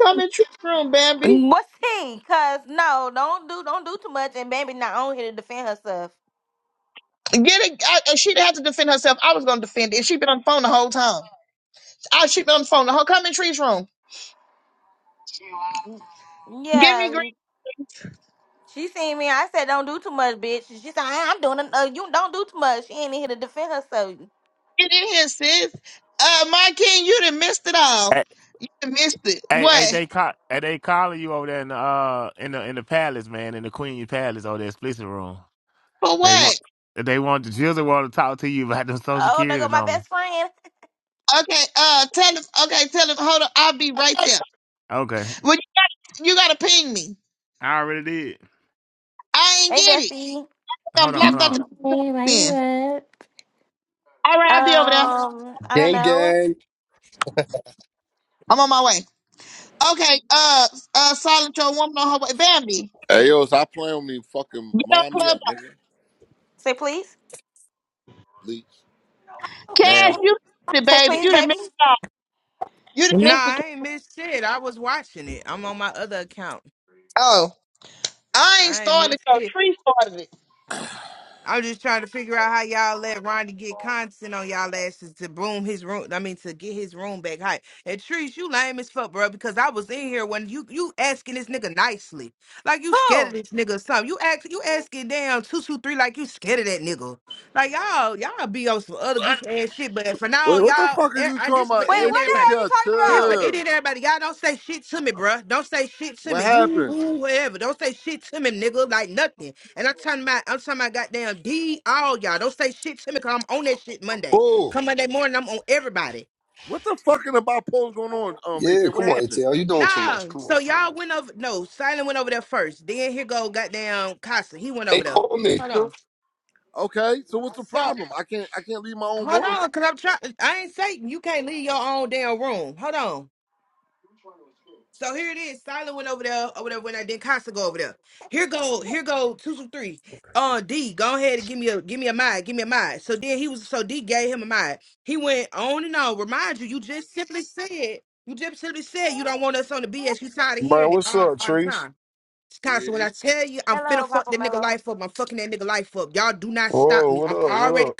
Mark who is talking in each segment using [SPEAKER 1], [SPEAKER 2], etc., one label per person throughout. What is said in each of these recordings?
[SPEAKER 1] Come in Trick's room, Bambi.
[SPEAKER 2] What's he? Cause no, don't do don't do too much and baby not on here to defend herself.
[SPEAKER 1] Get it. I, and she didn't have to defend herself. I was gonna defend it. And she been on the phone the whole time. I she been on the phone the whole. Come in Tree's room. Give me green.
[SPEAKER 2] Yeah. She seen me. I said don't do too much, bitch. She said I- I'm doing uh, you don't do too much. She ain't in here to defend herself.
[SPEAKER 1] Get in here, sis. Uh, my king, you done missed it all.
[SPEAKER 3] Hey,
[SPEAKER 1] You done missed it.
[SPEAKER 3] hey, hey,
[SPEAKER 1] What?
[SPEAKER 3] they call, hey, they calling you over there in the uh in the in the palace, man, in the Queen's Palace over there, explicit room.
[SPEAKER 1] For
[SPEAKER 3] They want,
[SPEAKER 1] what?
[SPEAKER 3] they want the children want to talk to you about the Social
[SPEAKER 2] Oh, there go
[SPEAKER 3] Security
[SPEAKER 2] my
[SPEAKER 3] number.
[SPEAKER 2] best friend.
[SPEAKER 1] Okay. Uh, tell him. Okay, tell him. Hold on. I'll be right there.
[SPEAKER 3] Okay,
[SPEAKER 1] Well, you, you gotta ping me.
[SPEAKER 3] I already did.
[SPEAKER 1] I ain't
[SPEAKER 2] Hey
[SPEAKER 1] get it.
[SPEAKER 2] Bessie.
[SPEAKER 1] I'm
[SPEAKER 3] Hold on, hold
[SPEAKER 1] blocked
[SPEAKER 3] on.
[SPEAKER 1] out
[SPEAKER 4] Hey,
[SPEAKER 1] the
[SPEAKER 4] why you
[SPEAKER 1] then.
[SPEAKER 4] up?
[SPEAKER 1] All right, I'll be over there.
[SPEAKER 2] Um, I don't
[SPEAKER 5] Gang,
[SPEAKER 2] know.
[SPEAKER 5] gang.
[SPEAKER 1] I'm on my way. Okay. Uh, uh, silent your woman on her way. Bambi.
[SPEAKER 6] Hey yo, stop playing with me. Fucking
[SPEAKER 1] Get on
[SPEAKER 6] mind me
[SPEAKER 1] Clubhouse
[SPEAKER 6] up, nigga.
[SPEAKER 2] Say please.
[SPEAKER 6] Leak
[SPEAKER 1] Cash,
[SPEAKER 6] now.
[SPEAKER 1] you missed it,
[SPEAKER 2] Say
[SPEAKER 1] baby.
[SPEAKER 2] please,
[SPEAKER 1] You done missed
[SPEAKER 2] baby.
[SPEAKER 1] it all. You done
[SPEAKER 7] Nah,
[SPEAKER 1] missed it.
[SPEAKER 7] I ain't missed shit. I was watching it. I'm on my other account.
[SPEAKER 1] Oh, I ain't
[SPEAKER 7] I ain't
[SPEAKER 1] started it.
[SPEAKER 7] missed
[SPEAKER 1] Your
[SPEAKER 7] shit.
[SPEAKER 1] tree started it.
[SPEAKER 7] I'm just trying to figure out how y'all let Ronnie get constant on y'all asses to boom his room. I mean, to get his room back high. And Trees, you lame as fuck, bro. Because I was in here when you you asking this nigga nicely, like you scared
[SPEAKER 2] Who?
[SPEAKER 7] of this nigga or something. You ask you asking damn two two three like you scared of that nigga. Like y'all y'all be on some other goofy ass shit. But for now,
[SPEAKER 6] Wait, what the
[SPEAKER 7] y'all,
[SPEAKER 6] fuck are
[SPEAKER 7] eh,
[SPEAKER 6] you
[SPEAKER 7] I,
[SPEAKER 6] talking
[SPEAKER 7] this is for
[SPEAKER 6] about?
[SPEAKER 2] Wait,
[SPEAKER 7] any and
[SPEAKER 6] H-
[SPEAKER 2] what the
[SPEAKER 7] everybody.
[SPEAKER 2] hell you
[SPEAKER 6] ATL,
[SPEAKER 2] talking
[SPEAKER 7] This for
[SPEAKER 2] about?
[SPEAKER 7] any
[SPEAKER 6] chill.
[SPEAKER 7] and everybody. Y'all don't say shit to me, bruh. Don't say shit to
[SPEAKER 6] What
[SPEAKER 7] me. You,
[SPEAKER 6] happened?
[SPEAKER 7] woo, whatever. Don't say shit to me, nigga. Like nothing. And I'm talking about, I'm talking about goddamn D all y'all. Don't say shit to me because I'm on that shit Monday.
[SPEAKER 5] Oh,
[SPEAKER 7] Come Monday morning, I'm on everybody.
[SPEAKER 6] What the fucking about polls going on? Um,
[SPEAKER 5] yeah,
[SPEAKER 6] ATL,
[SPEAKER 5] come
[SPEAKER 6] what
[SPEAKER 5] on,
[SPEAKER 6] happened?
[SPEAKER 5] Etel, you doing too
[SPEAKER 7] Nah,
[SPEAKER 5] much. Come on.
[SPEAKER 7] so
[SPEAKER 5] come
[SPEAKER 7] y'all
[SPEAKER 5] on.
[SPEAKER 7] went over, no, Silent went over there first. Then here go goddamn Casa. He went
[SPEAKER 5] Hey,
[SPEAKER 7] over there.
[SPEAKER 5] call me.
[SPEAKER 7] Hold
[SPEAKER 5] Nigga.
[SPEAKER 7] on.
[SPEAKER 6] Okay, so what's the
[SPEAKER 7] So,
[SPEAKER 6] problem? I can't, I can't leave my own
[SPEAKER 7] hold
[SPEAKER 6] room.
[SPEAKER 7] on, because I'm trying, I ain't Satan. You can't leave your own damn room. Hold on. So here it is. Silent went over there or whatever when I did Costa go over there. Here go, here go two two three. Uh D, go ahead and give me a give me a mind, give me a mind. So then he was so D gave him a mind. He went on and on. Remind you, you just simply said, you just simply said you don't want us on the BS. You tired of
[SPEAKER 8] Man,
[SPEAKER 7] hearing it
[SPEAKER 8] what's
[SPEAKER 7] all,
[SPEAKER 8] up,
[SPEAKER 7] all the
[SPEAKER 8] Trees?
[SPEAKER 7] time. Costa, when
[SPEAKER 6] Yeah,
[SPEAKER 7] I tell you I'm finna
[SPEAKER 2] Hello,
[SPEAKER 7] fuck
[SPEAKER 2] Papa
[SPEAKER 7] that nigga
[SPEAKER 2] Mello.
[SPEAKER 7] life up, I'm fucking that nigga life up. Y'all do not stop
[SPEAKER 8] Whoa,
[SPEAKER 7] me.
[SPEAKER 8] what
[SPEAKER 7] I'm
[SPEAKER 8] up? What
[SPEAKER 7] already
[SPEAKER 8] up?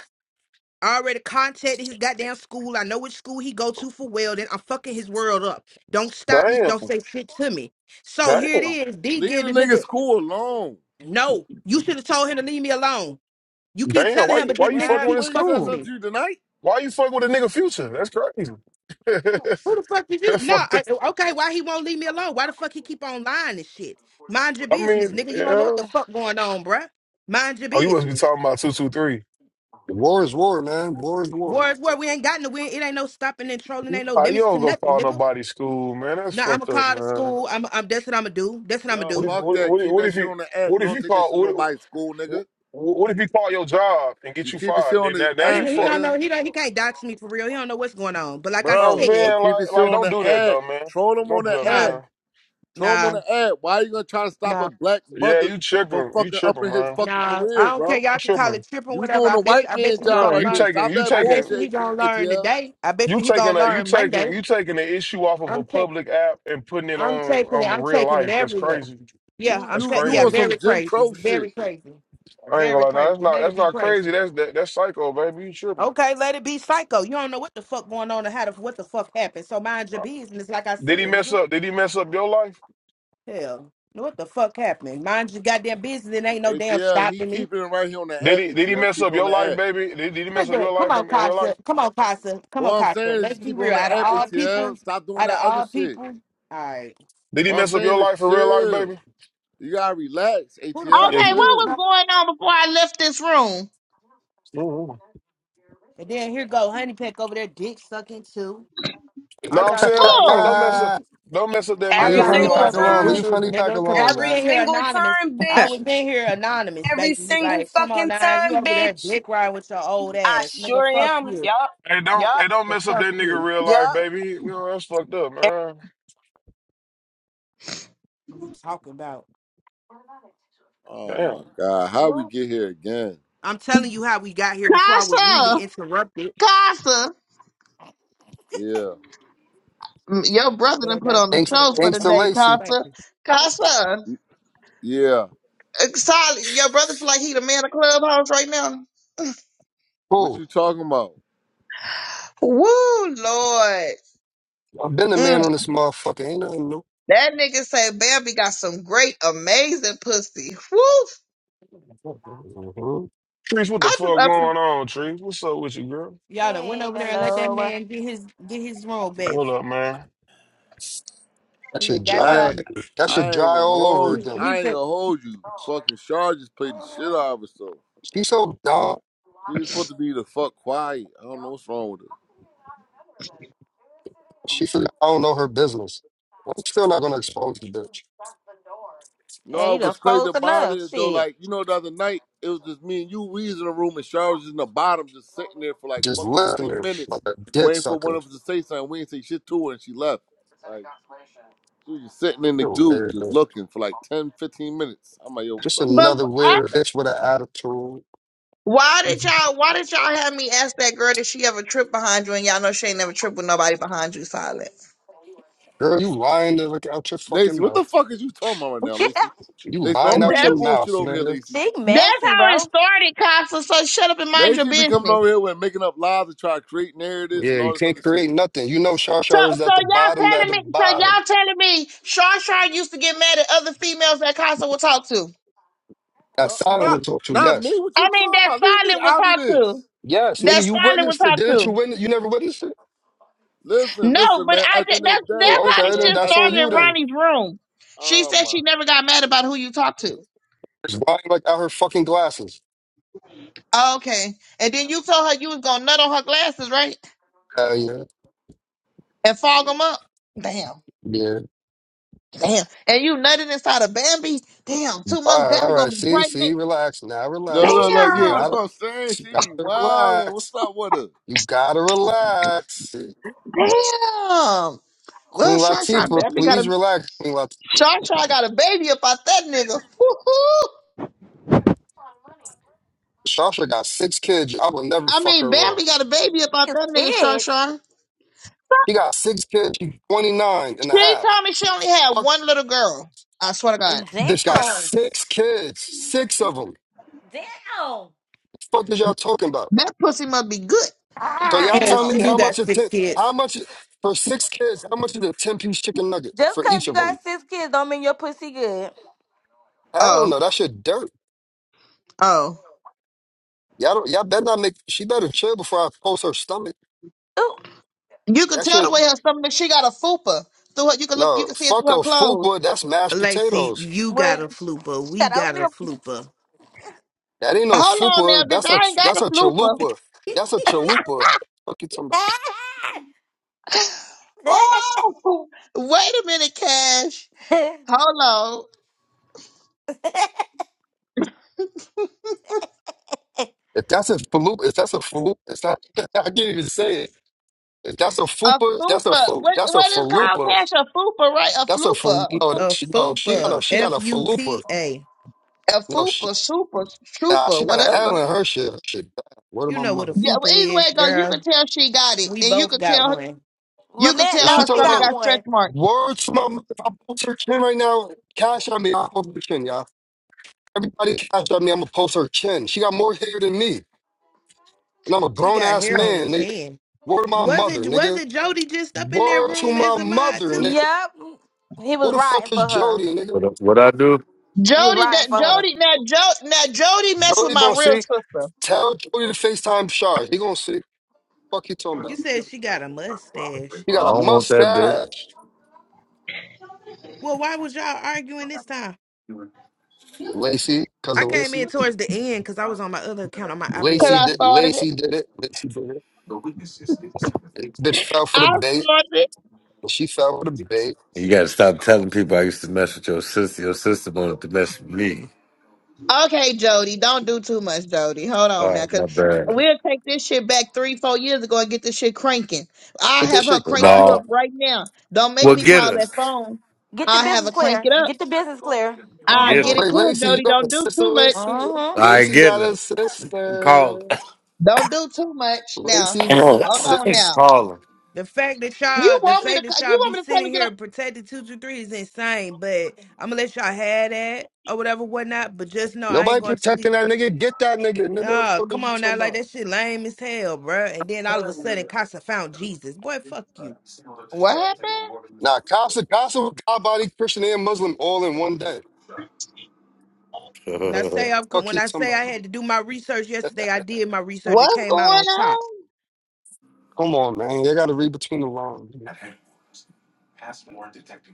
[SPEAKER 7] I already contacted his goddamn school. I know which school he go to for welding. I'm fucking his world up. Don't stop me. Don't
[SPEAKER 8] Damn,
[SPEAKER 7] say shit to me. So here it
[SPEAKER 8] damn,
[SPEAKER 7] is. D
[SPEAKER 6] leave
[SPEAKER 7] give
[SPEAKER 6] the
[SPEAKER 7] the
[SPEAKER 6] nigga
[SPEAKER 7] nigga.
[SPEAKER 6] school alone.
[SPEAKER 7] No, you should have told him to leave me alone. You keep
[SPEAKER 8] damn.
[SPEAKER 7] telling
[SPEAKER 8] Why
[SPEAKER 7] him,
[SPEAKER 8] you
[SPEAKER 7] but
[SPEAKER 8] why
[SPEAKER 7] this
[SPEAKER 6] What?
[SPEAKER 8] you
[SPEAKER 7] nigga
[SPEAKER 8] fucking
[SPEAKER 6] hap-
[SPEAKER 8] with
[SPEAKER 7] keep
[SPEAKER 8] his
[SPEAKER 6] What he
[SPEAKER 7] fucking
[SPEAKER 6] said
[SPEAKER 7] with
[SPEAKER 8] school?
[SPEAKER 6] something
[SPEAKER 7] me.
[SPEAKER 6] to you tonight?
[SPEAKER 8] Why you fucking with a nigga future? That's crazy.
[SPEAKER 7] Who the fuck is you?
[SPEAKER 8] that
[SPEAKER 7] No,
[SPEAKER 8] fucked
[SPEAKER 7] I,
[SPEAKER 8] up.
[SPEAKER 7] okay. Why he won't leave me alone? Why the fuck he keep on lying and shit? Mind your
[SPEAKER 8] I
[SPEAKER 7] business,
[SPEAKER 8] mean,
[SPEAKER 7] nigga. You don't know what the
[SPEAKER 8] yeah.
[SPEAKER 7] fuck going on, bruh. Mind your
[SPEAKER 8] Oh, you must be
[SPEAKER 7] business.
[SPEAKER 8] talking about two two three.
[SPEAKER 5] War is war, man. War is war.
[SPEAKER 7] Words where we ain't got no, we, it ain't no stopping and trolling, ain't no
[SPEAKER 8] Nah, you
[SPEAKER 7] limits to
[SPEAKER 8] don't go
[SPEAKER 7] nothing,
[SPEAKER 8] call
[SPEAKER 7] nigga.
[SPEAKER 8] nobody school, man. That's
[SPEAKER 7] No, I'm gonna
[SPEAKER 8] fucked up,
[SPEAKER 7] call the
[SPEAKER 8] man.
[SPEAKER 7] school. I'm, I'm. That's what I'm gonna do. That's what I'm gonna
[SPEAKER 6] Yo,
[SPEAKER 8] What
[SPEAKER 7] do.
[SPEAKER 8] if
[SPEAKER 6] fuck
[SPEAKER 8] what,
[SPEAKER 6] that.
[SPEAKER 8] what, if-
[SPEAKER 6] Keep
[SPEAKER 8] what
[SPEAKER 6] that
[SPEAKER 8] if
[SPEAKER 6] shit
[SPEAKER 8] you
[SPEAKER 6] on the app.
[SPEAKER 8] what
[SPEAKER 6] You
[SPEAKER 8] if
[SPEAKER 6] don't
[SPEAKER 8] you
[SPEAKER 6] take that shit
[SPEAKER 8] call
[SPEAKER 6] to
[SPEAKER 8] what,
[SPEAKER 6] nobody's school,
[SPEAKER 8] what
[SPEAKER 6] nigga.
[SPEAKER 8] what if you call your job and
[SPEAKER 6] You
[SPEAKER 8] get you
[SPEAKER 6] keep the shit
[SPEAKER 8] fired?
[SPEAKER 6] on
[SPEAKER 8] Then
[SPEAKER 6] the
[SPEAKER 8] now, now
[SPEAKER 6] app,
[SPEAKER 8] you
[SPEAKER 7] Nigga, he don't
[SPEAKER 8] fucked.
[SPEAKER 6] nigga,
[SPEAKER 7] know. He don't. He can't dox me for real. He don't know what's going on. But like
[SPEAKER 8] You
[SPEAKER 7] I
[SPEAKER 8] know what I'm
[SPEAKER 6] bro.
[SPEAKER 7] said,
[SPEAKER 6] But
[SPEAKER 8] saying?
[SPEAKER 6] keep the
[SPEAKER 8] Like
[SPEAKER 6] shit
[SPEAKER 8] like
[SPEAKER 6] on
[SPEAKER 8] don't
[SPEAKER 6] the
[SPEAKER 8] do that
[SPEAKER 6] app.
[SPEAKER 8] though, man.
[SPEAKER 6] Troll them
[SPEAKER 8] Don't
[SPEAKER 6] on
[SPEAKER 8] do that,
[SPEAKER 6] the app.
[SPEAKER 7] nah,
[SPEAKER 8] man.
[SPEAKER 6] Throw him on
[SPEAKER 7] nah,
[SPEAKER 6] the ad. Why are you gonna try to stop
[SPEAKER 7] nah,
[SPEAKER 6] a black
[SPEAKER 8] Yeah,
[SPEAKER 6] brother
[SPEAKER 8] you
[SPEAKER 6] from
[SPEAKER 8] tripping. You
[SPEAKER 6] fucking
[SPEAKER 8] tripping,
[SPEAKER 6] upping his
[SPEAKER 8] man.
[SPEAKER 6] fucking
[SPEAKER 7] nah.
[SPEAKER 6] career,
[SPEAKER 7] I don't
[SPEAKER 8] Uh,
[SPEAKER 7] care.
[SPEAKER 6] bro?
[SPEAKER 8] You
[SPEAKER 7] Y'all can call
[SPEAKER 8] tripping.
[SPEAKER 7] it tripping,
[SPEAKER 6] You
[SPEAKER 7] whatever.
[SPEAKER 6] doing
[SPEAKER 7] I
[SPEAKER 6] the
[SPEAKER 7] bet you.
[SPEAKER 6] white
[SPEAKER 7] I bet
[SPEAKER 6] man
[SPEAKER 7] you he
[SPEAKER 8] No,
[SPEAKER 6] job
[SPEAKER 7] gonna
[SPEAKER 6] right
[SPEAKER 8] you
[SPEAKER 7] learn.
[SPEAKER 6] there.
[SPEAKER 8] taking
[SPEAKER 6] Stop
[SPEAKER 8] you
[SPEAKER 6] that
[SPEAKER 7] I bet
[SPEAKER 8] taking
[SPEAKER 7] you he
[SPEAKER 6] bullshit,
[SPEAKER 7] gonna learn
[SPEAKER 6] ATL.
[SPEAKER 7] today. I bet
[SPEAKER 8] you
[SPEAKER 7] you he
[SPEAKER 8] taking
[SPEAKER 7] gonna
[SPEAKER 8] a you
[SPEAKER 7] learn
[SPEAKER 8] taking
[SPEAKER 7] Monday.
[SPEAKER 8] you taking the issue off of a
[SPEAKER 7] I'm taking.
[SPEAKER 8] public app and putting it
[SPEAKER 7] I'm
[SPEAKER 8] on
[SPEAKER 7] taking it.
[SPEAKER 8] on the
[SPEAKER 7] I'm
[SPEAKER 8] real
[SPEAKER 7] taking it
[SPEAKER 8] life. That's
[SPEAKER 7] everywhere.
[SPEAKER 8] crazy.
[SPEAKER 7] Yeah,
[SPEAKER 6] You
[SPEAKER 7] I'm
[SPEAKER 8] That's
[SPEAKER 6] you
[SPEAKER 7] saying.
[SPEAKER 6] you
[SPEAKER 7] Yeah,
[SPEAKER 6] on
[SPEAKER 8] crazy.
[SPEAKER 6] some
[SPEAKER 7] very
[SPEAKER 6] Jim
[SPEAKER 7] crazy.
[SPEAKER 6] Crow
[SPEAKER 7] Very
[SPEAKER 6] shit,
[SPEAKER 7] crazy.
[SPEAKER 8] I ain't
[SPEAKER 7] Very
[SPEAKER 8] gonna lie. No,
[SPEAKER 7] crazy.
[SPEAKER 8] that's not
[SPEAKER 7] That'd
[SPEAKER 8] that's
[SPEAKER 7] be
[SPEAKER 8] not crazy.
[SPEAKER 7] crazy.
[SPEAKER 8] That's that, that's psycho, baby. You tripping.
[SPEAKER 7] Okay, let it be psycho. You don't know what the fuck going on or how the what the fuck happened. So mind your
[SPEAKER 8] Uh,
[SPEAKER 7] business, like I
[SPEAKER 8] Did he
[SPEAKER 7] said,
[SPEAKER 8] mess
[SPEAKER 7] nigga.
[SPEAKER 8] up? Did he mess up your life?
[SPEAKER 7] Hell, know what the fuck happened? Mind your goddamn business. It ain't no damn
[SPEAKER 6] ATL. He
[SPEAKER 7] stopping me.
[SPEAKER 6] keeping it right here on the
[SPEAKER 8] Did
[SPEAKER 6] app,
[SPEAKER 8] he did he
[SPEAKER 6] ATL.
[SPEAKER 8] mess
[SPEAKER 6] Keep it
[SPEAKER 8] up
[SPEAKER 6] on
[SPEAKER 8] your
[SPEAKER 6] the
[SPEAKER 8] life,
[SPEAKER 6] app.
[SPEAKER 8] baby? Did, did he mess up your
[SPEAKER 7] Nigga, come
[SPEAKER 8] life
[SPEAKER 7] on,
[SPEAKER 8] in, in real
[SPEAKER 7] Kasha.
[SPEAKER 8] life?
[SPEAKER 7] Come on, Kasha.
[SPEAKER 6] But
[SPEAKER 7] Come on,
[SPEAKER 6] what I'm
[SPEAKER 7] Kasha.
[SPEAKER 6] saying is
[SPEAKER 7] Let's
[SPEAKER 6] just
[SPEAKER 7] be
[SPEAKER 6] keep it
[SPEAKER 7] real.
[SPEAKER 6] on
[SPEAKER 7] Out
[SPEAKER 6] the
[SPEAKER 7] of
[SPEAKER 6] app,
[SPEAKER 7] all people,
[SPEAKER 6] ATL. Stop doing
[SPEAKER 7] out of
[SPEAKER 6] that other
[SPEAKER 7] all
[SPEAKER 6] shit.
[SPEAKER 7] people, all right.
[SPEAKER 8] Did he
[SPEAKER 6] What I'm
[SPEAKER 8] mess up your
[SPEAKER 6] saying is
[SPEAKER 8] life in real life,
[SPEAKER 6] chill.
[SPEAKER 8] baby?
[SPEAKER 6] You gotta relax,
[SPEAKER 7] Who the
[SPEAKER 6] ATL.
[SPEAKER 7] fuck
[SPEAKER 8] If
[SPEAKER 1] Okay,
[SPEAKER 7] is this?
[SPEAKER 1] what
[SPEAKER 6] Chill.
[SPEAKER 1] was
[SPEAKER 7] Trump?
[SPEAKER 1] going on before I left this room?
[SPEAKER 8] no,
[SPEAKER 7] And then here go Honey Peck over there, dick sucking too. I
[SPEAKER 8] I'm
[SPEAKER 7] got some
[SPEAKER 8] saying like like
[SPEAKER 1] Who?
[SPEAKER 8] don't mess
[SPEAKER 7] motherfucking
[SPEAKER 8] up
[SPEAKER 5] Ah,
[SPEAKER 8] don't mess up that
[SPEAKER 7] All
[SPEAKER 8] man
[SPEAKER 5] Leave
[SPEAKER 8] in
[SPEAKER 9] Every
[SPEAKER 7] y'all
[SPEAKER 8] real
[SPEAKER 5] Honey
[SPEAKER 7] some
[SPEAKER 9] single
[SPEAKER 8] life,
[SPEAKER 5] Pack
[SPEAKER 7] fucking
[SPEAKER 8] baby.
[SPEAKER 5] alone.
[SPEAKER 8] You
[SPEAKER 9] time.
[SPEAKER 5] Leave
[SPEAKER 7] goofies,
[SPEAKER 5] Honey
[SPEAKER 8] tripping.
[SPEAKER 5] Pack
[SPEAKER 7] nigga. Cause I
[SPEAKER 5] alone,
[SPEAKER 7] was
[SPEAKER 9] Every
[SPEAKER 5] nah.
[SPEAKER 7] in here
[SPEAKER 9] single
[SPEAKER 7] anonymous.
[SPEAKER 9] time,
[SPEAKER 7] I
[SPEAKER 9] bitch.
[SPEAKER 7] was in here anonymous,
[SPEAKER 9] Every
[SPEAKER 7] baby.
[SPEAKER 9] single
[SPEAKER 7] Like, come on
[SPEAKER 9] fucking
[SPEAKER 7] now, you
[SPEAKER 9] time,
[SPEAKER 7] over there
[SPEAKER 9] bitch.
[SPEAKER 7] dick riding with your old
[SPEAKER 9] I
[SPEAKER 7] ass, nigga.
[SPEAKER 9] sure
[SPEAKER 7] Fuck
[SPEAKER 9] am.
[SPEAKER 7] you.
[SPEAKER 9] Yup.
[SPEAKER 8] Hey, don't
[SPEAKER 9] Yup.
[SPEAKER 8] hey, don't
[SPEAKER 7] The
[SPEAKER 8] mess up
[SPEAKER 7] fuck
[SPEAKER 8] that nigga
[SPEAKER 7] you.
[SPEAKER 8] real
[SPEAKER 9] Yup.
[SPEAKER 8] life, baby. You know, that's fucked up, man.
[SPEAKER 7] What you talking about?
[SPEAKER 6] Oh
[SPEAKER 8] Damn.
[SPEAKER 6] my God, how we
[SPEAKER 2] Ooh,
[SPEAKER 6] get here again?
[SPEAKER 7] I'm telling you how we got here before I was rudely
[SPEAKER 1] Casa.
[SPEAKER 7] interrupted.
[SPEAKER 1] Casa.
[SPEAKER 6] Yeah,
[SPEAKER 1] Mm, Your brother
[SPEAKER 7] But
[SPEAKER 1] done
[SPEAKER 7] I
[SPEAKER 1] put
[SPEAKER 7] got
[SPEAKER 1] on the
[SPEAKER 7] something
[SPEAKER 5] Thanks,
[SPEAKER 7] for that.
[SPEAKER 1] show
[SPEAKER 7] nigga.
[SPEAKER 1] for
[SPEAKER 5] thanks
[SPEAKER 1] the
[SPEAKER 5] to
[SPEAKER 7] Oh,
[SPEAKER 1] day,
[SPEAKER 5] Lacey.
[SPEAKER 7] thank
[SPEAKER 1] Casa.
[SPEAKER 7] you.
[SPEAKER 1] Casa.
[SPEAKER 6] yeah.
[SPEAKER 1] Uh, Solid. Your brother feel like he the man of clubhouse right now.
[SPEAKER 6] What
[SPEAKER 5] Oh,
[SPEAKER 6] you talking about?
[SPEAKER 1] Woo, Lord.
[SPEAKER 5] I've been a man
[SPEAKER 1] Mm,
[SPEAKER 5] on this motherfucker. Ain't nothing new.
[SPEAKER 1] That nigga say Bambi got some great, amazing pussy. Woo.
[SPEAKER 5] hmm
[SPEAKER 8] Trees, what the
[SPEAKER 1] I just
[SPEAKER 8] fuck
[SPEAKER 1] up.
[SPEAKER 8] going on, Trees? What's up with you, girl?
[SPEAKER 7] Y'all done went
[SPEAKER 2] hey
[SPEAKER 7] over there and let that
[SPEAKER 2] Mello.
[SPEAKER 7] man get his get his room back.
[SPEAKER 8] What up, man?
[SPEAKER 5] That
[SPEAKER 7] He done
[SPEAKER 5] should
[SPEAKER 7] got
[SPEAKER 5] dry.
[SPEAKER 7] y'all.
[SPEAKER 6] I
[SPEAKER 5] That should
[SPEAKER 6] I ain't
[SPEAKER 5] dry
[SPEAKER 6] gonna
[SPEAKER 5] all over
[SPEAKER 6] hold
[SPEAKER 7] He,
[SPEAKER 6] you.
[SPEAKER 5] again.
[SPEAKER 7] he
[SPEAKER 6] I ain't
[SPEAKER 7] said,
[SPEAKER 6] gonna hold you. Fucking Char just played the shit out of herself.
[SPEAKER 5] She's so dumb.
[SPEAKER 6] She was supposed to be the fuck quiet. I don't know what's wrong with her.
[SPEAKER 5] She forgot I don't know her business. I'm still not gonna expose the bitch.
[SPEAKER 2] Hey,
[SPEAKER 6] No,
[SPEAKER 2] you done
[SPEAKER 6] what's crazy
[SPEAKER 2] froze
[SPEAKER 6] about it
[SPEAKER 2] enough.
[SPEAKER 6] is though,
[SPEAKER 2] Shit.
[SPEAKER 6] like, you know, the other night it was just me and you, we was in a room and Char was just in the bottom just sitting there for like
[SPEAKER 5] Just
[SPEAKER 6] fucking
[SPEAKER 5] listen to
[SPEAKER 6] ten
[SPEAKER 5] her like
[SPEAKER 6] minutes
[SPEAKER 5] a dick
[SPEAKER 6] waiting for one
[SPEAKER 5] sucker.
[SPEAKER 6] of us to say something. We didn't say shit to her and she left. Like she was just sitting in the
[SPEAKER 5] You're
[SPEAKER 6] goo, just
[SPEAKER 5] weird,
[SPEAKER 6] looking for like 10 15 minutes. I'm like, yo, what's
[SPEAKER 5] Just
[SPEAKER 6] up with her?
[SPEAKER 1] But
[SPEAKER 5] another
[SPEAKER 1] I
[SPEAKER 5] weird bitch with an attitude.
[SPEAKER 1] Why did y'all why did y'all have me ask that girl did she ever trip behind you and y'all know she ain't never tripped with nobody behind you silent?
[SPEAKER 5] Girl, you lying to look out your fucking
[SPEAKER 6] Lacey, what
[SPEAKER 5] mouth.
[SPEAKER 6] the fuck is you talking about right now, Lacey?
[SPEAKER 5] You
[SPEAKER 6] Lacey, don't
[SPEAKER 5] lying out
[SPEAKER 6] bring
[SPEAKER 5] your
[SPEAKER 6] your
[SPEAKER 1] That's
[SPEAKER 5] mouth,
[SPEAKER 6] bullshit over here,
[SPEAKER 5] nigga.
[SPEAKER 6] Lacey.
[SPEAKER 2] she
[SPEAKER 1] that's
[SPEAKER 2] messy,
[SPEAKER 1] how it
[SPEAKER 2] bro.
[SPEAKER 1] started, Casa. So shut up and mind your
[SPEAKER 6] Lazy be coming
[SPEAKER 1] business.
[SPEAKER 6] over here with making up lies to try to create narratives
[SPEAKER 5] Yeah,
[SPEAKER 6] and
[SPEAKER 5] you
[SPEAKER 6] all this
[SPEAKER 5] can't
[SPEAKER 6] other shit.
[SPEAKER 5] create nothing. You know Shar
[SPEAKER 1] So
[SPEAKER 5] Shar is
[SPEAKER 1] so
[SPEAKER 5] at the
[SPEAKER 1] y'all
[SPEAKER 5] bottom, at
[SPEAKER 1] telling
[SPEAKER 5] the
[SPEAKER 1] me so
[SPEAKER 5] bottom.
[SPEAKER 1] y'all telling me Shar Shar used to get mad at other females that Casa would talk to.
[SPEAKER 5] That
[SPEAKER 6] No,
[SPEAKER 5] silent will
[SPEAKER 6] not
[SPEAKER 5] talk to you,
[SPEAKER 6] not me.
[SPEAKER 5] yes.
[SPEAKER 6] What
[SPEAKER 1] I
[SPEAKER 6] you
[SPEAKER 1] mean
[SPEAKER 6] talking
[SPEAKER 1] that
[SPEAKER 6] about? Leave me
[SPEAKER 1] silent would
[SPEAKER 6] out of
[SPEAKER 1] talk to.
[SPEAKER 6] this.
[SPEAKER 5] Yes, nigga,
[SPEAKER 1] That
[SPEAKER 5] you
[SPEAKER 1] silent would
[SPEAKER 5] witnessed it.
[SPEAKER 1] talk
[SPEAKER 5] Didn't you
[SPEAKER 1] to.
[SPEAKER 5] witness you never witnessed it?
[SPEAKER 6] Listen,
[SPEAKER 1] No,
[SPEAKER 6] listen,
[SPEAKER 1] but
[SPEAKER 6] man.
[SPEAKER 1] I
[SPEAKER 6] At the
[SPEAKER 1] ju-
[SPEAKER 6] end of
[SPEAKER 1] that's
[SPEAKER 6] the day,
[SPEAKER 1] that's
[SPEAKER 5] Oh,
[SPEAKER 1] how
[SPEAKER 6] listen,
[SPEAKER 5] okay,
[SPEAKER 1] this
[SPEAKER 6] man.
[SPEAKER 5] then
[SPEAKER 1] shit
[SPEAKER 5] that's
[SPEAKER 6] At the
[SPEAKER 5] on
[SPEAKER 6] end
[SPEAKER 1] started
[SPEAKER 6] of
[SPEAKER 1] in
[SPEAKER 5] you
[SPEAKER 6] the day,
[SPEAKER 5] then.
[SPEAKER 1] Ronnie's room. She
[SPEAKER 6] oh
[SPEAKER 1] said
[SPEAKER 6] my.
[SPEAKER 1] she never got mad about who you talked to.
[SPEAKER 5] It's lying like out her fucking glasses.
[SPEAKER 1] Oh, okay. And then you told her you was gonna nut on her glasses, right?
[SPEAKER 5] Hell yeah.
[SPEAKER 1] And fog them up. Damn.
[SPEAKER 5] Yeah.
[SPEAKER 1] Damn. And you nutted inside of Bambi. Damn. Two months
[SPEAKER 5] All right, all
[SPEAKER 1] Bambi
[SPEAKER 5] right.
[SPEAKER 1] gonna be
[SPEAKER 5] See, see,
[SPEAKER 1] pregnant.
[SPEAKER 5] relax. Now
[SPEAKER 6] Look,
[SPEAKER 5] relax. Just
[SPEAKER 6] look,
[SPEAKER 5] got
[SPEAKER 6] look,
[SPEAKER 5] you
[SPEAKER 6] yeah, that's
[SPEAKER 5] gotta
[SPEAKER 1] Damn.
[SPEAKER 6] what I'm saying.
[SPEAKER 5] you
[SPEAKER 6] She be
[SPEAKER 5] gotta
[SPEAKER 6] wilding.
[SPEAKER 5] relax.
[SPEAKER 6] What's up with her?
[SPEAKER 5] You gotta relax.
[SPEAKER 1] Damn. Well,
[SPEAKER 5] Queen
[SPEAKER 1] Shy Shy
[SPEAKER 5] Latifah,
[SPEAKER 1] Bambi got a
[SPEAKER 5] please relax. Queen Latifah.
[SPEAKER 1] Shy Shy got a baby about that nigga. Woo-hoo.
[SPEAKER 5] Shasha got six kids. I will never
[SPEAKER 1] I
[SPEAKER 5] fuck
[SPEAKER 1] mean,
[SPEAKER 5] her raw.
[SPEAKER 1] Bambi got a baby about
[SPEAKER 2] His
[SPEAKER 1] that nigga, Shy
[SPEAKER 2] kids.
[SPEAKER 1] Shy.
[SPEAKER 5] She got six kids. She's 29 and a half.
[SPEAKER 1] She told me she only had
[SPEAKER 5] Fuck,
[SPEAKER 1] one little girl. I swear to
[SPEAKER 2] Damn.
[SPEAKER 1] God.
[SPEAKER 5] bitch got six kids. Six of them.
[SPEAKER 2] Damn.
[SPEAKER 5] Fuck is y'all talking about?
[SPEAKER 1] That pussy must be good.
[SPEAKER 5] So y'all
[SPEAKER 7] yeah,
[SPEAKER 5] tell
[SPEAKER 2] Damn.
[SPEAKER 7] she
[SPEAKER 5] me
[SPEAKER 7] do
[SPEAKER 5] how
[SPEAKER 7] got
[SPEAKER 5] much of
[SPEAKER 7] six
[SPEAKER 5] ten, how
[SPEAKER 7] kids.
[SPEAKER 5] much for six kids, how much is a 10 piece chicken nugget
[SPEAKER 2] Just
[SPEAKER 5] for
[SPEAKER 2] cause
[SPEAKER 5] each
[SPEAKER 2] you
[SPEAKER 5] of them?
[SPEAKER 2] got six kids don't mean your pussy good.
[SPEAKER 5] I don't
[SPEAKER 1] Oh.
[SPEAKER 5] know. That shit dirt.
[SPEAKER 1] Oh.
[SPEAKER 5] Y'all don't, y'all better not make, she better chill before I post her stomach.
[SPEAKER 2] Ooh.
[SPEAKER 1] You can
[SPEAKER 5] That
[SPEAKER 1] tell
[SPEAKER 5] shit,
[SPEAKER 1] the way her stomach. She got a fupa through her. You can look. You
[SPEAKER 5] no,
[SPEAKER 1] can see it
[SPEAKER 5] fuck
[SPEAKER 1] through her
[SPEAKER 5] a
[SPEAKER 1] clothes.
[SPEAKER 5] fupa. That's mashed
[SPEAKER 7] Lacey,
[SPEAKER 5] potatoes.
[SPEAKER 7] you
[SPEAKER 2] Well
[SPEAKER 7] got a flooper. We
[SPEAKER 2] shut up
[SPEAKER 7] got a
[SPEAKER 2] milk.
[SPEAKER 7] flooper.
[SPEAKER 5] That ain't no
[SPEAKER 1] Hold on now,
[SPEAKER 5] fupa.
[SPEAKER 1] bitch.
[SPEAKER 5] That's a
[SPEAKER 1] I ain't got
[SPEAKER 5] that's
[SPEAKER 1] a
[SPEAKER 5] a
[SPEAKER 1] fupa.
[SPEAKER 5] chalupa. That's a chalupa. Fuck you talking about?
[SPEAKER 1] Oh, wait a minute, Cash. Hold
[SPEAKER 5] If that's a falupa, if that's a fupa, it's not. I can't even say it. If that's a
[SPEAKER 1] on. A
[SPEAKER 5] fupa, that's a
[SPEAKER 1] fupa.
[SPEAKER 5] fu,
[SPEAKER 1] What
[SPEAKER 5] that's a
[SPEAKER 1] what is called
[SPEAKER 5] falupa.
[SPEAKER 1] Cash? A fupa, right? A
[SPEAKER 5] That's a fal.
[SPEAKER 1] flupa.
[SPEAKER 5] No,
[SPEAKER 7] A
[SPEAKER 5] she, no, she got a
[SPEAKER 7] FUPA,
[SPEAKER 5] she got a
[SPEAKER 7] F U
[SPEAKER 5] falupa.
[SPEAKER 7] P A.
[SPEAKER 1] A
[SPEAKER 5] No,
[SPEAKER 1] fu- a
[SPEAKER 5] she
[SPEAKER 1] fupa. Super.
[SPEAKER 5] nah,
[SPEAKER 1] Super.
[SPEAKER 5] she got an L
[SPEAKER 1] Whatever.
[SPEAKER 5] in her shit. shit. Word of
[SPEAKER 7] You
[SPEAKER 5] my
[SPEAKER 7] know what a
[SPEAKER 5] mother.
[SPEAKER 1] Yeah. well,
[SPEAKER 7] FUPA
[SPEAKER 1] Either way
[SPEAKER 7] is,
[SPEAKER 1] it go, you can
[SPEAKER 7] girl.
[SPEAKER 1] tell she got it,
[SPEAKER 7] We
[SPEAKER 1] and you
[SPEAKER 7] both
[SPEAKER 1] can
[SPEAKER 7] got
[SPEAKER 1] tell.
[SPEAKER 7] one.
[SPEAKER 1] You can
[SPEAKER 2] Lynette
[SPEAKER 5] And
[SPEAKER 1] tell
[SPEAKER 5] she
[SPEAKER 1] her
[SPEAKER 2] knows she
[SPEAKER 5] talking
[SPEAKER 1] stomach
[SPEAKER 2] got
[SPEAKER 5] about
[SPEAKER 1] got stretch
[SPEAKER 2] one.
[SPEAKER 1] marks.
[SPEAKER 5] words to my mother. If I post her chin right now, cash on me. I post her chin, y'all. Everybody cash on me. I'm gonna post her chin. She got more hair than me and I'm a
[SPEAKER 7] She
[SPEAKER 5] grown
[SPEAKER 7] got
[SPEAKER 5] ass
[SPEAKER 7] hair on the
[SPEAKER 5] man.
[SPEAKER 7] chin.
[SPEAKER 5] Word to my
[SPEAKER 7] Was
[SPEAKER 5] mother,
[SPEAKER 7] it was
[SPEAKER 5] nigga.
[SPEAKER 7] it Jody just up in that
[SPEAKER 5] Word to
[SPEAKER 7] room as
[SPEAKER 5] my
[SPEAKER 7] a mod
[SPEAKER 5] mother,
[SPEAKER 7] too?
[SPEAKER 5] nigga.
[SPEAKER 2] Yep. He
[SPEAKER 5] Who
[SPEAKER 2] was
[SPEAKER 5] the fuck
[SPEAKER 2] riding
[SPEAKER 5] is
[SPEAKER 2] for her.
[SPEAKER 5] Jody, nigga?
[SPEAKER 10] What, I- what I do?
[SPEAKER 2] He was
[SPEAKER 1] Jody,
[SPEAKER 2] riding
[SPEAKER 1] that
[SPEAKER 2] for her.
[SPEAKER 1] Jody, now Jody, now Jody messed with
[SPEAKER 5] Jody
[SPEAKER 1] my
[SPEAKER 5] gonna
[SPEAKER 1] real
[SPEAKER 5] see.
[SPEAKER 1] sister,
[SPEAKER 5] Tell Jody to
[SPEAKER 10] I
[SPEAKER 5] FaceTime Shark. He gonna see. Fuck you talking
[SPEAKER 7] You
[SPEAKER 5] about.
[SPEAKER 7] said she got a mustache.
[SPEAKER 5] He got a
[SPEAKER 10] don't want that bitch.
[SPEAKER 5] mustache.
[SPEAKER 7] Well, why was y'all arguing this time?
[SPEAKER 5] Lacey,
[SPEAKER 7] I
[SPEAKER 5] cousin
[SPEAKER 7] came in
[SPEAKER 5] Lacey.
[SPEAKER 7] towards the end because I was on my other account on my
[SPEAKER 1] cause
[SPEAKER 5] Lacey
[SPEAKER 7] iPad.
[SPEAKER 1] I
[SPEAKER 5] did
[SPEAKER 1] started it.
[SPEAKER 5] Lacey did it. Lacey did it. Bitch fell for the
[SPEAKER 1] I
[SPEAKER 5] bait.
[SPEAKER 1] started it.
[SPEAKER 5] And she fell for the bait.
[SPEAKER 10] You gotta stop telling people I used to mess with your sister. Your sister wanted to mess with me.
[SPEAKER 1] Okay, Jody, don't do too much, Jody. Hold
[SPEAKER 10] All
[SPEAKER 1] on now,
[SPEAKER 10] right,
[SPEAKER 1] cause
[SPEAKER 10] my bad.
[SPEAKER 1] we'll take this shit back three, four years ago and get this shit cranking. I'll
[SPEAKER 5] Get this
[SPEAKER 1] have her
[SPEAKER 5] shit
[SPEAKER 1] crank you
[SPEAKER 5] cracking.
[SPEAKER 10] No.
[SPEAKER 1] up right now. Don't make
[SPEAKER 10] Well
[SPEAKER 1] me
[SPEAKER 10] get
[SPEAKER 1] call
[SPEAKER 10] her.
[SPEAKER 1] that phone.
[SPEAKER 2] Get the
[SPEAKER 1] I'll have her
[SPEAKER 2] business
[SPEAKER 1] crank
[SPEAKER 2] clear.
[SPEAKER 1] it up.
[SPEAKER 2] Get the business clear.
[SPEAKER 1] I
[SPEAKER 10] Get
[SPEAKER 2] Mm-hmm.
[SPEAKER 1] get
[SPEAKER 10] her.
[SPEAKER 1] it
[SPEAKER 5] Wait,
[SPEAKER 1] clear,
[SPEAKER 5] Lacey, you
[SPEAKER 1] Jody.
[SPEAKER 5] got a
[SPEAKER 1] Don't do
[SPEAKER 5] sister,
[SPEAKER 1] too much.
[SPEAKER 5] Lacey?
[SPEAKER 2] Mm-hmm.
[SPEAKER 10] I
[SPEAKER 5] Lacey
[SPEAKER 10] get
[SPEAKER 5] got
[SPEAKER 10] her.
[SPEAKER 5] a
[SPEAKER 10] Call
[SPEAKER 5] sister.
[SPEAKER 10] her.
[SPEAKER 1] Don't do too much now.
[SPEAKER 5] Lacey got a
[SPEAKER 1] Hold
[SPEAKER 5] sister.
[SPEAKER 1] on now.
[SPEAKER 10] Call
[SPEAKER 7] The fact that y'all,
[SPEAKER 1] You
[SPEAKER 7] the
[SPEAKER 1] want me
[SPEAKER 7] fact
[SPEAKER 1] to?
[SPEAKER 7] that
[SPEAKER 1] ca- You
[SPEAKER 7] y'all
[SPEAKER 1] want
[SPEAKER 7] be
[SPEAKER 1] me to tell
[SPEAKER 7] sitting
[SPEAKER 1] her to get up?
[SPEAKER 7] here protected two two three is insane. But I'm gonna let y'all have that or whatever, whatnot. But just know I ain't
[SPEAKER 5] Nobody
[SPEAKER 7] gonna sleep.
[SPEAKER 5] protecting that nigga. Get that nigga. Nigga, what the
[SPEAKER 7] Ah,
[SPEAKER 5] fuck is
[SPEAKER 7] come
[SPEAKER 5] you
[SPEAKER 7] on
[SPEAKER 5] talking
[SPEAKER 7] now, like
[SPEAKER 5] about?
[SPEAKER 7] that shit lame as hell, bruh. And then all of a sudden, Casa found Jesus. Boy, fuck you.
[SPEAKER 1] What happened?
[SPEAKER 5] Nah, cops are cops are God body Christian and Muslim all in one day.
[SPEAKER 7] When I say
[SPEAKER 10] her.
[SPEAKER 7] I'm, co-
[SPEAKER 5] Fuck
[SPEAKER 7] when
[SPEAKER 5] you,
[SPEAKER 7] I say
[SPEAKER 5] somebody.
[SPEAKER 7] I had to do my research yesterday, I did my research. It
[SPEAKER 1] What's
[SPEAKER 7] came out
[SPEAKER 1] going
[SPEAKER 7] on top.
[SPEAKER 1] on?
[SPEAKER 5] Come on, man. They gotta read between the lines. man.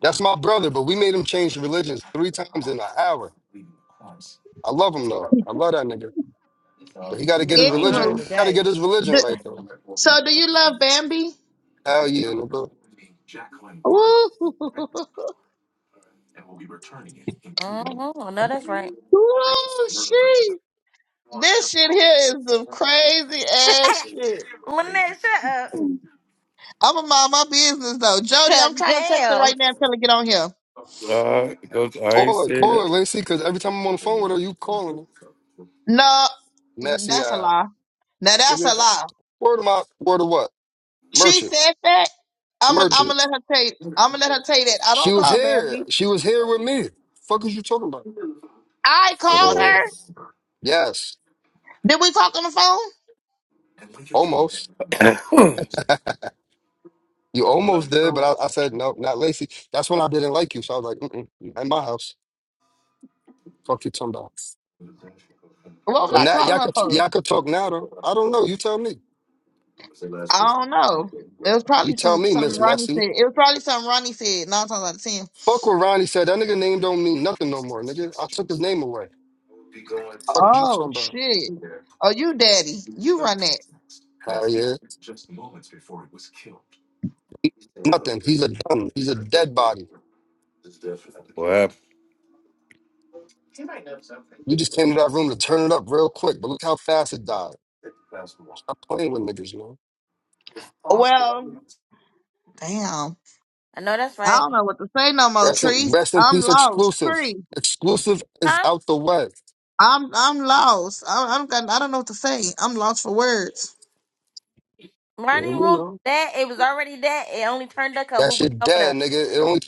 [SPEAKER 5] That's my brother, but we made him change religions three times in an hour. I love him though. I love that nigga. But he
[SPEAKER 7] You
[SPEAKER 5] gotta get
[SPEAKER 7] niggas
[SPEAKER 5] his
[SPEAKER 7] gonna
[SPEAKER 5] religion.
[SPEAKER 7] learn
[SPEAKER 1] Anywho,
[SPEAKER 5] He gotta get
[SPEAKER 7] today.
[SPEAKER 5] his religion
[SPEAKER 1] d-
[SPEAKER 5] right though.
[SPEAKER 1] so do you love Bambi?
[SPEAKER 5] Hell yeah, nigga.
[SPEAKER 1] Ooh,
[SPEAKER 2] Mm-hmm. I know that's right.
[SPEAKER 1] ooh, she. This shit here is the crazy ass shit.
[SPEAKER 2] Lynette, shut up.
[SPEAKER 1] I'm gonna mind my business though. Jody,
[SPEAKER 2] 'Cause
[SPEAKER 1] I'm trying to text her
[SPEAKER 2] damn.
[SPEAKER 1] right now and tell her to get on here.
[SPEAKER 10] All right, go, I ain't
[SPEAKER 5] Call her, call her,
[SPEAKER 10] scared.
[SPEAKER 5] Lacey, cause every time I'm on the phone with her, you calling her.
[SPEAKER 1] No,
[SPEAKER 5] Messy
[SPEAKER 1] that's a
[SPEAKER 5] eye.
[SPEAKER 1] lie. Now that's a
[SPEAKER 5] Nigga,
[SPEAKER 1] lie.
[SPEAKER 5] word of my word of what?
[SPEAKER 1] She
[SPEAKER 5] Merchant.
[SPEAKER 1] said that. I'm gonna I'm
[SPEAKER 5] Merchant.
[SPEAKER 1] gonna let her tell you. I'm gonna let her tell you that I
[SPEAKER 5] She
[SPEAKER 1] don't
[SPEAKER 5] was
[SPEAKER 1] call
[SPEAKER 5] here.
[SPEAKER 1] Bambi.
[SPEAKER 5] She was here with me. Fuck is you talking about?
[SPEAKER 1] I called her.
[SPEAKER 5] Yes.
[SPEAKER 1] Did we talk on the phone?
[SPEAKER 5] Almost. You almost did, but I, I said no, not Lacey. That's when I didn't like you, so I was like, Mm-mm, you not in my house, fuck you, talking about.
[SPEAKER 1] What was
[SPEAKER 5] But
[SPEAKER 1] I
[SPEAKER 5] now
[SPEAKER 1] calling
[SPEAKER 5] y'all
[SPEAKER 1] her
[SPEAKER 5] could
[SPEAKER 1] for?
[SPEAKER 5] y'all could talk now though. I don't know. You tell me.
[SPEAKER 1] I don't know. It was
[SPEAKER 5] You
[SPEAKER 1] probably
[SPEAKER 5] tell
[SPEAKER 1] some
[SPEAKER 5] me,
[SPEAKER 1] something
[SPEAKER 5] Miss
[SPEAKER 1] Ronnie
[SPEAKER 5] Messy.
[SPEAKER 1] said. It was probably something Ronnie said. Nine times out of ten.
[SPEAKER 5] Fuck what Ronnie said. That nigga name don't mean nothing no more, nigga. I took his name away. Fuck you
[SPEAKER 1] Oh
[SPEAKER 5] talking about?
[SPEAKER 1] shit. Oh, you daddy. You run that.
[SPEAKER 5] Hell yeah, nothing. He's a dumb. He's a dead body.
[SPEAKER 10] what
[SPEAKER 5] You just came to that room to turn it up real quick, but look how fast it died. Stop playing with niggas, man.
[SPEAKER 1] Well. Damn.
[SPEAKER 2] I know that's
[SPEAKER 1] I
[SPEAKER 2] right.
[SPEAKER 1] don't know what to say no more,
[SPEAKER 5] Rest in,
[SPEAKER 1] Tree.
[SPEAKER 5] rest in
[SPEAKER 1] I'm
[SPEAKER 5] peace,
[SPEAKER 1] lost,
[SPEAKER 5] exclusive.
[SPEAKER 1] Tree.
[SPEAKER 5] Exclusive is
[SPEAKER 2] Huh?
[SPEAKER 5] out the way.
[SPEAKER 1] I'm I'm lost. I, I don't got, I don't know what to say. I'm lost for words.
[SPEAKER 5] Yeah,
[SPEAKER 2] Running
[SPEAKER 5] we
[SPEAKER 2] room
[SPEAKER 5] know.
[SPEAKER 2] that it was already that. It only turned up 'cause we
[SPEAKER 5] That
[SPEAKER 2] went
[SPEAKER 5] shit
[SPEAKER 2] over
[SPEAKER 5] dead,
[SPEAKER 2] there.
[SPEAKER 5] nigga. It only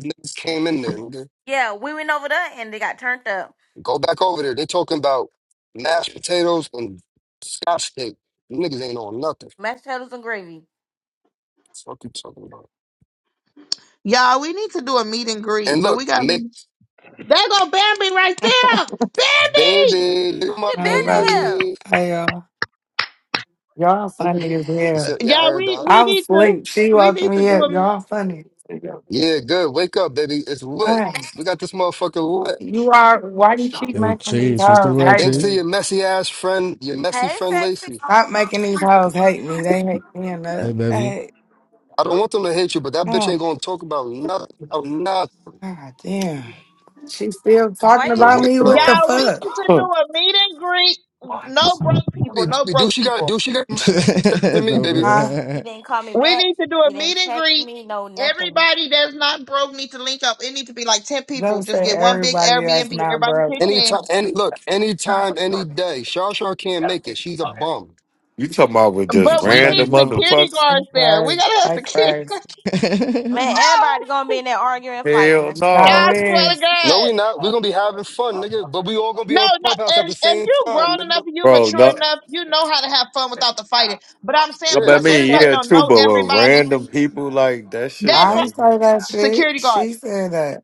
[SPEAKER 5] niggas came in there, nigga.
[SPEAKER 2] Yeah, we went over there and they got turned up.
[SPEAKER 5] Go back over there. They talking about mashed potatoes and scotch tape. Niggas ain't on nothing.
[SPEAKER 2] Mashed potatoes and gravy.
[SPEAKER 5] What you talking about?
[SPEAKER 1] Y'all, we need to do a meet and greet,
[SPEAKER 5] And
[SPEAKER 1] but
[SPEAKER 5] look,
[SPEAKER 1] we gotta be
[SPEAKER 5] make
[SPEAKER 1] There go Bambi right there! Bambi!
[SPEAKER 5] baby, look at my
[SPEAKER 2] She been
[SPEAKER 11] Hi,
[SPEAKER 2] in
[SPEAKER 11] baby.
[SPEAKER 2] here.
[SPEAKER 5] baby.
[SPEAKER 11] Hey, y'all. Y'all funny as
[SPEAKER 5] You
[SPEAKER 11] hell.
[SPEAKER 5] said, yeah, I
[SPEAKER 1] Y'all,
[SPEAKER 5] heard
[SPEAKER 1] we,
[SPEAKER 5] that.
[SPEAKER 1] we
[SPEAKER 11] I was
[SPEAKER 1] need to
[SPEAKER 11] asleep. She
[SPEAKER 1] we
[SPEAKER 11] woke
[SPEAKER 1] need to
[SPEAKER 11] me
[SPEAKER 1] do
[SPEAKER 11] up.
[SPEAKER 1] a
[SPEAKER 11] Y'all funny. Hey,
[SPEAKER 5] Yeah, good. Wake up, baby. It's lit. We got this motherfucker lit.
[SPEAKER 11] you are. Why you keep
[SPEAKER 12] Yo,
[SPEAKER 11] making these
[SPEAKER 12] Chase, what's the
[SPEAKER 11] hoes
[SPEAKER 12] word,
[SPEAKER 11] hate
[SPEAKER 5] Thanks to
[SPEAKER 12] Chase?
[SPEAKER 11] me?
[SPEAKER 5] your messy ass friend, your messy
[SPEAKER 2] Hey,
[SPEAKER 5] friend
[SPEAKER 2] sexy.
[SPEAKER 5] Lacey.
[SPEAKER 11] Stop making these hoes hate me. They hate me
[SPEAKER 12] Hey,
[SPEAKER 11] enough.
[SPEAKER 12] baby.
[SPEAKER 11] Hey,
[SPEAKER 5] I don't
[SPEAKER 2] Oop.
[SPEAKER 5] want them to hate you, but that bitch ain't
[SPEAKER 11] oh,
[SPEAKER 5] gonna talk about nothing. About nothing.
[SPEAKER 11] god damn. She still
[SPEAKER 2] Why
[SPEAKER 11] talking
[SPEAKER 2] you
[SPEAKER 5] So
[SPEAKER 2] didn't
[SPEAKER 11] about
[SPEAKER 5] wake
[SPEAKER 2] text
[SPEAKER 11] me.
[SPEAKER 2] me
[SPEAKER 5] it
[SPEAKER 2] all
[SPEAKER 11] What
[SPEAKER 2] that?
[SPEAKER 5] up.
[SPEAKER 11] the
[SPEAKER 1] y'all, we
[SPEAKER 11] fuck?
[SPEAKER 1] need to do
[SPEAKER 10] happened?
[SPEAKER 1] a meet and greet. No broke people, no
[SPEAKER 5] Do
[SPEAKER 1] broke
[SPEAKER 5] she got?
[SPEAKER 1] people.
[SPEAKER 5] Do she got? to me,
[SPEAKER 12] no,
[SPEAKER 5] baby.
[SPEAKER 11] Huh?
[SPEAKER 2] You
[SPEAKER 12] but
[SPEAKER 2] didn't call me
[SPEAKER 1] We
[SPEAKER 2] back.
[SPEAKER 1] need to do a
[SPEAKER 2] You
[SPEAKER 1] meet
[SPEAKER 2] didn't
[SPEAKER 1] and
[SPEAKER 2] text
[SPEAKER 1] greet.
[SPEAKER 2] me. No, nothing.
[SPEAKER 1] Everybody that's not broke need to link up. It need to be like ten people.
[SPEAKER 11] Don't say
[SPEAKER 1] Just get one big
[SPEAKER 11] everybody
[SPEAKER 1] Airbnb.
[SPEAKER 11] that's not
[SPEAKER 1] Everybody
[SPEAKER 11] broke.
[SPEAKER 1] pitch in.
[SPEAKER 5] Anytime, any look, anytime, any day. Shar Shar can't make it. She's a bum.
[SPEAKER 10] You talking about with just
[SPEAKER 1] But we
[SPEAKER 12] somebody
[SPEAKER 1] need
[SPEAKER 10] random
[SPEAKER 12] going.
[SPEAKER 1] security
[SPEAKER 10] motherfuckers?
[SPEAKER 11] They
[SPEAKER 1] guards there. We
[SPEAKER 11] crazy.
[SPEAKER 1] gotta have
[SPEAKER 11] They
[SPEAKER 1] security
[SPEAKER 11] crazy.
[SPEAKER 2] Man, everybody
[SPEAKER 1] guards.
[SPEAKER 2] gonna be in there arguing and
[SPEAKER 10] Hell
[SPEAKER 2] fighting.
[SPEAKER 11] Y'all
[SPEAKER 10] no.
[SPEAKER 1] I swear to
[SPEAKER 11] is.
[SPEAKER 5] No,
[SPEAKER 1] God.
[SPEAKER 5] we not. We're gonna be having fun, nigga. But we all gonna be
[SPEAKER 1] No,
[SPEAKER 5] on
[SPEAKER 1] no.
[SPEAKER 5] Clubhouse at the
[SPEAKER 1] If, if
[SPEAKER 5] same
[SPEAKER 1] you
[SPEAKER 5] time,
[SPEAKER 1] grown enough,
[SPEAKER 5] nigga.
[SPEAKER 1] and you
[SPEAKER 10] Bro,
[SPEAKER 1] mature
[SPEAKER 10] no
[SPEAKER 1] enough, you know how to have fun without the fighting. But I'm saying
[SPEAKER 10] No,
[SPEAKER 5] Yeah,
[SPEAKER 10] But I
[SPEAKER 1] because
[SPEAKER 5] that's a
[SPEAKER 10] mean,
[SPEAKER 1] everybody
[SPEAKER 5] fact.
[SPEAKER 10] yeah,
[SPEAKER 1] don't
[SPEAKER 10] true,
[SPEAKER 1] know
[SPEAKER 10] but with
[SPEAKER 1] everybody.
[SPEAKER 10] random people like that shit,
[SPEAKER 1] That's
[SPEAKER 11] I
[SPEAKER 1] why
[SPEAKER 10] like,
[SPEAKER 11] ain't say that shit.
[SPEAKER 1] security guards.
[SPEAKER 11] She said that.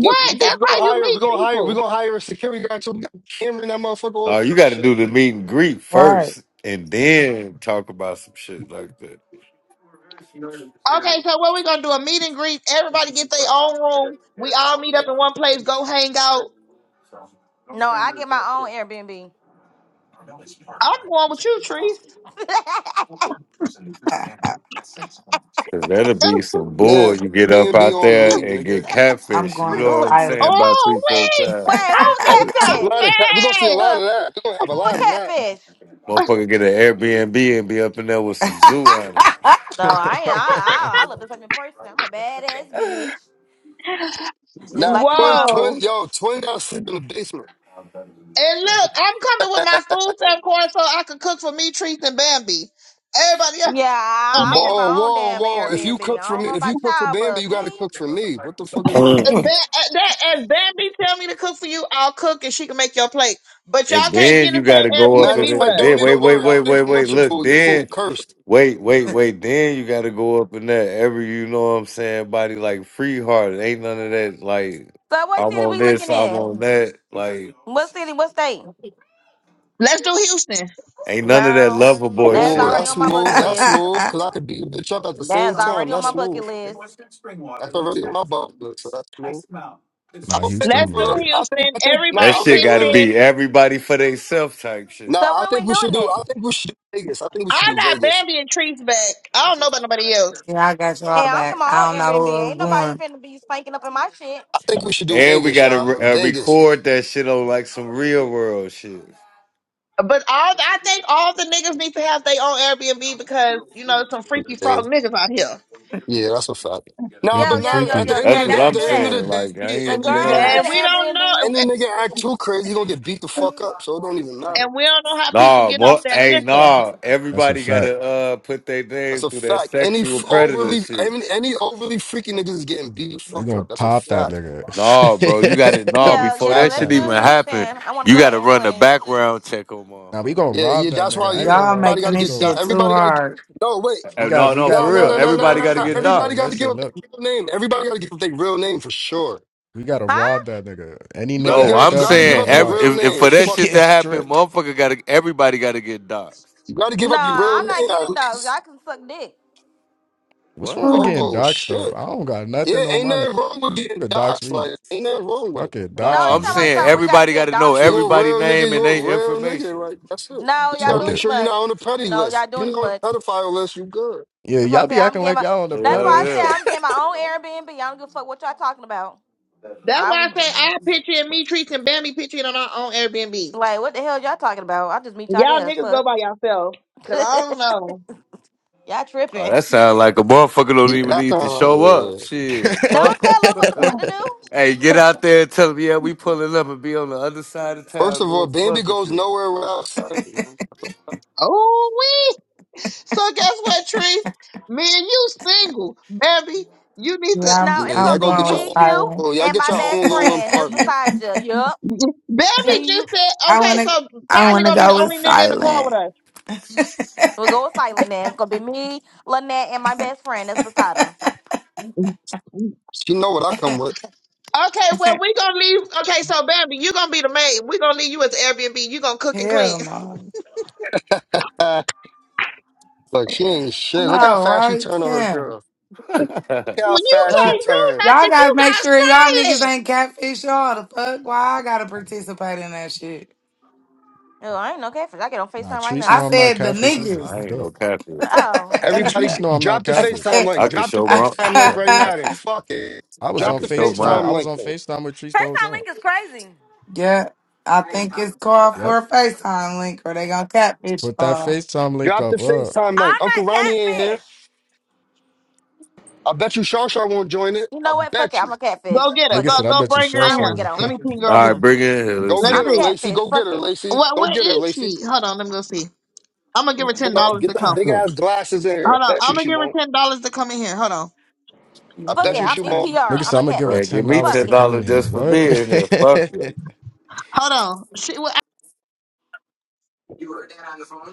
[SPEAKER 5] Look, we're gonna,
[SPEAKER 1] That's
[SPEAKER 5] we
[SPEAKER 1] how
[SPEAKER 5] gonna
[SPEAKER 1] you
[SPEAKER 5] hire, we're
[SPEAKER 1] meet
[SPEAKER 5] gonna hire,
[SPEAKER 1] people.
[SPEAKER 5] we're gonna hire a security guy so we got a camera in that motherfucker. All
[SPEAKER 10] no,
[SPEAKER 5] that
[SPEAKER 10] you got to
[SPEAKER 5] shit,
[SPEAKER 10] do the meet and greet
[SPEAKER 11] Right.
[SPEAKER 10] first, and then talk about some shit like that.
[SPEAKER 1] Okay, so what we gonna do? A meet and greet. Everybody get their own room. We all meet up in one place. Go hang out.
[SPEAKER 2] No, I get my own Airbnb.
[SPEAKER 1] I'm going with you, Trees.
[SPEAKER 11] I, I,
[SPEAKER 10] Cause that'll be some
[SPEAKER 5] man.
[SPEAKER 10] bull. You get up
[SPEAKER 5] Airbnb
[SPEAKER 10] out
[SPEAKER 5] on
[SPEAKER 10] there
[SPEAKER 5] me,
[SPEAKER 10] and
[SPEAKER 5] nigga.
[SPEAKER 10] get
[SPEAKER 11] I'm
[SPEAKER 10] catfish. You
[SPEAKER 11] going
[SPEAKER 2] Look at
[SPEAKER 11] with
[SPEAKER 10] know what
[SPEAKER 2] what-
[SPEAKER 10] I'm
[SPEAKER 2] Wait,
[SPEAKER 10] saying?
[SPEAKER 11] silent.
[SPEAKER 10] About three,
[SPEAKER 1] Oh
[SPEAKER 10] four
[SPEAKER 1] wait,
[SPEAKER 2] who
[SPEAKER 10] times,
[SPEAKER 1] I'll
[SPEAKER 2] a
[SPEAKER 5] Oh,
[SPEAKER 11] yeah,
[SPEAKER 5] we gonna see a
[SPEAKER 2] catfish?
[SPEAKER 5] lot of that. We're gonna see
[SPEAKER 1] be
[SPEAKER 5] a
[SPEAKER 1] so
[SPEAKER 5] lot of that. We're gonna have a
[SPEAKER 2] Who a
[SPEAKER 5] lot of that.
[SPEAKER 2] catfish?
[SPEAKER 10] motherfucker, get an Airbnb and be up in there with some zoo animals.
[SPEAKER 2] No, I ain't. I, I, I look the fucking person. I'm a badass bitch, just
[SPEAKER 5] Now,
[SPEAKER 1] mad.
[SPEAKER 2] like your
[SPEAKER 5] twin,
[SPEAKER 2] mama.
[SPEAKER 5] twin,
[SPEAKER 1] Whoa.
[SPEAKER 5] yo, twin gotta sleep in the basement.
[SPEAKER 1] And look, I'm coming with my food stamp card so I can cook for me, Trees, and Bambi. Everybody else,
[SPEAKER 2] Yeah,
[SPEAKER 1] oh
[SPEAKER 2] I, I don't
[SPEAKER 1] man,
[SPEAKER 2] get
[SPEAKER 5] Whoa,
[SPEAKER 2] my own
[SPEAKER 5] whoa,
[SPEAKER 2] damn
[SPEAKER 5] whoa. If you
[SPEAKER 2] Airbnb.
[SPEAKER 5] cook
[SPEAKER 2] I
[SPEAKER 5] for
[SPEAKER 2] don't
[SPEAKER 5] me,
[SPEAKER 2] know
[SPEAKER 5] if
[SPEAKER 2] about
[SPEAKER 5] you cook for
[SPEAKER 2] y'all,
[SPEAKER 5] Bambi,
[SPEAKER 2] but
[SPEAKER 5] you
[SPEAKER 2] me.
[SPEAKER 5] gotta cook for me. What the fuck is wrong
[SPEAKER 1] if,
[SPEAKER 5] with
[SPEAKER 1] ba-
[SPEAKER 5] you?
[SPEAKER 1] uh, that, if Bambi tell me to cook for you, I'll cook and she can make your plate. But
[SPEAKER 10] And
[SPEAKER 1] y'all can't be
[SPEAKER 10] then
[SPEAKER 1] in
[SPEAKER 10] you
[SPEAKER 1] the same
[SPEAKER 10] got to go up
[SPEAKER 5] Matter of
[SPEAKER 10] in
[SPEAKER 1] Airbnb
[SPEAKER 10] it.
[SPEAKER 1] with
[SPEAKER 5] fact,
[SPEAKER 10] And
[SPEAKER 1] us.
[SPEAKER 5] don't
[SPEAKER 10] then wait,
[SPEAKER 5] even
[SPEAKER 10] wait,
[SPEAKER 5] worry. I
[SPEAKER 10] wait,
[SPEAKER 5] don't
[SPEAKER 10] wait,
[SPEAKER 5] even
[SPEAKER 10] wait.
[SPEAKER 5] want your
[SPEAKER 10] Look,
[SPEAKER 5] food. Your
[SPEAKER 10] then
[SPEAKER 5] food cursed.
[SPEAKER 10] wait, wait, wait. Then you got to go up in that every. You know what I'm saying? Body like free heart. Ain't none of that. Like
[SPEAKER 2] So, what
[SPEAKER 10] I'm
[SPEAKER 2] city
[SPEAKER 10] on
[SPEAKER 2] we leaking
[SPEAKER 10] this. I'm
[SPEAKER 2] in?
[SPEAKER 10] on that. Like
[SPEAKER 2] What city? What state?
[SPEAKER 1] Let's do Houston.
[SPEAKER 10] ain't none of that
[SPEAKER 2] Girl,
[SPEAKER 10] lover boy
[SPEAKER 2] that's
[SPEAKER 5] Oh,
[SPEAKER 10] shit.
[SPEAKER 2] already
[SPEAKER 5] that's
[SPEAKER 2] on my
[SPEAKER 5] smooth.
[SPEAKER 2] bucket
[SPEAKER 5] That's
[SPEAKER 2] list.
[SPEAKER 5] smooth. Cause I could beat a bitch up at the
[SPEAKER 2] That's
[SPEAKER 5] same time.
[SPEAKER 2] already on
[SPEAKER 5] That's
[SPEAKER 2] my bucket
[SPEAKER 5] smooth.
[SPEAKER 2] list.
[SPEAKER 5] That's already what my butt looks, so that's smooth. I
[SPEAKER 12] nah, Houston,
[SPEAKER 1] Let's
[SPEAKER 5] think,
[SPEAKER 1] do
[SPEAKER 12] yeah.
[SPEAKER 5] I think,
[SPEAKER 1] Houston.
[SPEAKER 5] I think,
[SPEAKER 10] That
[SPEAKER 5] nah,
[SPEAKER 1] Everybody
[SPEAKER 5] wait,
[SPEAKER 10] shit
[SPEAKER 1] pitch
[SPEAKER 5] wait,
[SPEAKER 10] got to
[SPEAKER 5] wait, wait.
[SPEAKER 1] in.
[SPEAKER 10] be everybody for themselves type shit.
[SPEAKER 5] Nah,
[SPEAKER 2] So
[SPEAKER 5] I
[SPEAKER 2] when
[SPEAKER 5] think
[SPEAKER 2] we
[SPEAKER 5] we should
[SPEAKER 2] doing
[SPEAKER 5] do,
[SPEAKER 2] that?
[SPEAKER 5] I think we should do Vegas. I think we should
[SPEAKER 1] I
[SPEAKER 5] do
[SPEAKER 1] got
[SPEAKER 5] Vegas.
[SPEAKER 1] Bambi and Trees back. I don't know about nobody else.
[SPEAKER 11] I got
[SPEAKER 2] Hey,
[SPEAKER 11] y'all
[SPEAKER 2] I'm getting
[SPEAKER 11] back.
[SPEAKER 2] my
[SPEAKER 11] I
[SPEAKER 2] own
[SPEAKER 11] don't know
[SPEAKER 2] Airbnb.
[SPEAKER 11] who else
[SPEAKER 2] Ain't nobody finna be spanking up in my shit.
[SPEAKER 5] I think we should do
[SPEAKER 10] And we
[SPEAKER 5] Vegas,
[SPEAKER 10] got to
[SPEAKER 5] y'all.
[SPEAKER 10] re- uh,
[SPEAKER 5] Vegas.
[SPEAKER 10] record that shit on like some real world shit.
[SPEAKER 1] But all I think all the niggas need to have their own Airbnb because, you know, some freaky frog niggas out here.
[SPEAKER 5] Yeah, that's a fact. Nah, but
[SPEAKER 2] Yo,
[SPEAKER 12] Freaky,
[SPEAKER 2] yo,
[SPEAKER 5] now
[SPEAKER 2] yo,
[SPEAKER 5] at the
[SPEAKER 12] freaky.
[SPEAKER 2] yo,
[SPEAKER 5] end of
[SPEAKER 2] yeah,
[SPEAKER 10] That's
[SPEAKER 5] the
[SPEAKER 2] y'all
[SPEAKER 5] day,
[SPEAKER 10] what
[SPEAKER 5] at
[SPEAKER 2] should
[SPEAKER 10] I'm
[SPEAKER 2] do
[SPEAKER 5] the end
[SPEAKER 2] that.
[SPEAKER 5] of the
[SPEAKER 10] saying.
[SPEAKER 5] day,
[SPEAKER 10] Like I
[SPEAKER 5] any,
[SPEAKER 2] The
[SPEAKER 10] ain't.
[SPEAKER 5] any
[SPEAKER 10] You
[SPEAKER 5] nigga
[SPEAKER 10] know.
[SPEAKER 2] girls
[SPEAKER 1] And
[SPEAKER 2] get
[SPEAKER 5] act
[SPEAKER 1] we
[SPEAKER 2] an
[SPEAKER 1] don't know
[SPEAKER 5] any nigga
[SPEAKER 2] Airbnb.
[SPEAKER 5] act too crazy, he gonna get beat the
[SPEAKER 11] going.
[SPEAKER 5] fuck up. So it don't even matter.
[SPEAKER 1] and we don't know how people
[SPEAKER 10] Nah,
[SPEAKER 1] get off
[SPEAKER 10] mo-
[SPEAKER 1] that
[SPEAKER 10] hey,
[SPEAKER 1] liquor.
[SPEAKER 10] nah.
[SPEAKER 12] That's a
[SPEAKER 10] Everybody
[SPEAKER 12] fact.
[SPEAKER 10] gotta uh put their
[SPEAKER 5] That's
[SPEAKER 10] name
[SPEAKER 5] a
[SPEAKER 10] through that
[SPEAKER 5] fact. Any
[SPEAKER 10] sexual
[SPEAKER 5] f-
[SPEAKER 10] predator
[SPEAKER 5] overly
[SPEAKER 10] shit.
[SPEAKER 5] any, any overly freaky niggas is getting beat the
[SPEAKER 12] We
[SPEAKER 5] fuck
[SPEAKER 12] gonna
[SPEAKER 5] up. That's a
[SPEAKER 12] pop that
[SPEAKER 5] fact.
[SPEAKER 12] nigga.
[SPEAKER 10] Nah, bro, you gotta nah.
[SPEAKER 12] we
[SPEAKER 2] Yeah,
[SPEAKER 10] Before
[SPEAKER 2] yeah,
[SPEAKER 12] clap
[SPEAKER 10] that
[SPEAKER 2] let's
[SPEAKER 10] shit
[SPEAKER 12] that
[SPEAKER 10] even
[SPEAKER 2] do
[SPEAKER 12] nigga.
[SPEAKER 10] happen,
[SPEAKER 2] Houston. I want to
[SPEAKER 10] you
[SPEAKER 2] go
[SPEAKER 10] gotta
[SPEAKER 2] there
[SPEAKER 10] run the
[SPEAKER 2] anyways.
[SPEAKER 10] background check on
[SPEAKER 12] Now we
[SPEAKER 10] motherfuckers.
[SPEAKER 12] gonna
[SPEAKER 5] Yeah, yeah.
[SPEAKER 12] rob that
[SPEAKER 5] That's
[SPEAKER 12] nigga.
[SPEAKER 5] why.
[SPEAKER 12] I ain't
[SPEAKER 5] Yeah,
[SPEAKER 12] gonna
[SPEAKER 11] Y'all
[SPEAKER 12] lie.
[SPEAKER 5] everybody
[SPEAKER 11] making
[SPEAKER 5] gotta
[SPEAKER 12] We
[SPEAKER 11] this
[SPEAKER 5] get. di-
[SPEAKER 12] gonna
[SPEAKER 11] shit too
[SPEAKER 5] Everybody gotta get.
[SPEAKER 11] hard.
[SPEAKER 5] No, wait.
[SPEAKER 12] we
[SPEAKER 10] Uh,
[SPEAKER 12] got
[SPEAKER 10] No,
[SPEAKER 12] we
[SPEAKER 10] no,
[SPEAKER 5] No,
[SPEAKER 12] got
[SPEAKER 10] for
[SPEAKER 5] no,
[SPEAKER 12] nah,
[SPEAKER 10] real.
[SPEAKER 5] no, no,
[SPEAKER 12] listen,
[SPEAKER 5] no,
[SPEAKER 10] Everybody
[SPEAKER 5] no.
[SPEAKER 10] gotta
[SPEAKER 5] no.
[SPEAKER 12] listen,
[SPEAKER 10] get
[SPEAKER 5] Everybody
[SPEAKER 12] listen,
[SPEAKER 10] doxxed.
[SPEAKER 5] gotta give
[SPEAKER 12] listen.
[SPEAKER 5] up
[SPEAKER 12] Look,
[SPEAKER 5] their real name. Everybody gotta give up their real name for sure.
[SPEAKER 12] we gotta
[SPEAKER 2] Huh?
[SPEAKER 12] rob that nigga. Any
[SPEAKER 5] You
[SPEAKER 12] nigga
[SPEAKER 5] gotta
[SPEAKER 10] No,
[SPEAKER 5] give up.
[SPEAKER 12] act
[SPEAKER 10] I'm
[SPEAKER 5] You
[SPEAKER 12] up, you
[SPEAKER 5] gotta give
[SPEAKER 10] saying
[SPEAKER 12] getting
[SPEAKER 5] up your
[SPEAKER 10] every
[SPEAKER 12] robbed.
[SPEAKER 5] real
[SPEAKER 10] if, if
[SPEAKER 5] name.
[SPEAKER 10] for
[SPEAKER 12] he
[SPEAKER 10] that
[SPEAKER 5] Fuck
[SPEAKER 10] shit to
[SPEAKER 12] gets
[SPEAKER 5] that.
[SPEAKER 10] happen,
[SPEAKER 12] stripped.
[SPEAKER 10] motherfucker gotta everybody gotta get doxxed.
[SPEAKER 5] You gotta give
[SPEAKER 2] No,
[SPEAKER 5] up your real
[SPEAKER 2] I'm not
[SPEAKER 5] name at
[SPEAKER 2] getting dogs. Y'all
[SPEAKER 5] least.
[SPEAKER 2] can suck dick.
[SPEAKER 12] What's
[SPEAKER 10] What?
[SPEAKER 12] wrong with
[SPEAKER 11] yeah,
[SPEAKER 12] getting
[SPEAKER 5] Oh
[SPEAKER 12] doxxed
[SPEAKER 5] shit.
[SPEAKER 12] though? I don't got
[SPEAKER 5] Yeah,
[SPEAKER 12] nothing on
[SPEAKER 5] ain't
[SPEAKER 12] my name.
[SPEAKER 5] nothing wrong with getting
[SPEAKER 12] Nigga, Dox
[SPEAKER 5] doxxed.
[SPEAKER 12] me.
[SPEAKER 5] Like, ain't nothing wrong with it.
[SPEAKER 12] Fuck it.
[SPEAKER 10] No,
[SPEAKER 2] No,
[SPEAKER 12] Dox
[SPEAKER 2] you're talking
[SPEAKER 10] I'm
[SPEAKER 12] me. Nigga.
[SPEAKER 2] about
[SPEAKER 10] saying
[SPEAKER 12] Fuck
[SPEAKER 2] something we
[SPEAKER 12] it.
[SPEAKER 2] got to
[SPEAKER 10] everybody
[SPEAKER 2] get
[SPEAKER 10] gotta know
[SPEAKER 2] dogs
[SPEAKER 5] If you
[SPEAKER 2] to.
[SPEAKER 5] a
[SPEAKER 10] everybody
[SPEAKER 5] real nigga,
[SPEAKER 10] name
[SPEAKER 5] you
[SPEAKER 10] and
[SPEAKER 5] a
[SPEAKER 10] their
[SPEAKER 5] real
[SPEAKER 10] information.
[SPEAKER 5] nigga. Like, that's it.
[SPEAKER 2] No,
[SPEAKER 5] But you
[SPEAKER 2] y'all
[SPEAKER 5] gotta
[SPEAKER 12] Fuck
[SPEAKER 2] doing
[SPEAKER 5] make
[SPEAKER 2] too
[SPEAKER 12] it.
[SPEAKER 5] sure you're
[SPEAKER 2] much.
[SPEAKER 5] not on the petty
[SPEAKER 2] No,
[SPEAKER 5] list.
[SPEAKER 2] y'all
[SPEAKER 5] If you're
[SPEAKER 2] doing too
[SPEAKER 5] not
[SPEAKER 2] much.
[SPEAKER 5] on the pedophile list, you good.
[SPEAKER 12] Yeah,
[SPEAKER 2] That's why
[SPEAKER 12] y'all
[SPEAKER 2] I say
[SPEAKER 12] be
[SPEAKER 2] I'm
[SPEAKER 12] acting
[SPEAKER 2] getting
[SPEAKER 12] like
[SPEAKER 2] my.
[SPEAKER 12] y'all on
[SPEAKER 10] Yeah,
[SPEAKER 12] the
[SPEAKER 2] That's why I
[SPEAKER 12] pedal.
[SPEAKER 2] say
[SPEAKER 10] yeah.
[SPEAKER 2] I'm getting my own Airbnb. I don't give a fuck what y'all talking about.
[SPEAKER 1] That's
[SPEAKER 2] I
[SPEAKER 1] why I
[SPEAKER 2] was
[SPEAKER 1] say I picture and me Trees and Bambi picture it on our own Airbnb.
[SPEAKER 2] like, what the hell y'all talking about? I'll just meet y'all
[SPEAKER 1] Y'all
[SPEAKER 2] there.
[SPEAKER 1] niggas go
[SPEAKER 2] Fuck.
[SPEAKER 1] by yourself. Cause I don't know.
[SPEAKER 2] y'all
[SPEAKER 10] Oh,
[SPEAKER 2] tripping.
[SPEAKER 10] that sounds like a motherfucker don't
[SPEAKER 5] Yeah,
[SPEAKER 10] even
[SPEAKER 5] that's
[SPEAKER 10] need
[SPEAKER 5] not
[SPEAKER 10] to show up.
[SPEAKER 5] like, yeah.
[SPEAKER 10] Shit, fuck
[SPEAKER 2] Don't
[SPEAKER 10] 'em.
[SPEAKER 2] tell us what the fuck to do.
[SPEAKER 10] Hey, get out there and tell them, yeah, we pulling up and be on the other side of
[SPEAKER 5] First
[SPEAKER 10] town
[SPEAKER 5] of all,
[SPEAKER 10] doing some
[SPEAKER 5] Bambi
[SPEAKER 10] other
[SPEAKER 5] goes
[SPEAKER 10] shit.
[SPEAKER 5] nowhere without Sally. man.
[SPEAKER 1] Oh we so guess what, Trees? Me and you single. Bambi, you need to
[SPEAKER 11] I'm
[SPEAKER 2] No,
[SPEAKER 5] Yeah,
[SPEAKER 2] it's
[SPEAKER 5] y'all
[SPEAKER 2] gonna
[SPEAKER 11] I'm
[SPEAKER 5] go
[SPEAKER 2] be
[SPEAKER 5] get
[SPEAKER 11] going with
[SPEAKER 2] me,
[SPEAKER 5] y'all.
[SPEAKER 2] you,
[SPEAKER 11] silent.
[SPEAKER 5] Oh, y'all
[SPEAKER 2] and
[SPEAKER 5] get
[SPEAKER 2] my
[SPEAKER 5] y'all
[SPEAKER 2] best
[SPEAKER 5] own little
[SPEAKER 2] friend that's
[SPEAKER 5] apartment.
[SPEAKER 2] beside you.
[SPEAKER 1] Baby
[SPEAKER 2] Yup.
[SPEAKER 1] just said,
[SPEAKER 11] I
[SPEAKER 1] okay,
[SPEAKER 11] wanna
[SPEAKER 1] so
[SPEAKER 11] I
[SPEAKER 1] Tyler
[SPEAKER 11] wanna
[SPEAKER 1] gonna be
[SPEAKER 11] go
[SPEAKER 1] the
[SPEAKER 11] with
[SPEAKER 1] only nigga in the car with
[SPEAKER 11] silent.
[SPEAKER 1] us.
[SPEAKER 2] We'll go with silent then. It's gonna be me, Lynette, and my best friend that's beside her.
[SPEAKER 1] Okay,
[SPEAKER 5] She know what I come with.
[SPEAKER 1] well we gonna leave. Okay, so Bambi, you gonna be the maid. We gonna leave you at the Airbnb. You gonna cook and clean.
[SPEAKER 11] Hell no.
[SPEAKER 5] Ah, but she ain't shit. Look how
[SPEAKER 11] No,
[SPEAKER 5] fast she
[SPEAKER 11] right?
[SPEAKER 5] turned on her
[SPEAKER 11] there.
[SPEAKER 5] girl. Look how
[SPEAKER 1] Well, you
[SPEAKER 5] fast she
[SPEAKER 11] Fuck.
[SPEAKER 5] turned.
[SPEAKER 1] can't do
[SPEAKER 11] Y'all gotta make sure y'all niggas
[SPEAKER 1] nothing. You got silent.
[SPEAKER 11] ain't catfish y'all. The fuck? Why I gotta participate in that shit?
[SPEAKER 2] Oh, I ain't no catfish. I get on
[SPEAKER 12] nah,
[SPEAKER 2] FaceTime right
[SPEAKER 12] Treese
[SPEAKER 2] now.
[SPEAKER 12] know
[SPEAKER 11] I
[SPEAKER 12] I'm not
[SPEAKER 11] said the
[SPEAKER 12] catfish
[SPEAKER 10] Uh,
[SPEAKER 12] either.
[SPEAKER 11] niggas.
[SPEAKER 12] I'm
[SPEAKER 10] I ain't
[SPEAKER 12] good.
[SPEAKER 10] no catfish.
[SPEAKER 2] Oh.
[SPEAKER 5] Everybody,
[SPEAKER 12] Treese
[SPEAKER 5] g-
[SPEAKER 12] know I'm not
[SPEAKER 5] drop the
[SPEAKER 11] I
[SPEAKER 12] catfish.
[SPEAKER 5] FaceTime
[SPEAKER 11] said,
[SPEAKER 5] link.
[SPEAKER 10] I can
[SPEAKER 5] Drop the
[SPEAKER 10] show my,
[SPEAKER 5] FaceTime link right now. Then fuck it.
[SPEAKER 12] I was
[SPEAKER 10] I
[SPEAKER 12] on
[SPEAKER 5] Drop the
[SPEAKER 10] can show
[SPEAKER 12] FaceTime.
[SPEAKER 5] FaceTime
[SPEAKER 12] I
[SPEAKER 10] mine.
[SPEAKER 12] was
[SPEAKER 5] link.
[SPEAKER 12] on
[SPEAKER 5] Then.
[SPEAKER 12] FaceTime with Treese the whole
[SPEAKER 2] FaceTime
[SPEAKER 12] time.
[SPEAKER 2] link is crazy.
[SPEAKER 11] yeah, I think it's called for
[SPEAKER 12] Yep.
[SPEAKER 11] a FaceTime link or they gonna catfish
[SPEAKER 12] But that
[SPEAKER 11] y'all.
[SPEAKER 12] FaceTime link
[SPEAKER 5] Drop the
[SPEAKER 12] up, uh,
[SPEAKER 5] FaceTime link.
[SPEAKER 2] I'm
[SPEAKER 5] Uncle
[SPEAKER 2] not
[SPEAKER 5] Ronnie ain't here.
[SPEAKER 2] catfish.
[SPEAKER 5] I bet you Shaw Shaw won't join it.
[SPEAKER 2] You
[SPEAKER 5] I
[SPEAKER 2] know what? Fuck it.
[SPEAKER 5] bet you.
[SPEAKER 2] I'm a catfish.
[SPEAKER 1] Go get her.
[SPEAKER 12] nigga
[SPEAKER 2] Fuck
[SPEAKER 1] Go
[SPEAKER 2] it.
[SPEAKER 12] said, I
[SPEAKER 1] go
[SPEAKER 12] bet you
[SPEAKER 1] bring her
[SPEAKER 12] Shaw
[SPEAKER 2] I
[SPEAKER 1] in
[SPEAKER 2] don't
[SPEAKER 12] Shaw
[SPEAKER 2] wanna
[SPEAKER 1] here.
[SPEAKER 2] get
[SPEAKER 12] is.
[SPEAKER 2] on.
[SPEAKER 1] Let me ping her
[SPEAKER 10] All
[SPEAKER 1] over
[SPEAKER 10] right,
[SPEAKER 1] here.
[SPEAKER 10] bring it in here. Let's
[SPEAKER 5] Go
[SPEAKER 1] Let's
[SPEAKER 10] see.
[SPEAKER 5] get
[SPEAKER 2] I'm a
[SPEAKER 5] her,
[SPEAKER 1] see.
[SPEAKER 5] Lacey.
[SPEAKER 2] catfish.
[SPEAKER 5] Go get
[SPEAKER 2] Fuck
[SPEAKER 5] her,
[SPEAKER 2] it.
[SPEAKER 5] Lacey.
[SPEAKER 1] What
[SPEAKER 5] Go
[SPEAKER 1] where
[SPEAKER 5] get her,
[SPEAKER 1] is
[SPEAKER 5] Lacey.
[SPEAKER 1] she? Hold on. Let me go see. I'm gonna give her ten
[SPEAKER 5] No,
[SPEAKER 1] dollars to
[SPEAKER 5] get them
[SPEAKER 1] come.
[SPEAKER 5] big
[SPEAKER 10] Hmm.
[SPEAKER 5] ass glasses in here.
[SPEAKER 1] Hold
[SPEAKER 5] I
[SPEAKER 1] on.
[SPEAKER 5] bet you
[SPEAKER 1] I'm gonna
[SPEAKER 5] she
[SPEAKER 1] give her
[SPEAKER 5] won't.
[SPEAKER 1] ten dollars to come in here. Hold on.
[SPEAKER 5] I
[SPEAKER 11] You
[SPEAKER 2] Fuck
[SPEAKER 5] bet
[SPEAKER 2] it.
[SPEAKER 5] you
[SPEAKER 2] I'm
[SPEAKER 5] she won't.
[SPEAKER 11] irritating.
[SPEAKER 2] NPR.
[SPEAKER 12] Nigga
[SPEAKER 2] I'm
[SPEAKER 12] said,
[SPEAKER 2] a
[SPEAKER 12] I'm gonna give her
[SPEAKER 10] Man,
[SPEAKER 2] catfish.
[SPEAKER 10] give
[SPEAKER 12] ten
[SPEAKER 10] me
[SPEAKER 12] dollars to
[SPEAKER 2] Fuck
[SPEAKER 10] ten
[SPEAKER 2] it.
[SPEAKER 12] come in
[SPEAKER 10] dollars
[SPEAKER 12] here.
[SPEAKER 10] just for
[SPEAKER 12] What?
[SPEAKER 10] being here. Fuck it.
[SPEAKER 1] Hold on. She. well.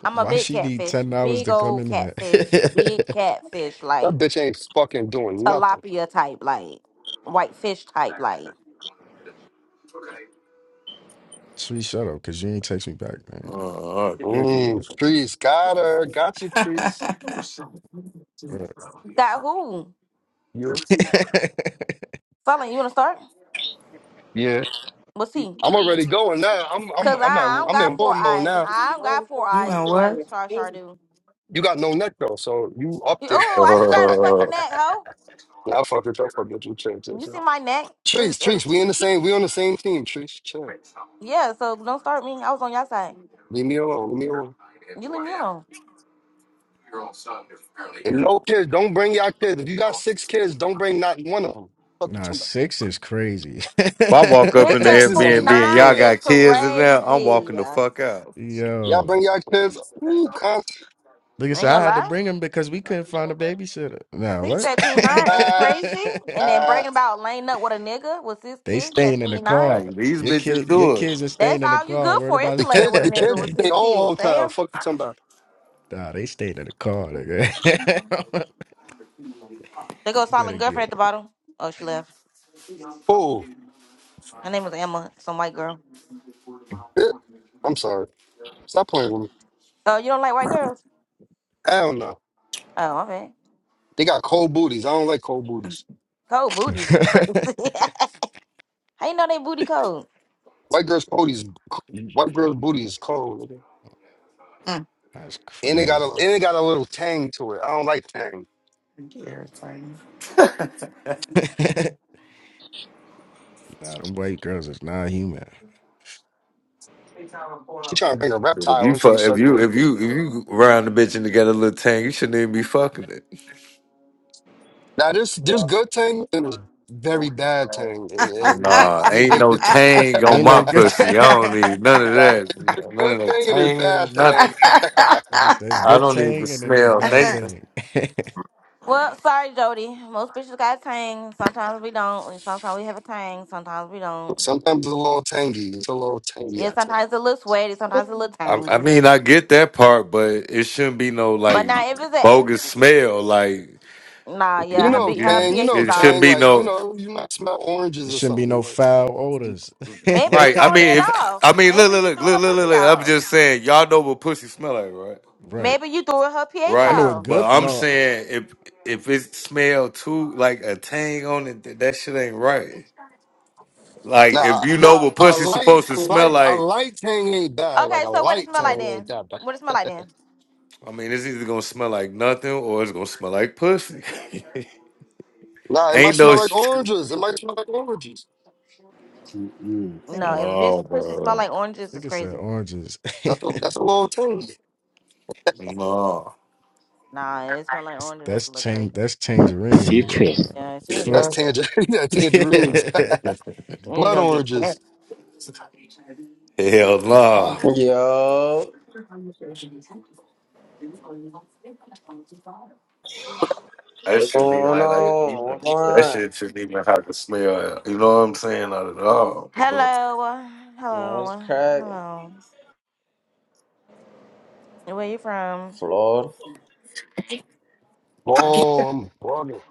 [SPEAKER 2] I'm a
[SPEAKER 12] Why
[SPEAKER 2] big
[SPEAKER 12] she need
[SPEAKER 2] catfish.
[SPEAKER 12] ten dollars
[SPEAKER 2] Big
[SPEAKER 12] to come
[SPEAKER 2] old
[SPEAKER 12] in here?
[SPEAKER 2] catfish. Big catfish
[SPEAKER 5] That
[SPEAKER 2] like
[SPEAKER 5] bitch ain't fucking doing nothing.
[SPEAKER 2] tilapia type, like white fish type, like
[SPEAKER 12] Tree, shut up, cause you ain't text me back,
[SPEAKER 10] Uh,
[SPEAKER 5] Mm,
[SPEAKER 10] nigga.
[SPEAKER 5] trees got her. Got you, trees.
[SPEAKER 12] man.
[SPEAKER 2] got who?
[SPEAKER 5] You.
[SPEAKER 12] Bruh.
[SPEAKER 2] Selling, you wanna start?
[SPEAKER 5] Yeah.
[SPEAKER 2] We'll see.
[SPEAKER 5] I'm already going now. I'm I'm
[SPEAKER 2] Cause
[SPEAKER 5] I'm at
[SPEAKER 2] I, I don't
[SPEAKER 5] I'm
[SPEAKER 2] got
[SPEAKER 5] in
[SPEAKER 2] four
[SPEAKER 5] war mode
[SPEAKER 2] eyes.
[SPEAKER 5] now.
[SPEAKER 2] I don't got four
[SPEAKER 11] you
[SPEAKER 2] eyes
[SPEAKER 11] and
[SPEAKER 2] like
[SPEAKER 11] what?
[SPEAKER 2] Char Char do.
[SPEAKER 5] You got no neck though, so you up there.
[SPEAKER 2] Oh, I do
[SPEAKER 5] I
[SPEAKER 2] got a
[SPEAKER 10] Uh,
[SPEAKER 2] fucking
[SPEAKER 10] if
[SPEAKER 2] neck, ho.
[SPEAKER 5] fuck with you, I fuck with you. Chill, chill,
[SPEAKER 2] You see
[SPEAKER 5] chill.
[SPEAKER 2] my neck? It's,
[SPEAKER 5] Trees, trees,
[SPEAKER 2] it's-
[SPEAKER 5] we in the same, we on the same team. Trees, chill.
[SPEAKER 2] yeah, so don't start me. I was on your side.
[SPEAKER 5] Leave me alone, leave me alone.
[SPEAKER 2] You leave me alone.
[SPEAKER 5] And no kids, don't bring your kids. If you got six kids, don't bring not one of them. Fuck you
[SPEAKER 12] Nah,
[SPEAKER 5] talking about.
[SPEAKER 12] six is crazy.
[SPEAKER 10] I walk up in
[SPEAKER 2] Six
[SPEAKER 10] the
[SPEAKER 5] Six
[SPEAKER 2] at
[SPEAKER 5] is
[SPEAKER 10] Airbnb and y'all
[SPEAKER 2] 29
[SPEAKER 5] immaculate.
[SPEAKER 2] is
[SPEAKER 10] got kids in there, I'm
[SPEAKER 2] crazy.
[SPEAKER 10] walking the
[SPEAKER 2] I
[SPEAKER 10] fuck out.
[SPEAKER 5] Y'all bring
[SPEAKER 12] Yo.
[SPEAKER 5] your kids. Ooh, con-
[SPEAKER 12] Like I
[SPEAKER 2] ain't
[SPEAKER 12] said, I
[SPEAKER 2] gonna
[SPEAKER 12] had to
[SPEAKER 2] lie.
[SPEAKER 12] bring him because we couldn't find a babysitter. Nah,
[SPEAKER 2] Six
[SPEAKER 12] what?
[SPEAKER 2] at 29 is
[SPEAKER 5] ah,
[SPEAKER 2] crazy. And then
[SPEAKER 5] ah.
[SPEAKER 2] bragging about laying up with a nigga with his
[SPEAKER 12] they
[SPEAKER 2] kids at
[SPEAKER 12] staying in the car.
[SPEAKER 2] 29.
[SPEAKER 10] Like these
[SPEAKER 12] Your
[SPEAKER 10] bitches
[SPEAKER 12] kid, your
[SPEAKER 10] do it.
[SPEAKER 12] kids are
[SPEAKER 2] That's
[SPEAKER 12] staying in the
[SPEAKER 2] all you
[SPEAKER 12] car.
[SPEAKER 2] good
[SPEAKER 12] Worried
[SPEAKER 2] for is
[SPEAKER 12] about
[SPEAKER 5] The
[SPEAKER 2] to lay up
[SPEAKER 5] kids,
[SPEAKER 2] with a
[SPEAKER 5] the
[SPEAKER 2] nigga
[SPEAKER 5] kids
[SPEAKER 12] that?
[SPEAKER 2] with
[SPEAKER 5] get their
[SPEAKER 2] his
[SPEAKER 5] own
[SPEAKER 2] kids.
[SPEAKER 5] hotel.
[SPEAKER 2] Damn.
[SPEAKER 5] Fuck you talking about.
[SPEAKER 12] nah, they stayed in the car. Nigga.
[SPEAKER 2] There goes silent
[SPEAKER 12] Better
[SPEAKER 2] girlfriend at
[SPEAKER 12] get
[SPEAKER 2] the bottom. Oh, she left.
[SPEAKER 5] Oh,
[SPEAKER 2] Her name was Emma, some white girl.
[SPEAKER 5] I'm sorry. Stop playing with me.
[SPEAKER 2] Oh, you don't like white girls?
[SPEAKER 5] Hell no.
[SPEAKER 2] Oh, my bad.
[SPEAKER 5] They got cold booties. I don't like cold booties.
[SPEAKER 2] Cold
[SPEAKER 12] 'em.
[SPEAKER 2] booties is crazy. How you know they booty cold?
[SPEAKER 5] White girl's booty's white girl's booty is cold, nigga.
[SPEAKER 12] That's
[SPEAKER 5] and it got a
[SPEAKER 12] crazy.
[SPEAKER 5] and it got a little tang to it. I don't like tang.
[SPEAKER 11] you irritating.
[SPEAKER 12] nah, them white girls is not human.
[SPEAKER 5] She trying to bring a
[SPEAKER 10] If
[SPEAKER 5] reptile
[SPEAKER 10] you
[SPEAKER 5] into the
[SPEAKER 10] fuck, if you
[SPEAKER 5] circle.
[SPEAKER 10] if you if you round the bitch and together a little tang, you shouldn't even be fucking it.
[SPEAKER 5] Now there's there's good tang and there's very bad tang, and and there's,
[SPEAKER 10] Nah,
[SPEAKER 5] there's a
[SPEAKER 10] ain't
[SPEAKER 5] big
[SPEAKER 10] no
[SPEAKER 5] difference.
[SPEAKER 10] tang on
[SPEAKER 12] Ain't
[SPEAKER 10] my
[SPEAKER 12] no good. thing.
[SPEAKER 10] pussy. I don't need none of
[SPEAKER 5] Not
[SPEAKER 10] that. None of
[SPEAKER 5] good
[SPEAKER 10] that
[SPEAKER 5] thing and it's bad
[SPEAKER 10] tang,
[SPEAKER 5] thing.
[SPEAKER 10] nothing.
[SPEAKER 12] Like I said, it's
[SPEAKER 10] I
[SPEAKER 12] good
[SPEAKER 10] don't need to
[SPEAKER 12] thing and then it's
[SPEAKER 10] smell
[SPEAKER 12] bad
[SPEAKER 10] Nathan.
[SPEAKER 12] thing.
[SPEAKER 2] Well, sorry, Jody. Most bitches got a tang. Sometimes we don't. and Sometimes we have a tang. Sometimes we don't.
[SPEAKER 5] Sometimes it's a little tangy. It's a little tangy
[SPEAKER 2] Yeah,
[SPEAKER 5] out there.
[SPEAKER 2] sometimes it's a little sweaty. Sometimes it's a little
[SPEAKER 10] I, I
[SPEAKER 2] tangy.
[SPEAKER 10] mean, I get that part, but it shouldn't be no
[SPEAKER 2] But
[SPEAKER 10] like
[SPEAKER 2] now, if it's
[SPEAKER 10] bogus
[SPEAKER 2] a
[SPEAKER 10] smell. Like
[SPEAKER 2] nah,
[SPEAKER 5] You
[SPEAKER 2] yeah, her
[SPEAKER 10] you,
[SPEAKER 5] know
[SPEAKER 2] B- her
[SPEAKER 10] you,
[SPEAKER 5] tang. You
[SPEAKER 2] pH
[SPEAKER 5] know
[SPEAKER 2] is
[SPEAKER 10] it
[SPEAKER 2] off.
[SPEAKER 10] shouldn't
[SPEAKER 5] tang.
[SPEAKER 10] be
[SPEAKER 5] Like you
[SPEAKER 10] no
[SPEAKER 5] know you might smell
[SPEAKER 12] There
[SPEAKER 5] oranges or
[SPEAKER 12] shouldn't be
[SPEAKER 5] something.
[SPEAKER 12] no
[SPEAKER 5] Like
[SPEAKER 12] foul odors.
[SPEAKER 2] Maybe you
[SPEAKER 10] right. I
[SPEAKER 2] throwing it
[SPEAKER 10] mean, if
[SPEAKER 2] off.
[SPEAKER 10] I mean, look,
[SPEAKER 2] Maybe
[SPEAKER 10] look,
[SPEAKER 2] you
[SPEAKER 10] look,
[SPEAKER 2] threw her
[SPEAKER 10] look, look, look,
[SPEAKER 2] pussy
[SPEAKER 10] look. I'm
[SPEAKER 2] off.
[SPEAKER 10] just saying, y'all know what pussy smell like, right?
[SPEAKER 12] right.
[SPEAKER 2] Maybe you threw her pH
[SPEAKER 12] I know
[SPEAKER 10] Right,
[SPEAKER 12] it
[SPEAKER 2] off.
[SPEAKER 10] but
[SPEAKER 12] good.
[SPEAKER 10] I'm
[SPEAKER 12] No,
[SPEAKER 10] saying if if it smell too like a tang on it, th- that shit ain't right. Like if
[SPEAKER 5] nah,
[SPEAKER 10] you know
[SPEAKER 5] nah.
[SPEAKER 10] what
[SPEAKER 5] A
[SPEAKER 10] pussy's
[SPEAKER 5] light,
[SPEAKER 10] supposed to
[SPEAKER 5] a
[SPEAKER 10] smell
[SPEAKER 5] light, a
[SPEAKER 10] like,
[SPEAKER 5] light tang ain't bad. Like
[SPEAKER 2] Okay,
[SPEAKER 5] a
[SPEAKER 2] so what it
[SPEAKER 5] light
[SPEAKER 2] smell like
[SPEAKER 5] tang
[SPEAKER 10] no.
[SPEAKER 5] ain't
[SPEAKER 2] then?
[SPEAKER 5] that bad.
[SPEAKER 2] What it smell like then?
[SPEAKER 10] I mean it's either gonna smell like nothing or it's gonna smell like pussy.
[SPEAKER 5] Nah, it might
[SPEAKER 10] ain't
[SPEAKER 5] smell
[SPEAKER 10] no
[SPEAKER 5] like
[SPEAKER 10] sh-
[SPEAKER 5] oranges. It might smell like oranges.
[SPEAKER 13] Mm-hmm.
[SPEAKER 2] No, if a bitch
[SPEAKER 10] no,
[SPEAKER 2] pussy smell
[SPEAKER 10] bro,
[SPEAKER 2] like oranges, it's
[SPEAKER 12] nigga said,
[SPEAKER 2] crazy.
[SPEAKER 12] oranges.
[SPEAKER 5] That's a,
[SPEAKER 12] that's,
[SPEAKER 5] that's a little tangy.
[SPEAKER 10] no,
[SPEAKER 2] Nah, it smell like orange. It
[SPEAKER 12] that's
[SPEAKER 2] doesn't look great.
[SPEAKER 12] change. That's tangerine,
[SPEAKER 13] Future
[SPEAKER 12] nigga.
[SPEAKER 2] Yeah, she
[SPEAKER 5] Yeah,
[SPEAKER 2] need to
[SPEAKER 12] Fuck.
[SPEAKER 5] that's
[SPEAKER 2] go.
[SPEAKER 5] tangerine. yeah,
[SPEAKER 10] hell
[SPEAKER 5] tangerines.
[SPEAKER 2] She need to
[SPEAKER 5] Blood
[SPEAKER 2] go get fed.
[SPEAKER 5] oranges.
[SPEAKER 10] no.
[SPEAKER 14] Yo,
[SPEAKER 10] That
[SPEAKER 14] what's
[SPEAKER 10] shit need
[SPEAKER 14] going
[SPEAKER 10] like like even-
[SPEAKER 14] on? What's going
[SPEAKER 10] that
[SPEAKER 14] on?
[SPEAKER 10] shit shouldn't even have to smell. You know what I'm saying? Not at all.
[SPEAKER 2] Hello,
[SPEAKER 14] Man, what's
[SPEAKER 2] hello,
[SPEAKER 14] cracking?
[SPEAKER 2] hello. And Where you from?
[SPEAKER 14] Florida.
[SPEAKER 2] Mm.
[SPEAKER 5] Oh, I'm bugging.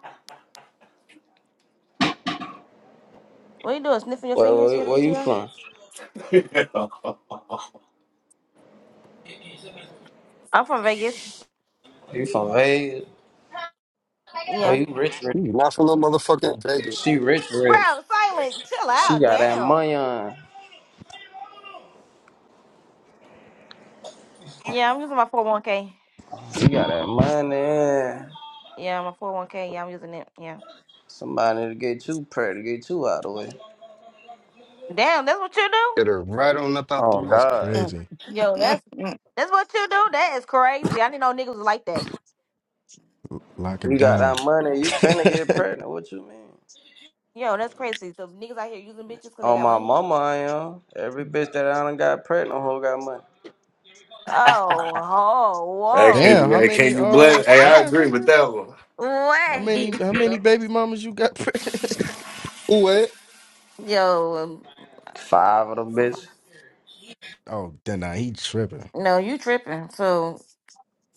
[SPEAKER 2] What you doing? Sniffing your
[SPEAKER 14] Where,
[SPEAKER 2] fingers in
[SPEAKER 14] where,
[SPEAKER 2] your
[SPEAKER 14] where you
[SPEAKER 2] PTR?
[SPEAKER 14] from?
[SPEAKER 2] I'm from Vegas.
[SPEAKER 14] You from Vegas? Oh,
[SPEAKER 2] Yeah.
[SPEAKER 14] you rich, rich.
[SPEAKER 5] You Not from no motherfucking Vegas.
[SPEAKER 14] She
[SPEAKER 5] nigga.
[SPEAKER 14] rich, rich.
[SPEAKER 2] Bro, silent. Chill
[SPEAKER 14] She
[SPEAKER 2] out.
[SPEAKER 14] got that
[SPEAKER 2] Damn.
[SPEAKER 14] money on.
[SPEAKER 2] Yeah, I'm using my 401k.
[SPEAKER 14] She got that money.
[SPEAKER 2] Yeah, my 401k. Yeah, I'm using it. Yeah.
[SPEAKER 14] Somebody to get you pregnant, get you out of the way.
[SPEAKER 2] Damn, that's what you
[SPEAKER 5] Get
[SPEAKER 2] do?
[SPEAKER 5] her right on up out the
[SPEAKER 12] oh,
[SPEAKER 14] Oh,
[SPEAKER 5] way.
[SPEAKER 12] that's
[SPEAKER 14] God.
[SPEAKER 12] crazy.
[SPEAKER 2] Yo, that's that's what you do. That is crazy. I didn't know niggas was like that.
[SPEAKER 12] L- Lock it
[SPEAKER 14] You got that
[SPEAKER 12] down.
[SPEAKER 14] money, you finna get pregnant. What you mean?
[SPEAKER 2] Yo, that's crazy. So niggas out here using bitches because they
[SPEAKER 14] On
[SPEAKER 2] got
[SPEAKER 14] my
[SPEAKER 2] money.
[SPEAKER 14] mama, I am. Every bitch that I done got pregnant, who got money?
[SPEAKER 2] Oh,
[SPEAKER 10] Hey, can
[SPEAKER 2] oh,
[SPEAKER 10] you,
[SPEAKER 12] damn. How
[SPEAKER 10] hey,
[SPEAKER 12] many?
[SPEAKER 10] can you blend?
[SPEAKER 12] Uh,
[SPEAKER 10] Hey, I
[SPEAKER 12] damn,
[SPEAKER 10] agree with
[SPEAKER 12] nigga.
[SPEAKER 10] that one.
[SPEAKER 2] whoa.
[SPEAKER 12] How many?
[SPEAKER 2] Wait.
[SPEAKER 12] How many baby mamas you got? pregnant?
[SPEAKER 5] Ooh, eh?
[SPEAKER 2] Yo, um,
[SPEAKER 14] Five of them bitches.
[SPEAKER 12] oh, then nah, he tripping.
[SPEAKER 2] no, you tripping. So,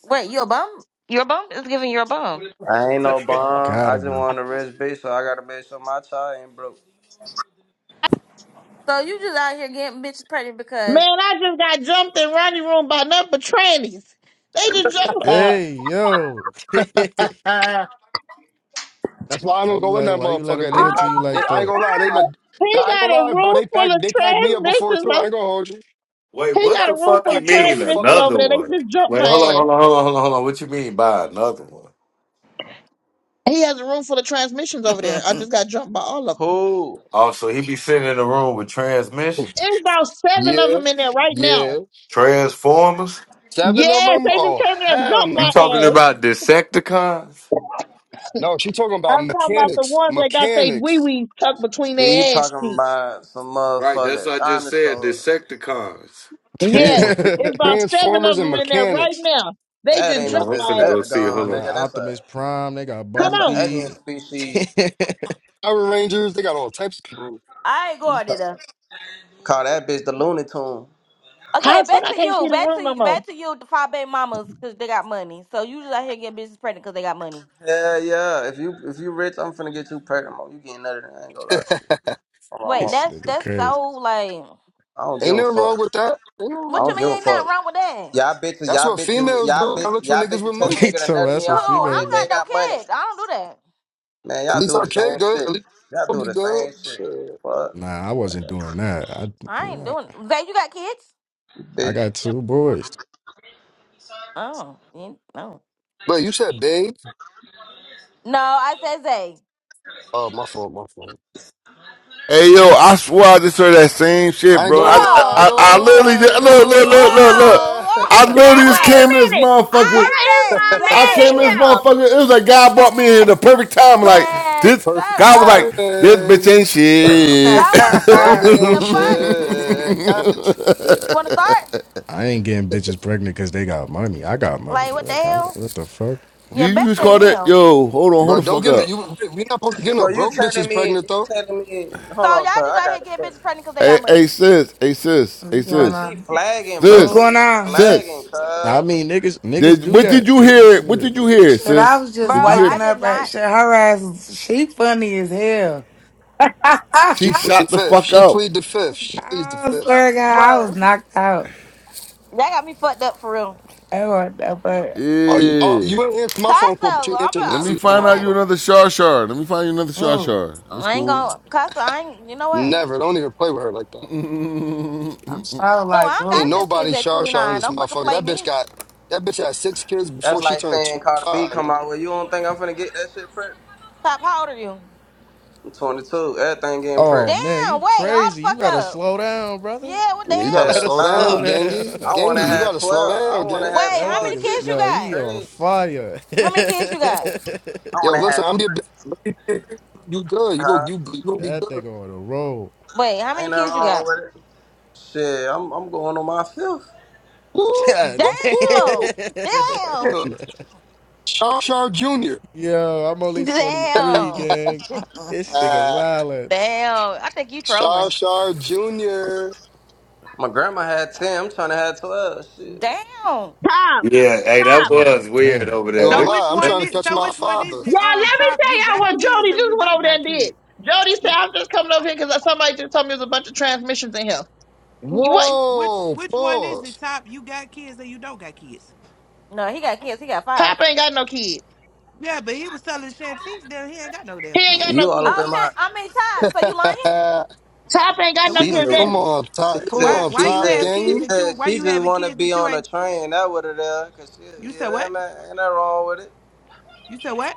[SPEAKER 2] wait, you a bum? you a bum? It's giving you a bum.
[SPEAKER 14] I ain't no bum. I
[SPEAKER 12] Gotta
[SPEAKER 14] just
[SPEAKER 12] be.
[SPEAKER 14] want a rich bitch, so I gotta make sure my child ain't broke.
[SPEAKER 2] So, you just out here getting bitches pregnant because
[SPEAKER 1] Man, I just got jumped in Ronnie room by nothing but trannies. They just jumped.
[SPEAKER 10] Wait,
[SPEAKER 12] Hey, yo.
[SPEAKER 5] That's why I
[SPEAKER 12] why
[SPEAKER 5] don't
[SPEAKER 12] you
[SPEAKER 5] go in
[SPEAKER 12] let? him?
[SPEAKER 5] that
[SPEAKER 12] Why you let
[SPEAKER 5] motherfucker.
[SPEAKER 12] him do
[SPEAKER 5] They
[SPEAKER 1] Oh
[SPEAKER 12] it to
[SPEAKER 5] pack.
[SPEAKER 12] you
[SPEAKER 5] They,
[SPEAKER 12] like
[SPEAKER 5] I
[SPEAKER 1] my
[SPEAKER 5] ain't gonna lie. They look.
[SPEAKER 1] god!
[SPEAKER 5] Nah,
[SPEAKER 1] He
[SPEAKER 5] I ain't gonna
[SPEAKER 1] got a
[SPEAKER 5] lie, bro.
[SPEAKER 1] room
[SPEAKER 5] They
[SPEAKER 1] full
[SPEAKER 5] packed.
[SPEAKER 1] of
[SPEAKER 5] They packed me up before
[SPEAKER 1] transmissions.
[SPEAKER 5] too. I ain't
[SPEAKER 1] o-
[SPEAKER 5] gonna hold you. They
[SPEAKER 1] He
[SPEAKER 10] what
[SPEAKER 1] got a
[SPEAKER 10] the
[SPEAKER 5] packed.
[SPEAKER 1] room
[SPEAKER 10] fuck
[SPEAKER 1] full
[SPEAKER 10] you
[SPEAKER 1] of
[SPEAKER 5] Packed me the
[SPEAKER 10] mean
[SPEAKER 5] fuck
[SPEAKER 1] transmissions
[SPEAKER 5] up.
[SPEAKER 1] over
[SPEAKER 10] another
[SPEAKER 1] there. They
[SPEAKER 10] one?
[SPEAKER 1] just jumped
[SPEAKER 10] Wait,
[SPEAKER 1] my
[SPEAKER 10] hold on,
[SPEAKER 1] ass.
[SPEAKER 10] hold on, hold on, hold on, hold on. What you mean by another one?
[SPEAKER 1] He has a room full of transmissions over there. I just got jumped by all of them.
[SPEAKER 14] Who?
[SPEAKER 10] Oh, so he be sitting in the room with transmissions,
[SPEAKER 1] There's about seven of
[SPEAKER 5] Yeah,
[SPEAKER 1] them in there right
[SPEAKER 5] yeah.
[SPEAKER 1] now.
[SPEAKER 10] transformers.
[SPEAKER 5] Seven of
[SPEAKER 1] Yes,
[SPEAKER 5] them?
[SPEAKER 1] they just
[SPEAKER 5] Oh
[SPEAKER 1] came in and
[SPEAKER 5] hell
[SPEAKER 1] jumped
[SPEAKER 10] You
[SPEAKER 5] no.
[SPEAKER 1] my
[SPEAKER 10] talking
[SPEAKER 1] ass.
[SPEAKER 10] about Decepticons?
[SPEAKER 5] No, she's talking about
[SPEAKER 1] I'm talking about the
[SPEAKER 5] mechanics.
[SPEAKER 1] ones that got their wee
[SPEAKER 5] Mechanics.
[SPEAKER 1] wee tucked between
[SPEAKER 14] See, he
[SPEAKER 1] their ass
[SPEAKER 14] talking
[SPEAKER 1] cheeks.
[SPEAKER 14] about some
[SPEAKER 10] Right, that's
[SPEAKER 14] motherfucker
[SPEAKER 10] what I just said.
[SPEAKER 14] dinosaur.
[SPEAKER 10] Decepticons.
[SPEAKER 5] Yeah,
[SPEAKER 1] Yes,
[SPEAKER 5] me-
[SPEAKER 12] they
[SPEAKER 1] it's about seven
[SPEAKER 5] Transformers
[SPEAKER 1] of
[SPEAKER 5] and
[SPEAKER 1] them in there right
[SPEAKER 5] mechanics.
[SPEAKER 1] now. They
[SPEAKER 14] That
[SPEAKER 1] just
[SPEAKER 14] ain't
[SPEAKER 10] Hold
[SPEAKER 14] no
[SPEAKER 10] on,
[SPEAKER 1] jumped
[SPEAKER 10] I'm
[SPEAKER 1] my ass.
[SPEAKER 10] finna go see.
[SPEAKER 14] Decepticon,
[SPEAKER 10] Hold on.
[SPEAKER 12] got
[SPEAKER 14] nigga. That's a
[SPEAKER 12] Optimus Prime. They got
[SPEAKER 1] Come
[SPEAKER 14] that's a
[SPEAKER 1] on.
[SPEAKER 14] alien
[SPEAKER 12] Bumblebee. this
[SPEAKER 14] species.
[SPEAKER 5] Power Rangers, they got all types of people.
[SPEAKER 2] I ain't going to them.
[SPEAKER 14] Call that bitch the Looney Tune.
[SPEAKER 1] How
[SPEAKER 2] Okay,
[SPEAKER 1] the fuck
[SPEAKER 2] back
[SPEAKER 1] I
[SPEAKER 2] to
[SPEAKER 1] can't
[SPEAKER 2] you.
[SPEAKER 1] see the
[SPEAKER 2] Back to
[SPEAKER 1] room no
[SPEAKER 2] you.
[SPEAKER 1] more?
[SPEAKER 2] Back to you, the five baby mamas, because they got money. So, you just out here getting bitches pregnant because they got money.
[SPEAKER 14] Yeah, yeah. If you if you rich, I'm finna get you pregnant. Mom. You getting nothing? I ain't gonna lie to you. On my
[SPEAKER 2] Wait,
[SPEAKER 14] mama.
[SPEAKER 2] that's
[SPEAKER 12] nigga
[SPEAKER 2] that's
[SPEAKER 12] crazy.
[SPEAKER 2] so, like,
[SPEAKER 14] I don't
[SPEAKER 5] Ain't
[SPEAKER 14] give a
[SPEAKER 5] nothing
[SPEAKER 14] fuck.
[SPEAKER 5] wrong with that.
[SPEAKER 14] I
[SPEAKER 2] what you
[SPEAKER 14] don't give
[SPEAKER 2] mean
[SPEAKER 14] a
[SPEAKER 2] ain't nothing
[SPEAKER 14] fuck.
[SPEAKER 2] wrong with that?
[SPEAKER 14] Y'all bitches,
[SPEAKER 5] That's
[SPEAKER 14] y'all
[SPEAKER 5] what
[SPEAKER 14] bitches,
[SPEAKER 5] females
[SPEAKER 14] y'all
[SPEAKER 5] do. I
[SPEAKER 14] bitches,
[SPEAKER 5] look for
[SPEAKER 14] y'all
[SPEAKER 5] niggas
[SPEAKER 14] bitches
[SPEAKER 5] with
[SPEAKER 14] tell the
[SPEAKER 5] money.
[SPEAKER 12] He
[SPEAKER 14] nigga the
[SPEAKER 12] told
[SPEAKER 14] nutty
[SPEAKER 12] us what
[SPEAKER 14] y'all
[SPEAKER 2] Oh,
[SPEAKER 14] knowing
[SPEAKER 2] I
[SPEAKER 12] females.
[SPEAKER 14] this
[SPEAKER 2] don't
[SPEAKER 14] man
[SPEAKER 2] got
[SPEAKER 12] do.
[SPEAKER 2] no
[SPEAKER 14] got money.
[SPEAKER 2] kids. I don't do that.
[SPEAKER 14] Man,
[SPEAKER 5] At
[SPEAKER 14] y'all
[SPEAKER 5] least
[SPEAKER 14] do
[SPEAKER 5] I
[SPEAKER 14] the
[SPEAKER 5] can
[SPEAKER 14] same
[SPEAKER 5] good.
[SPEAKER 14] shit.
[SPEAKER 5] At least
[SPEAKER 14] Y'all
[SPEAKER 5] I'll
[SPEAKER 14] do
[SPEAKER 5] be
[SPEAKER 14] the
[SPEAKER 5] good.
[SPEAKER 14] same shit.
[SPEAKER 5] Shit.
[SPEAKER 14] Fuck.
[SPEAKER 12] Nah, I wasn't doing that. I
[SPEAKER 2] I ain't
[SPEAKER 12] nah,
[SPEAKER 2] doing Zay, you got kids?
[SPEAKER 12] I
[SPEAKER 14] Bitch.
[SPEAKER 12] got two boys.
[SPEAKER 2] Oh, you, no.
[SPEAKER 5] But you said babe.
[SPEAKER 2] No, I said Zay.
[SPEAKER 5] Oh, my fault, my fault.
[SPEAKER 6] Hey yo, I swear I just heard that same shit,
[SPEAKER 5] I ain't
[SPEAKER 6] bro.
[SPEAKER 5] gonna
[SPEAKER 6] I I,
[SPEAKER 5] lie, I
[SPEAKER 2] Bro,
[SPEAKER 5] ain't
[SPEAKER 6] I,
[SPEAKER 5] gonna
[SPEAKER 6] I literally
[SPEAKER 5] lie, I
[SPEAKER 6] just, look,
[SPEAKER 2] bro,
[SPEAKER 6] look, look, look, look.
[SPEAKER 5] ain't gonna
[SPEAKER 6] I
[SPEAKER 5] lie.
[SPEAKER 1] Dad,
[SPEAKER 6] literally just
[SPEAKER 1] wait a
[SPEAKER 6] came
[SPEAKER 2] bro.
[SPEAKER 6] in this
[SPEAKER 1] minute.
[SPEAKER 6] motherfucker.
[SPEAKER 1] Why
[SPEAKER 2] I
[SPEAKER 1] is
[SPEAKER 2] said
[SPEAKER 1] my
[SPEAKER 6] I
[SPEAKER 1] man
[SPEAKER 6] came
[SPEAKER 1] in
[SPEAKER 6] in this
[SPEAKER 2] Zay.
[SPEAKER 1] here?
[SPEAKER 6] motherfucker. It was like God brought me here in
[SPEAKER 2] Man,
[SPEAKER 6] the perfect time. Like
[SPEAKER 2] man,
[SPEAKER 6] this,
[SPEAKER 2] shut
[SPEAKER 5] Perfect
[SPEAKER 6] God was like,
[SPEAKER 2] up.
[SPEAKER 6] "This bitch
[SPEAKER 5] timing.
[SPEAKER 6] ain't
[SPEAKER 11] What's
[SPEAKER 6] shit."
[SPEAKER 2] Y'all want to
[SPEAKER 5] That
[SPEAKER 2] start?
[SPEAKER 5] bitch ain't
[SPEAKER 2] The fuck?
[SPEAKER 5] shit. That bitch.
[SPEAKER 2] Want to start?
[SPEAKER 12] I ain't getting bitches pregnant because they got money. I got money.
[SPEAKER 2] Like, what the
[SPEAKER 12] Like, I,
[SPEAKER 2] hell?
[SPEAKER 12] what the fuck?
[SPEAKER 6] you
[SPEAKER 2] Yeah,
[SPEAKER 6] you just
[SPEAKER 2] better
[SPEAKER 6] called it,
[SPEAKER 2] him.
[SPEAKER 6] yo. Hold on, hold
[SPEAKER 5] Bro,
[SPEAKER 6] the
[SPEAKER 5] don't
[SPEAKER 6] fuck
[SPEAKER 5] get no,
[SPEAKER 6] up.
[SPEAKER 5] you. we not supposed to get no
[SPEAKER 14] So you
[SPEAKER 5] broke
[SPEAKER 14] telling
[SPEAKER 5] bitches
[SPEAKER 14] me,
[SPEAKER 5] pregnant
[SPEAKER 14] you
[SPEAKER 5] though.
[SPEAKER 14] telling me,
[SPEAKER 2] So
[SPEAKER 14] hold
[SPEAKER 2] y'all
[SPEAKER 14] on, cuz,
[SPEAKER 2] just
[SPEAKER 14] I
[SPEAKER 2] out here
[SPEAKER 14] got a
[SPEAKER 2] getting bitches
[SPEAKER 14] question.
[SPEAKER 2] pregnant because they
[SPEAKER 6] Hey,
[SPEAKER 2] got
[SPEAKER 6] hey,
[SPEAKER 2] money.
[SPEAKER 6] sis, hey, sis, hey,
[SPEAKER 14] Cuz
[SPEAKER 11] going
[SPEAKER 6] sis,
[SPEAKER 14] she
[SPEAKER 11] on?
[SPEAKER 14] flagging,
[SPEAKER 11] What's
[SPEAKER 14] bro.
[SPEAKER 11] going
[SPEAKER 6] sis,
[SPEAKER 14] She
[SPEAKER 11] on?
[SPEAKER 14] flagging,
[SPEAKER 6] sis.
[SPEAKER 12] I
[SPEAKER 14] cuz.
[SPEAKER 12] mean, niggas, niggas
[SPEAKER 6] Did
[SPEAKER 12] do
[SPEAKER 6] what did
[SPEAKER 12] that.
[SPEAKER 6] you
[SPEAKER 12] Niggas
[SPEAKER 6] hear? What
[SPEAKER 12] shit.
[SPEAKER 6] did you hear,
[SPEAKER 11] Shit, I
[SPEAKER 6] sis?
[SPEAKER 11] was
[SPEAKER 2] Bro,
[SPEAKER 11] just
[SPEAKER 6] Did you hear?
[SPEAKER 2] I
[SPEAKER 11] waking
[SPEAKER 2] did
[SPEAKER 11] up at
[SPEAKER 2] not.
[SPEAKER 11] shit. Her ass, is- she funny as hell.
[SPEAKER 5] She
[SPEAKER 6] She
[SPEAKER 5] plead the
[SPEAKER 6] shot the
[SPEAKER 5] fifth.
[SPEAKER 6] fuck
[SPEAKER 5] She
[SPEAKER 6] out.
[SPEAKER 5] plead the fifth. She pleads the
[SPEAKER 11] I
[SPEAKER 5] fifth.
[SPEAKER 11] swear to God, I
[SPEAKER 2] Bro,
[SPEAKER 11] was
[SPEAKER 2] y'all
[SPEAKER 11] knocked out.
[SPEAKER 2] got me fucked up for real.
[SPEAKER 11] I was- But
[SPEAKER 5] Are you, oh,
[SPEAKER 6] Yeah.
[SPEAKER 5] you ain't not answer my phone call, but you
[SPEAKER 2] Costello, I'm
[SPEAKER 5] answered
[SPEAKER 6] Let me
[SPEAKER 2] a,
[SPEAKER 5] Lacey's
[SPEAKER 2] you
[SPEAKER 5] phone
[SPEAKER 2] know
[SPEAKER 6] find out
[SPEAKER 2] what?
[SPEAKER 6] you
[SPEAKER 5] call.
[SPEAKER 6] another Shar Shar. Let me find you another Shar
[SPEAKER 11] oh,
[SPEAKER 6] Shar. That's
[SPEAKER 2] I ain't
[SPEAKER 6] cool.
[SPEAKER 2] gonna, Costello, I ain't, you know what?
[SPEAKER 5] Never. Don't even play with her like that.
[SPEAKER 11] I'm so
[SPEAKER 2] Who I
[SPEAKER 11] like
[SPEAKER 2] don't
[SPEAKER 5] Ain't
[SPEAKER 2] got
[SPEAKER 11] oh.
[SPEAKER 2] six kids
[SPEAKER 5] nobody
[SPEAKER 2] at
[SPEAKER 5] shar shar in
[SPEAKER 2] 29.
[SPEAKER 5] this
[SPEAKER 2] Don't fucking
[SPEAKER 5] motherfucker.
[SPEAKER 2] play
[SPEAKER 5] That bitch
[SPEAKER 2] me.
[SPEAKER 5] got that bitch had six kids before
[SPEAKER 14] That's
[SPEAKER 5] she
[SPEAKER 14] like
[SPEAKER 5] turned
[SPEAKER 14] saying
[SPEAKER 5] twenty
[SPEAKER 14] Carter B
[SPEAKER 5] five.
[SPEAKER 14] come out with you don't think I'm finna get that shit print?
[SPEAKER 2] Top, how old are you?
[SPEAKER 14] I'm 22. Everything getting print.
[SPEAKER 12] Oh man,
[SPEAKER 2] Damn,
[SPEAKER 12] you
[SPEAKER 2] wait, hold the
[SPEAKER 12] crazy.
[SPEAKER 2] fuck
[SPEAKER 12] You gotta
[SPEAKER 2] up.
[SPEAKER 12] slow down, brother.
[SPEAKER 2] Yeah, what the
[SPEAKER 5] You
[SPEAKER 12] You
[SPEAKER 5] gotta
[SPEAKER 2] hell?
[SPEAKER 14] Hell
[SPEAKER 12] gotta
[SPEAKER 5] slow
[SPEAKER 14] nah.
[SPEAKER 12] slow
[SPEAKER 5] down,
[SPEAKER 12] down.
[SPEAKER 5] gangy.
[SPEAKER 14] I
[SPEAKER 5] Gangy,
[SPEAKER 14] wanna
[SPEAKER 5] you
[SPEAKER 14] have
[SPEAKER 5] gotta slow
[SPEAKER 14] 12. I
[SPEAKER 5] down,
[SPEAKER 14] wanna
[SPEAKER 5] gang.
[SPEAKER 14] have
[SPEAKER 2] Wait, how
[SPEAKER 12] That
[SPEAKER 2] many
[SPEAKER 14] 12
[SPEAKER 12] nigga,
[SPEAKER 2] kids
[SPEAKER 14] jits.
[SPEAKER 2] you
[SPEAKER 12] yo,
[SPEAKER 14] You
[SPEAKER 2] got?
[SPEAKER 12] he on
[SPEAKER 14] crazy.
[SPEAKER 12] fire.
[SPEAKER 2] How many kids you got?
[SPEAKER 14] I
[SPEAKER 5] Yo,
[SPEAKER 14] wanna
[SPEAKER 5] listen,
[SPEAKER 14] have
[SPEAKER 5] I'm
[SPEAKER 14] 12,
[SPEAKER 5] your big- you good. You go
[SPEAKER 14] huh?
[SPEAKER 5] you, you gonna be
[SPEAKER 12] That
[SPEAKER 5] good.
[SPEAKER 12] nigga on the road.
[SPEAKER 2] Wait, how many
[SPEAKER 14] Ain't nothing
[SPEAKER 2] kids you
[SPEAKER 14] wrong
[SPEAKER 2] got?
[SPEAKER 14] with it. Shit, I'm, I'm going on my fifth.
[SPEAKER 5] Woo,
[SPEAKER 12] God
[SPEAKER 5] woo,
[SPEAKER 12] damn.
[SPEAKER 2] Damn!
[SPEAKER 5] woo.
[SPEAKER 2] Damn!
[SPEAKER 5] Damn. Shar Shar Jr.
[SPEAKER 12] Yo, I'm only 23,
[SPEAKER 2] Damn!
[SPEAKER 12] gang. This nigga
[SPEAKER 5] Ah,
[SPEAKER 12] wildin'.
[SPEAKER 2] Damn. I think you trolling.
[SPEAKER 5] Shar Shar Jr.
[SPEAKER 14] My grandma had
[SPEAKER 12] Ah,
[SPEAKER 14] 10. I'm trying to have 12. Shit.
[SPEAKER 2] Damn.
[SPEAKER 1] Tom,
[SPEAKER 10] Yeah, hey, that
[SPEAKER 1] Tom.
[SPEAKER 12] God
[SPEAKER 10] was weird
[SPEAKER 12] damn.
[SPEAKER 10] over
[SPEAKER 5] Ain't
[SPEAKER 10] there.
[SPEAKER 7] So
[SPEAKER 5] gonna
[SPEAKER 10] That,
[SPEAKER 7] which
[SPEAKER 5] lie, I'm
[SPEAKER 10] that-
[SPEAKER 7] one
[SPEAKER 5] trying to
[SPEAKER 7] is?
[SPEAKER 5] catch
[SPEAKER 7] So
[SPEAKER 5] my
[SPEAKER 7] which one
[SPEAKER 5] father.
[SPEAKER 7] is it?
[SPEAKER 1] Y'all,
[SPEAKER 7] Oh,
[SPEAKER 1] let me
[SPEAKER 7] top,
[SPEAKER 1] tell
[SPEAKER 7] you
[SPEAKER 1] y'all
[SPEAKER 7] got
[SPEAKER 1] what
[SPEAKER 7] kids
[SPEAKER 1] Jody
[SPEAKER 7] or
[SPEAKER 1] just
[SPEAKER 7] you
[SPEAKER 1] went
[SPEAKER 7] don't
[SPEAKER 1] over there
[SPEAKER 7] got
[SPEAKER 1] and did.
[SPEAKER 7] kids?
[SPEAKER 1] Jody said, I'm just coming over here because somebody just told me there's a bunch of transmissions in here. What?
[SPEAKER 7] Which
[SPEAKER 5] Whoa,
[SPEAKER 7] which one is it?
[SPEAKER 5] pause.
[SPEAKER 7] Top, you got kids or you don't got kids?
[SPEAKER 2] No, he got kids. He got five.
[SPEAKER 1] Top ain't got no kid.
[SPEAKER 7] Yeah, but he was telling Shantice that he ain't got no damn
[SPEAKER 1] He ain't got
[SPEAKER 7] kids.
[SPEAKER 1] no
[SPEAKER 14] You all
[SPEAKER 1] kid.
[SPEAKER 14] up
[SPEAKER 2] Oh
[SPEAKER 14] in my.
[SPEAKER 2] shit. I mean Todd, so you lying?
[SPEAKER 1] Top ain't got
[SPEAKER 7] So
[SPEAKER 1] no
[SPEAKER 7] we
[SPEAKER 14] She just,
[SPEAKER 1] kids. That,
[SPEAKER 5] come
[SPEAKER 7] confused.
[SPEAKER 5] on,
[SPEAKER 14] she
[SPEAKER 5] top. Come
[SPEAKER 7] Why
[SPEAKER 5] on,
[SPEAKER 14] just,
[SPEAKER 7] why
[SPEAKER 14] she
[SPEAKER 7] you
[SPEAKER 5] top
[SPEAKER 7] have
[SPEAKER 14] just,
[SPEAKER 7] kids
[SPEAKER 14] she
[SPEAKER 5] gang.
[SPEAKER 7] that you
[SPEAKER 14] just,
[SPEAKER 7] why
[SPEAKER 14] she
[SPEAKER 7] you
[SPEAKER 14] just
[SPEAKER 7] having
[SPEAKER 14] want to
[SPEAKER 7] kids
[SPEAKER 14] be
[SPEAKER 7] that you
[SPEAKER 14] on a
[SPEAKER 7] ain't?
[SPEAKER 14] train. That what it is. Cause she,
[SPEAKER 7] You
[SPEAKER 14] you
[SPEAKER 7] said
[SPEAKER 14] know,
[SPEAKER 7] what?
[SPEAKER 14] man, ain't nothing wrong with it.
[SPEAKER 7] You said what?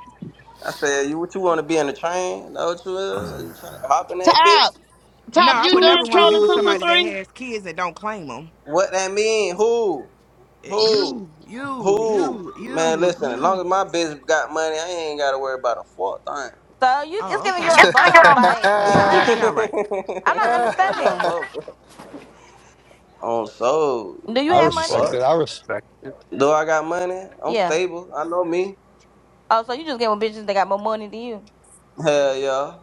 [SPEAKER 14] I said, you what you want to be in a train? Know what you is? You trying to hop in that bitch?
[SPEAKER 1] Top,
[SPEAKER 7] No,
[SPEAKER 1] Top,
[SPEAKER 7] I
[SPEAKER 1] you
[SPEAKER 7] would
[SPEAKER 5] Choo
[SPEAKER 1] done
[SPEAKER 7] never want to be
[SPEAKER 1] trolling
[SPEAKER 7] with
[SPEAKER 5] choo.
[SPEAKER 7] somebody that
[SPEAKER 1] 223?
[SPEAKER 7] has kids that don't claim them.
[SPEAKER 14] What that mean? Who? Who?
[SPEAKER 7] You, you,
[SPEAKER 14] Who?
[SPEAKER 7] you,
[SPEAKER 14] Man,
[SPEAKER 7] you,
[SPEAKER 14] listen. As long
[SPEAKER 7] you.
[SPEAKER 14] as my bitch got money, I ain't gotta worry about a fourth thing.
[SPEAKER 2] So you it's
[SPEAKER 7] Oh,
[SPEAKER 2] giving
[SPEAKER 7] okay.
[SPEAKER 2] you're a bum. Like
[SPEAKER 7] Yeah, that
[SPEAKER 2] I'm not
[SPEAKER 7] don't
[SPEAKER 2] under
[SPEAKER 7] even sound right.
[SPEAKER 2] I'm not
[SPEAKER 14] on my
[SPEAKER 2] understanding.
[SPEAKER 5] I
[SPEAKER 14] bubble. On soul.
[SPEAKER 2] Do you
[SPEAKER 12] That
[SPEAKER 2] have
[SPEAKER 12] nigga
[SPEAKER 2] money?
[SPEAKER 5] respect
[SPEAKER 12] said.
[SPEAKER 5] it.
[SPEAKER 14] Fuck.
[SPEAKER 5] I respect it.
[SPEAKER 14] Do I got money? I'm
[SPEAKER 2] Yeah.
[SPEAKER 14] stable. I know me.
[SPEAKER 2] Oh, so you just get with bitches that got more money than you.
[SPEAKER 14] Hell yeah.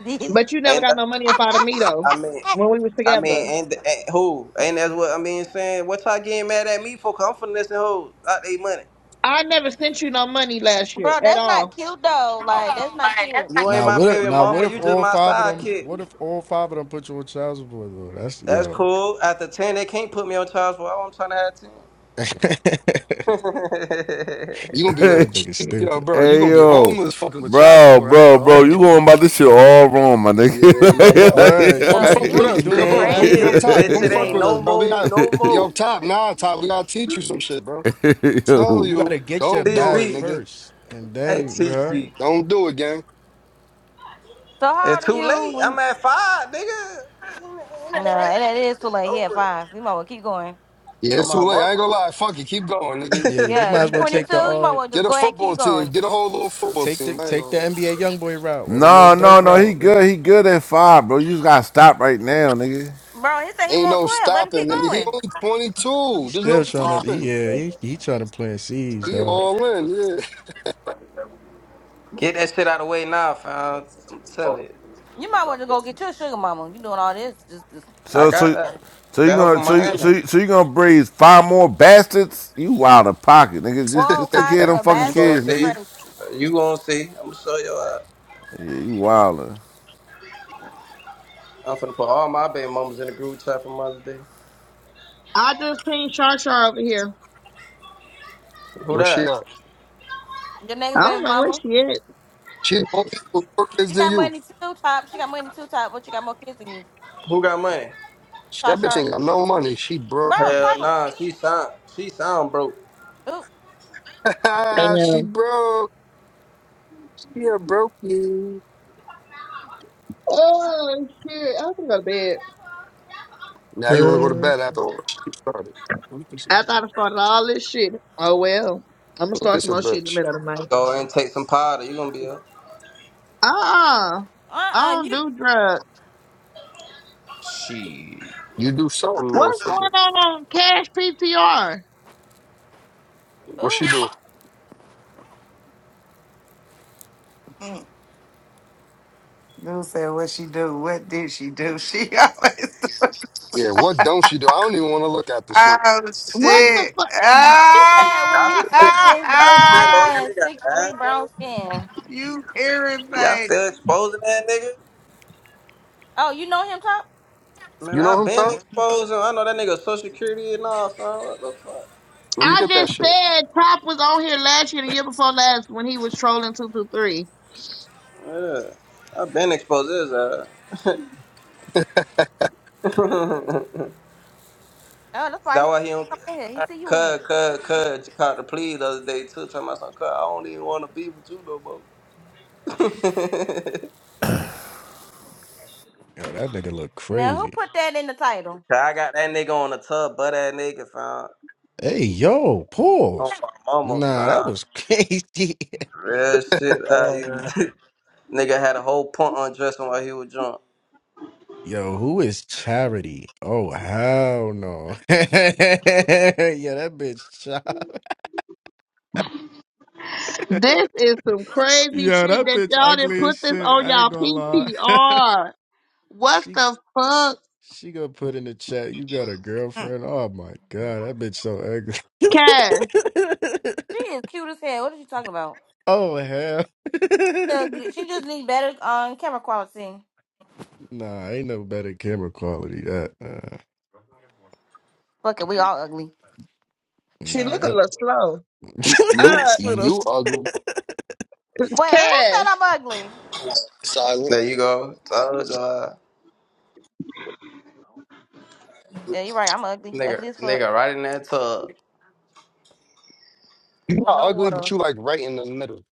[SPEAKER 1] But you never
[SPEAKER 14] Ain't
[SPEAKER 1] got
[SPEAKER 14] that,
[SPEAKER 1] no money up out of me, though,
[SPEAKER 14] I mean,
[SPEAKER 1] when we was
[SPEAKER 14] I mean,
[SPEAKER 1] together.
[SPEAKER 14] ain't, th- ain't who? Ain't that's what I mean saying? What y'all getting mad at me for? 'Cause I'm finessing hoes out they money.
[SPEAKER 1] I never sent you no money last year
[SPEAKER 2] Bro,
[SPEAKER 1] at
[SPEAKER 2] that's not
[SPEAKER 1] all.
[SPEAKER 2] cute though. Like that's not cute.
[SPEAKER 14] You ain't
[SPEAKER 12] Now
[SPEAKER 14] my
[SPEAKER 12] what
[SPEAKER 14] baby
[SPEAKER 12] now what
[SPEAKER 14] mama.
[SPEAKER 12] if
[SPEAKER 14] You just
[SPEAKER 12] all
[SPEAKER 14] my
[SPEAKER 12] five of them
[SPEAKER 14] sidekick.
[SPEAKER 12] what if all five of them put you on child support though? That's
[SPEAKER 14] That's
[SPEAKER 12] yo.
[SPEAKER 14] cool. After 10, they can't put me on charge for all I'm trying to
[SPEAKER 12] that
[SPEAKER 14] have 10.
[SPEAKER 5] You gonna be living,
[SPEAKER 12] nigga
[SPEAKER 5] yo,
[SPEAKER 12] stupid.
[SPEAKER 5] bro. You
[SPEAKER 6] Hey
[SPEAKER 5] gonna be
[SPEAKER 6] yo,
[SPEAKER 5] homeless, fucking with child
[SPEAKER 6] bro,
[SPEAKER 5] support. I ain't
[SPEAKER 6] bro,
[SPEAKER 5] gonna
[SPEAKER 6] bro,
[SPEAKER 5] hold
[SPEAKER 6] you going about this shit all wrong, my nigga.
[SPEAKER 5] you. Yeah, yo, bro.
[SPEAKER 12] Bruh, you
[SPEAKER 5] Come
[SPEAKER 12] go
[SPEAKER 2] Yo,
[SPEAKER 12] you
[SPEAKER 5] fuck with
[SPEAKER 12] really
[SPEAKER 5] us,
[SPEAKER 2] you
[SPEAKER 5] bro,
[SPEAKER 12] doing it
[SPEAKER 5] bro.
[SPEAKER 14] 10
[SPEAKER 2] crazy.
[SPEAKER 5] Come, yo,
[SPEAKER 12] backwards.
[SPEAKER 14] kids,
[SPEAKER 5] top.
[SPEAKER 12] I
[SPEAKER 14] bitch.
[SPEAKER 5] Come
[SPEAKER 12] ain't
[SPEAKER 14] It
[SPEAKER 12] gonna
[SPEAKER 5] fuck
[SPEAKER 14] ain't
[SPEAKER 5] with
[SPEAKER 12] lie.
[SPEAKER 5] us,
[SPEAKER 14] no
[SPEAKER 5] bro. We
[SPEAKER 14] more,
[SPEAKER 5] got,
[SPEAKER 14] no
[SPEAKER 5] yo,
[SPEAKER 14] more.
[SPEAKER 5] top. Nah, top. We gotta teach you some shit, bro. Tell
[SPEAKER 6] Yo,
[SPEAKER 12] You
[SPEAKER 5] you,
[SPEAKER 12] gotta get your
[SPEAKER 5] don't
[SPEAKER 14] Teach
[SPEAKER 5] do it,
[SPEAKER 12] bag
[SPEAKER 14] me.
[SPEAKER 5] nigga.
[SPEAKER 12] first. And
[SPEAKER 14] Hey,
[SPEAKER 12] then
[SPEAKER 14] teach
[SPEAKER 12] yeah,
[SPEAKER 14] me.
[SPEAKER 5] Don't do it, gang.
[SPEAKER 2] So how old
[SPEAKER 14] It's
[SPEAKER 2] are
[SPEAKER 14] too
[SPEAKER 2] you
[SPEAKER 14] late. I'm
[SPEAKER 2] when
[SPEAKER 14] at five, nigga.
[SPEAKER 2] Nah, it, it is too late. He at
[SPEAKER 14] Over.
[SPEAKER 2] five. You might well keep going.
[SPEAKER 5] Yeah, it's
[SPEAKER 14] I'm
[SPEAKER 5] too
[SPEAKER 14] out,
[SPEAKER 5] late. I ain't gonna lie. Fuck it. Keep going, nigga.
[SPEAKER 12] yeah, you
[SPEAKER 2] Yeah,
[SPEAKER 12] might
[SPEAKER 2] you
[SPEAKER 12] as well
[SPEAKER 14] mama.
[SPEAKER 2] twenty
[SPEAKER 12] take
[SPEAKER 2] two,
[SPEAKER 12] the
[SPEAKER 2] you might
[SPEAKER 12] uh
[SPEAKER 2] well just
[SPEAKER 5] Get a
[SPEAKER 2] go ahead and
[SPEAKER 5] football
[SPEAKER 2] keep
[SPEAKER 5] team.
[SPEAKER 2] going.
[SPEAKER 5] Get a whole little football
[SPEAKER 12] Take the
[SPEAKER 5] team. I ain't
[SPEAKER 12] take the
[SPEAKER 5] gonna.
[SPEAKER 12] NBA young boy route or the little
[SPEAKER 6] No,
[SPEAKER 12] Dirk
[SPEAKER 6] no, no. He
[SPEAKER 12] route.
[SPEAKER 6] good.
[SPEAKER 12] nigga.
[SPEAKER 6] He good at five, bro. You just gotta stop right now, nigga.
[SPEAKER 2] Bro, he said he
[SPEAKER 5] Ain't
[SPEAKER 2] want
[SPEAKER 5] no
[SPEAKER 2] twelve. Let him keep
[SPEAKER 5] stopping. Nigga. He
[SPEAKER 2] going.
[SPEAKER 5] only
[SPEAKER 12] He
[SPEAKER 5] 22. There's no
[SPEAKER 12] still trying to. He,
[SPEAKER 5] stopping.
[SPEAKER 12] yeah, he he trying to plant seeds,
[SPEAKER 5] He
[SPEAKER 12] dog.
[SPEAKER 5] all in. Yeah.
[SPEAKER 14] Get that shit out of the way now, fam. I'm telling you.
[SPEAKER 2] You might want to go get your sugar mama. You doing all this just this
[SPEAKER 14] I
[SPEAKER 6] So,
[SPEAKER 14] got
[SPEAKER 6] so,
[SPEAKER 14] that.
[SPEAKER 6] so you
[SPEAKER 14] That hoe
[SPEAKER 6] gonna,
[SPEAKER 14] from
[SPEAKER 6] so you,
[SPEAKER 14] Miami.
[SPEAKER 6] so you, so you gonna breed five more bastards? You wild of pocket, nigga. Just,
[SPEAKER 2] whoa,
[SPEAKER 6] just take care of them
[SPEAKER 2] Casa,
[SPEAKER 6] fucking
[SPEAKER 14] You gonna
[SPEAKER 2] bastards
[SPEAKER 6] kids,
[SPEAKER 2] is
[SPEAKER 14] see.
[SPEAKER 6] nigga.
[SPEAKER 2] crazy.
[SPEAKER 14] You gonna see. I'm gonna show you out.
[SPEAKER 6] Yeah, you wilder.
[SPEAKER 14] I'm finna put all my baby mamas in the group chat for Mother's Day.
[SPEAKER 1] I just pinged Char Char over here.
[SPEAKER 14] Who
[SPEAKER 5] Where she
[SPEAKER 14] that?
[SPEAKER 5] at?
[SPEAKER 2] Your next
[SPEAKER 1] I don't
[SPEAKER 2] baby
[SPEAKER 1] know where
[SPEAKER 2] mama.
[SPEAKER 1] she is.
[SPEAKER 5] She more kids
[SPEAKER 2] She
[SPEAKER 5] than
[SPEAKER 2] got
[SPEAKER 5] you.
[SPEAKER 2] money too, top. She got money too, top, but she got more kids than you.
[SPEAKER 14] Who got money?
[SPEAKER 2] Shar
[SPEAKER 5] That bitch
[SPEAKER 2] Shar.
[SPEAKER 5] ain't got no money. She broke.
[SPEAKER 2] Bro, silence.
[SPEAKER 14] Hell nah, she sound she sound broke.
[SPEAKER 2] Ooh,
[SPEAKER 5] she
[SPEAKER 1] Damn.
[SPEAKER 5] broke. She a broke you.
[SPEAKER 1] Oh shit! I have to go to bed.
[SPEAKER 5] Now you wanna go to
[SPEAKER 12] Uh,
[SPEAKER 5] bed after all she started. What do you think she
[SPEAKER 1] After I done
[SPEAKER 5] did?
[SPEAKER 1] started all this shit. Oh well. I'm gonna start
[SPEAKER 5] This
[SPEAKER 1] some
[SPEAKER 5] a
[SPEAKER 1] more shit in the
[SPEAKER 5] bitch.
[SPEAKER 1] middle of the night.
[SPEAKER 14] Go and take some powder. You gonna be up.
[SPEAKER 1] Uh uh
[SPEAKER 2] uh-uh,
[SPEAKER 1] I don't
[SPEAKER 2] you,
[SPEAKER 1] do drugs.
[SPEAKER 5] You do something,
[SPEAKER 1] What's going
[SPEAKER 5] motherfucker.
[SPEAKER 1] on on Cash PTR?
[SPEAKER 5] What
[SPEAKER 2] ooh.
[SPEAKER 5] she do?
[SPEAKER 11] Dude said, "What she do? What did she do? She always do."
[SPEAKER 5] Yeah, what don't she do? I don't even want to look at the shit.
[SPEAKER 11] Oh
[SPEAKER 5] Okay,
[SPEAKER 1] What the
[SPEAKER 11] shit!
[SPEAKER 5] well,
[SPEAKER 1] fuck?
[SPEAKER 2] She said, when
[SPEAKER 14] Y'all
[SPEAKER 2] you
[SPEAKER 14] still
[SPEAKER 2] suck this
[SPEAKER 14] y'all
[SPEAKER 2] dick, I
[SPEAKER 14] still on
[SPEAKER 11] Ah,
[SPEAKER 14] that
[SPEAKER 2] said
[SPEAKER 14] nigga
[SPEAKER 2] six three brown
[SPEAKER 14] ass?
[SPEAKER 2] skin.
[SPEAKER 11] you
[SPEAKER 14] Y'all
[SPEAKER 11] irritating?
[SPEAKER 14] still exposing that nigga?
[SPEAKER 2] Oh, you know him, Top?
[SPEAKER 14] Man,
[SPEAKER 5] You know
[SPEAKER 14] I
[SPEAKER 5] who
[SPEAKER 14] been
[SPEAKER 5] top?
[SPEAKER 14] exposing. I know that nigga social security and all, son. What the fuck?
[SPEAKER 5] Let me
[SPEAKER 1] I
[SPEAKER 5] get that
[SPEAKER 1] just
[SPEAKER 5] shit.
[SPEAKER 1] said Top was on here last year, the year before last, when he was trolling two two three.
[SPEAKER 14] Yeah, I've been exposed his ass. That's
[SPEAKER 2] Oh, that's why he
[SPEAKER 14] why he don't
[SPEAKER 2] come in here. He see you in here.
[SPEAKER 14] cut, cut, cut. Caught the plea the other day too. Talking about some cut. I don't even want to be with you no more. Cause
[SPEAKER 12] Yo, that nigga look
[SPEAKER 2] Now, who
[SPEAKER 12] crazy.
[SPEAKER 2] put that in the title?
[SPEAKER 14] I got that nigga on the tub, butt ass nigga found
[SPEAKER 12] Hey, yo,
[SPEAKER 14] on
[SPEAKER 12] pause.
[SPEAKER 14] my mama
[SPEAKER 12] Nah, that
[SPEAKER 14] found
[SPEAKER 12] was crazy.
[SPEAKER 14] real shit. Uh, you,
[SPEAKER 5] Uh,
[SPEAKER 14] nigga had a whole punt undressing while he was drunk.
[SPEAKER 12] Yo, who is Charity? Oh, hell no. yeah, that bitch chop.
[SPEAKER 1] This is some crazy
[SPEAKER 12] Yo,
[SPEAKER 1] shit
[SPEAKER 12] that
[SPEAKER 1] that
[SPEAKER 12] bitch
[SPEAKER 1] y'all didn't
[SPEAKER 12] ugly as
[SPEAKER 1] put this
[SPEAKER 12] shit.
[SPEAKER 1] on
[SPEAKER 12] I ain't
[SPEAKER 1] y'all
[SPEAKER 12] gonna lie.
[SPEAKER 1] PTR. What
[SPEAKER 12] She.
[SPEAKER 1] the fuck?
[SPEAKER 12] She gonna put in the chat, you got a girlfriend? Oh my god, that bitch so ugly.
[SPEAKER 1] Cash,
[SPEAKER 2] She is cute as hell. What are you talking about?
[SPEAKER 12] oh hell.
[SPEAKER 2] She ugly. She just needs better um, camera quality.
[SPEAKER 12] nah, ain't no better camera quality that. Uh,
[SPEAKER 2] Fuck it, we all ugly.
[SPEAKER 1] She
[SPEAKER 12] nah,
[SPEAKER 1] look a
[SPEAKER 12] that.
[SPEAKER 1] little slow.
[SPEAKER 5] you, you,
[SPEAKER 1] Uh,
[SPEAKER 12] That's what I'm saying.
[SPEAKER 5] you ugly.
[SPEAKER 2] Wait, who said
[SPEAKER 1] Cash.
[SPEAKER 2] I'm ugly?
[SPEAKER 5] Silent.
[SPEAKER 14] There you go. Told y'all.
[SPEAKER 2] Yeah, you're right. I'm ugly.
[SPEAKER 14] Nigga,
[SPEAKER 2] Ugly as fuck.
[SPEAKER 14] nigga, right in that tub.
[SPEAKER 5] You
[SPEAKER 2] Well,
[SPEAKER 5] not
[SPEAKER 2] no
[SPEAKER 5] ugly, but
[SPEAKER 2] water.
[SPEAKER 5] you like right in the middle.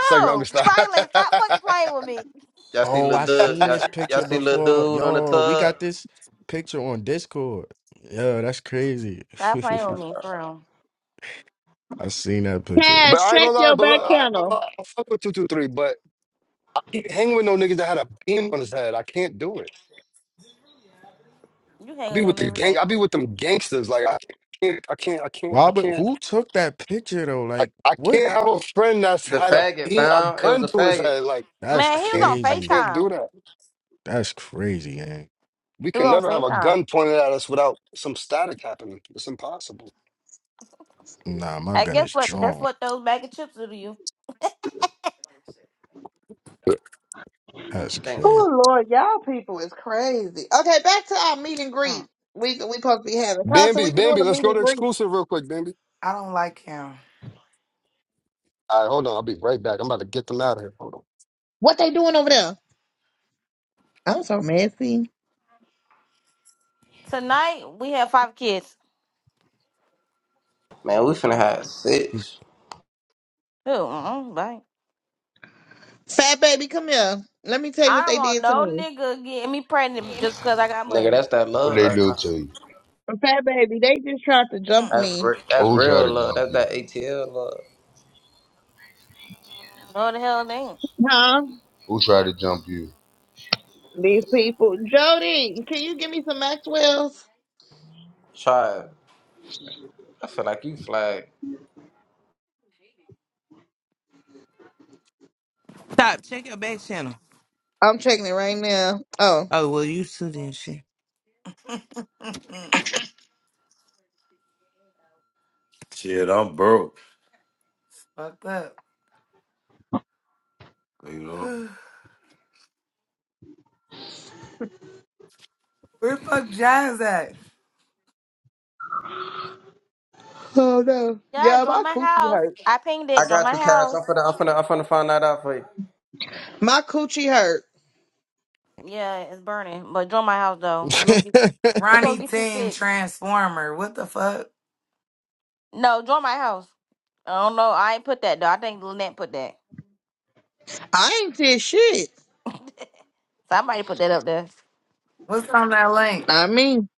[SPEAKER 5] It's like, let me stop. but I
[SPEAKER 2] silent. Stop fucking playing with me.
[SPEAKER 14] Y'all see
[SPEAKER 12] oh,
[SPEAKER 14] little
[SPEAKER 12] I
[SPEAKER 14] dude.
[SPEAKER 12] seen
[SPEAKER 14] Y'all,
[SPEAKER 12] this
[SPEAKER 14] y'all
[SPEAKER 12] picture
[SPEAKER 14] see
[SPEAKER 12] before.
[SPEAKER 14] little dude on the
[SPEAKER 12] Yo, we got
[SPEAKER 14] tub.
[SPEAKER 12] this picture on Discord. Yo, that's crazy.
[SPEAKER 2] Stop playing with me, for real.
[SPEAKER 12] I seen that picture.
[SPEAKER 1] Cash,
[SPEAKER 5] ain't gonna
[SPEAKER 1] check
[SPEAKER 5] lie,
[SPEAKER 1] your
[SPEAKER 5] but
[SPEAKER 1] back
[SPEAKER 5] look, I ain't gonna
[SPEAKER 1] channel.
[SPEAKER 5] lie. I fuck with 223, but I can't hang with no niggas that had a beam on his head. I can't do it.
[SPEAKER 2] You hang
[SPEAKER 5] I be
[SPEAKER 2] with
[SPEAKER 5] with
[SPEAKER 2] him
[SPEAKER 5] the
[SPEAKER 2] every
[SPEAKER 5] gang,
[SPEAKER 2] day.
[SPEAKER 5] I be with them gangsters. Like, I can't, I can't, I can't, I
[SPEAKER 12] Why but
[SPEAKER 5] can't,
[SPEAKER 12] who took that picture though?
[SPEAKER 5] I,
[SPEAKER 12] Like
[SPEAKER 5] I
[SPEAKER 12] what?
[SPEAKER 5] can't have a friend that's
[SPEAKER 14] The
[SPEAKER 5] had a
[SPEAKER 14] faggot
[SPEAKER 5] beam, a
[SPEAKER 14] found it was
[SPEAKER 5] gun
[SPEAKER 14] a
[SPEAKER 5] to his
[SPEAKER 14] faggot
[SPEAKER 5] head. Like,
[SPEAKER 12] That's
[SPEAKER 2] Man,
[SPEAKER 5] I
[SPEAKER 2] he was on
[SPEAKER 5] can't, I
[SPEAKER 12] crazy.
[SPEAKER 5] can't do
[SPEAKER 2] FaceTime.
[SPEAKER 5] that.
[SPEAKER 12] That's crazy, man.
[SPEAKER 5] We
[SPEAKER 2] Who
[SPEAKER 5] can
[SPEAKER 2] gonna
[SPEAKER 5] never have a
[SPEAKER 2] FaceTime?
[SPEAKER 5] gun pointed at us without some static happening. It's impossible.
[SPEAKER 12] Nah, my
[SPEAKER 2] I
[SPEAKER 12] gun
[SPEAKER 2] guess
[SPEAKER 12] is
[SPEAKER 2] what? That's
[SPEAKER 12] drawn.
[SPEAKER 2] what those bag of chips do to you.
[SPEAKER 12] That's
[SPEAKER 14] thing.
[SPEAKER 12] crazy.
[SPEAKER 1] Oh Lord, y'all people is crazy. Okay, back to our meet and greet. We we supposed to be having. Carson,
[SPEAKER 5] Bambi,
[SPEAKER 1] we can do
[SPEAKER 5] Bambi,
[SPEAKER 1] a
[SPEAKER 5] let's
[SPEAKER 1] meet
[SPEAKER 5] go to
[SPEAKER 1] and greet.
[SPEAKER 5] exclusive real quick, Bambi.
[SPEAKER 11] I don't like him.
[SPEAKER 5] All right, hold on. I'll be right back. I'm about to get them out of here. Hold on.
[SPEAKER 1] What they doing over there? I'm so messy.
[SPEAKER 2] Tonight we have five kids.
[SPEAKER 14] Man, we finna have six.
[SPEAKER 2] Who? Mm-mm, bye.
[SPEAKER 1] Fat baby, come here. Let me tell you what
[SPEAKER 2] I don't
[SPEAKER 1] they
[SPEAKER 2] want
[SPEAKER 1] did to
[SPEAKER 2] no
[SPEAKER 1] me.
[SPEAKER 2] nigga getting me pregnant just because I got
[SPEAKER 14] Nigga,
[SPEAKER 2] money.
[SPEAKER 14] that's that
[SPEAKER 15] What
[SPEAKER 14] love
[SPEAKER 15] they
[SPEAKER 14] right
[SPEAKER 15] do
[SPEAKER 14] now.
[SPEAKER 15] to you?
[SPEAKER 1] Fat baby, they just tried to jump
[SPEAKER 14] That's
[SPEAKER 1] me.
[SPEAKER 14] re- that's
[SPEAKER 15] Who tried
[SPEAKER 14] real
[SPEAKER 15] to
[SPEAKER 14] love.
[SPEAKER 15] jump
[SPEAKER 14] That's
[SPEAKER 15] you?
[SPEAKER 14] that ATL love.
[SPEAKER 2] No the hell they ain't.
[SPEAKER 1] Huh?
[SPEAKER 15] Who tried to jump you?
[SPEAKER 1] These people. Jody, can you give me some Maxwell's?
[SPEAKER 14] Try. I feel like you flagged.
[SPEAKER 7] Stop. Check your back channel.
[SPEAKER 1] I'm checking it right now. Oh.
[SPEAKER 7] Oh, well, you too then. Shit.
[SPEAKER 10] shit, I'm broke.
[SPEAKER 11] Fucked up.
[SPEAKER 10] You know,
[SPEAKER 11] Where fuck Jazz at?
[SPEAKER 1] Oh no.
[SPEAKER 2] Yeah,
[SPEAKER 1] Yeah,
[SPEAKER 2] join
[SPEAKER 1] my
[SPEAKER 2] my
[SPEAKER 1] coochie
[SPEAKER 2] house.
[SPEAKER 1] hurt.
[SPEAKER 2] I pinged
[SPEAKER 14] I
[SPEAKER 2] it. Join
[SPEAKER 14] got
[SPEAKER 2] my
[SPEAKER 14] you, Cash.
[SPEAKER 2] house.
[SPEAKER 14] I'm finna I'm finna I'm finna find that out for you.
[SPEAKER 1] My coochie hurt.
[SPEAKER 2] Yeah, it's burning, but join my house though. We gonna get, we gonna
[SPEAKER 11] Ronnie
[SPEAKER 2] get you
[SPEAKER 11] Team
[SPEAKER 2] fixed.
[SPEAKER 11] Transformer. What the fuck?
[SPEAKER 2] No, join my house. I don't know. I ain't put that though. I think Lynette put that.
[SPEAKER 1] I ain't did shit.
[SPEAKER 2] Somebody put that up there.
[SPEAKER 11] What's on that link?
[SPEAKER 1] I mean,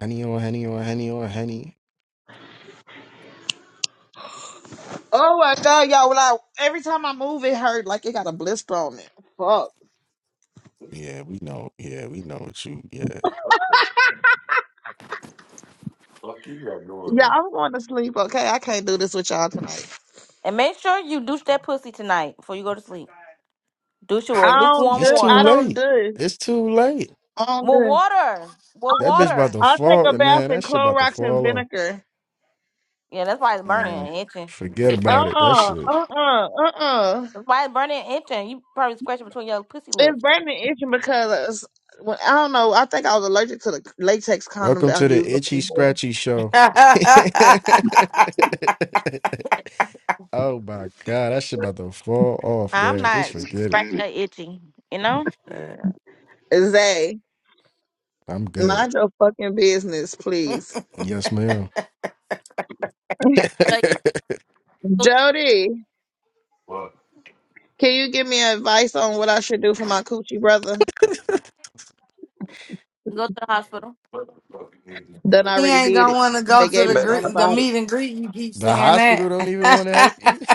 [SPEAKER 12] Henny on henny on henny on henny.
[SPEAKER 1] oh my god, y'all! When I every time I move, it hurt like it got a blister on it. Fuck.
[SPEAKER 12] Yeah, we know. Yeah, we know what you. Yeah,
[SPEAKER 10] fuck you got going
[SPEAKER 1] Yeah,
[SPEAKER 10] on.
[SPEAKER 1] I'm going to sleep. Okay, I can't do this with y'all tonight.
[SPEAKER 2] And make sure you douche that pussy tonight before you go to sleep. Douche it
[SPEAKER 1] I
[SPEAKER 2] with
[SPEAKER 1] don't
[SPEAKER 2] lukewarm
[SPEAKER 12] it's
[SPEAKER 1] do.
[SPEAKER 12] too
[SPEAKER 1] I
[SPEAKER 2] water.
[SPEAKER 1] don't
[SPEAKER 12] late.
[SPEAKER 1] do.
[SPEAKER 12] It's too late.
[SPEAKER 1] I don't
[SPEAKER 2] With
[SPEAKER 1] do.
[SPEAKER 2] water. With
[SPEAKER 12] That bitch
[SPEAKER 2] water.
[SPEAKER 12] about to
[SPEAKER 1] I'll take
[SPEAKER 12] fall.
[SPEAKER 1] a bath
[SPEAKER 12] Man,
[SPEAKER 1] in
[SPEAKER 12] that shit about to
[SPEAKER 1] Clorox and
[SPEAKER 12] fall off.
[SPEAKER 1] vinegar.
[SPEAKER 2] Yeah, that's why it's burning
[SPEAKER 12] Man,
[SPEAKER 2] and itching.
[SPEAKER 12] forget
[SPEAKER 1] Uh
[SPEAKER 12] about it. That
[SPEAKER 1] uh-uh,
[SPEAKER 12] shit.
[SPEAKER 1] uh uh uh uh.
[SPEAKER 2] That's why it's burning and itching. You probably scratching between your pussy
[SPEAKER 1] It's
[SPEAKER 2] lips.
[SPEAKER 1] burning itching because when, I don't know. I think I was allergic to the latex condom
[SPEAKER 12] Welcome
[SPEAKER 1] that I
[SPEAKER 12] to
[SPEAKER 1] used
[SPEAKER 12] the itchy
[SPEAKER 1] before.
[SPEAKER 12] scratchy show. oh my god, that shit about to fall off,
[SPEAKER 2] I'm
[SPEAKER 12] guys. Just
[SPEAKER 2] not
[SPEAKER 12] forget it.
[SPEAKER 2] scratching or itching, you know?
[SPEAKER 1] Zay,
[SPEAKER 12] I'm good.
[SPEAKER 1] mind your fucking business, please.
[SPEAKER 12] Yes, ma'am.
[SPEAKER 2] But go,
[SPEAKER 1] Jody, can you give me advice on what I should do for my coochie brother?
[SPEAKER 2] go to the hospital.
[SPEAKER 1] Done
[SPEAKER 11] he
[SPEAKER 1] already
[SPEAKER 11] ain't
[SPEAKER 1] did
[SPEAKER 11] gonna
[SPEAKER 1] it.
[SPEAKER 11] want to go
[SPEAKER 1] They
[SPEAKER 11] to
[SPEAKER 1] gave
[SPEAKER 11] the
[SPEAKER 1] me
[SPEAKER 14] Bet.
[SPEAKER 1] some
[SPEAKER 11] gre- the
[SPEAKER 1] antibiotics.
[SPEAKER 11] meet and greet. You keep
[SPEAKER 12] The
[SPEAKER 11] saying
[SPEAKER 12] hospital
[SPEAKER 11] that,
[SPEAKER 12] don't even want to help you.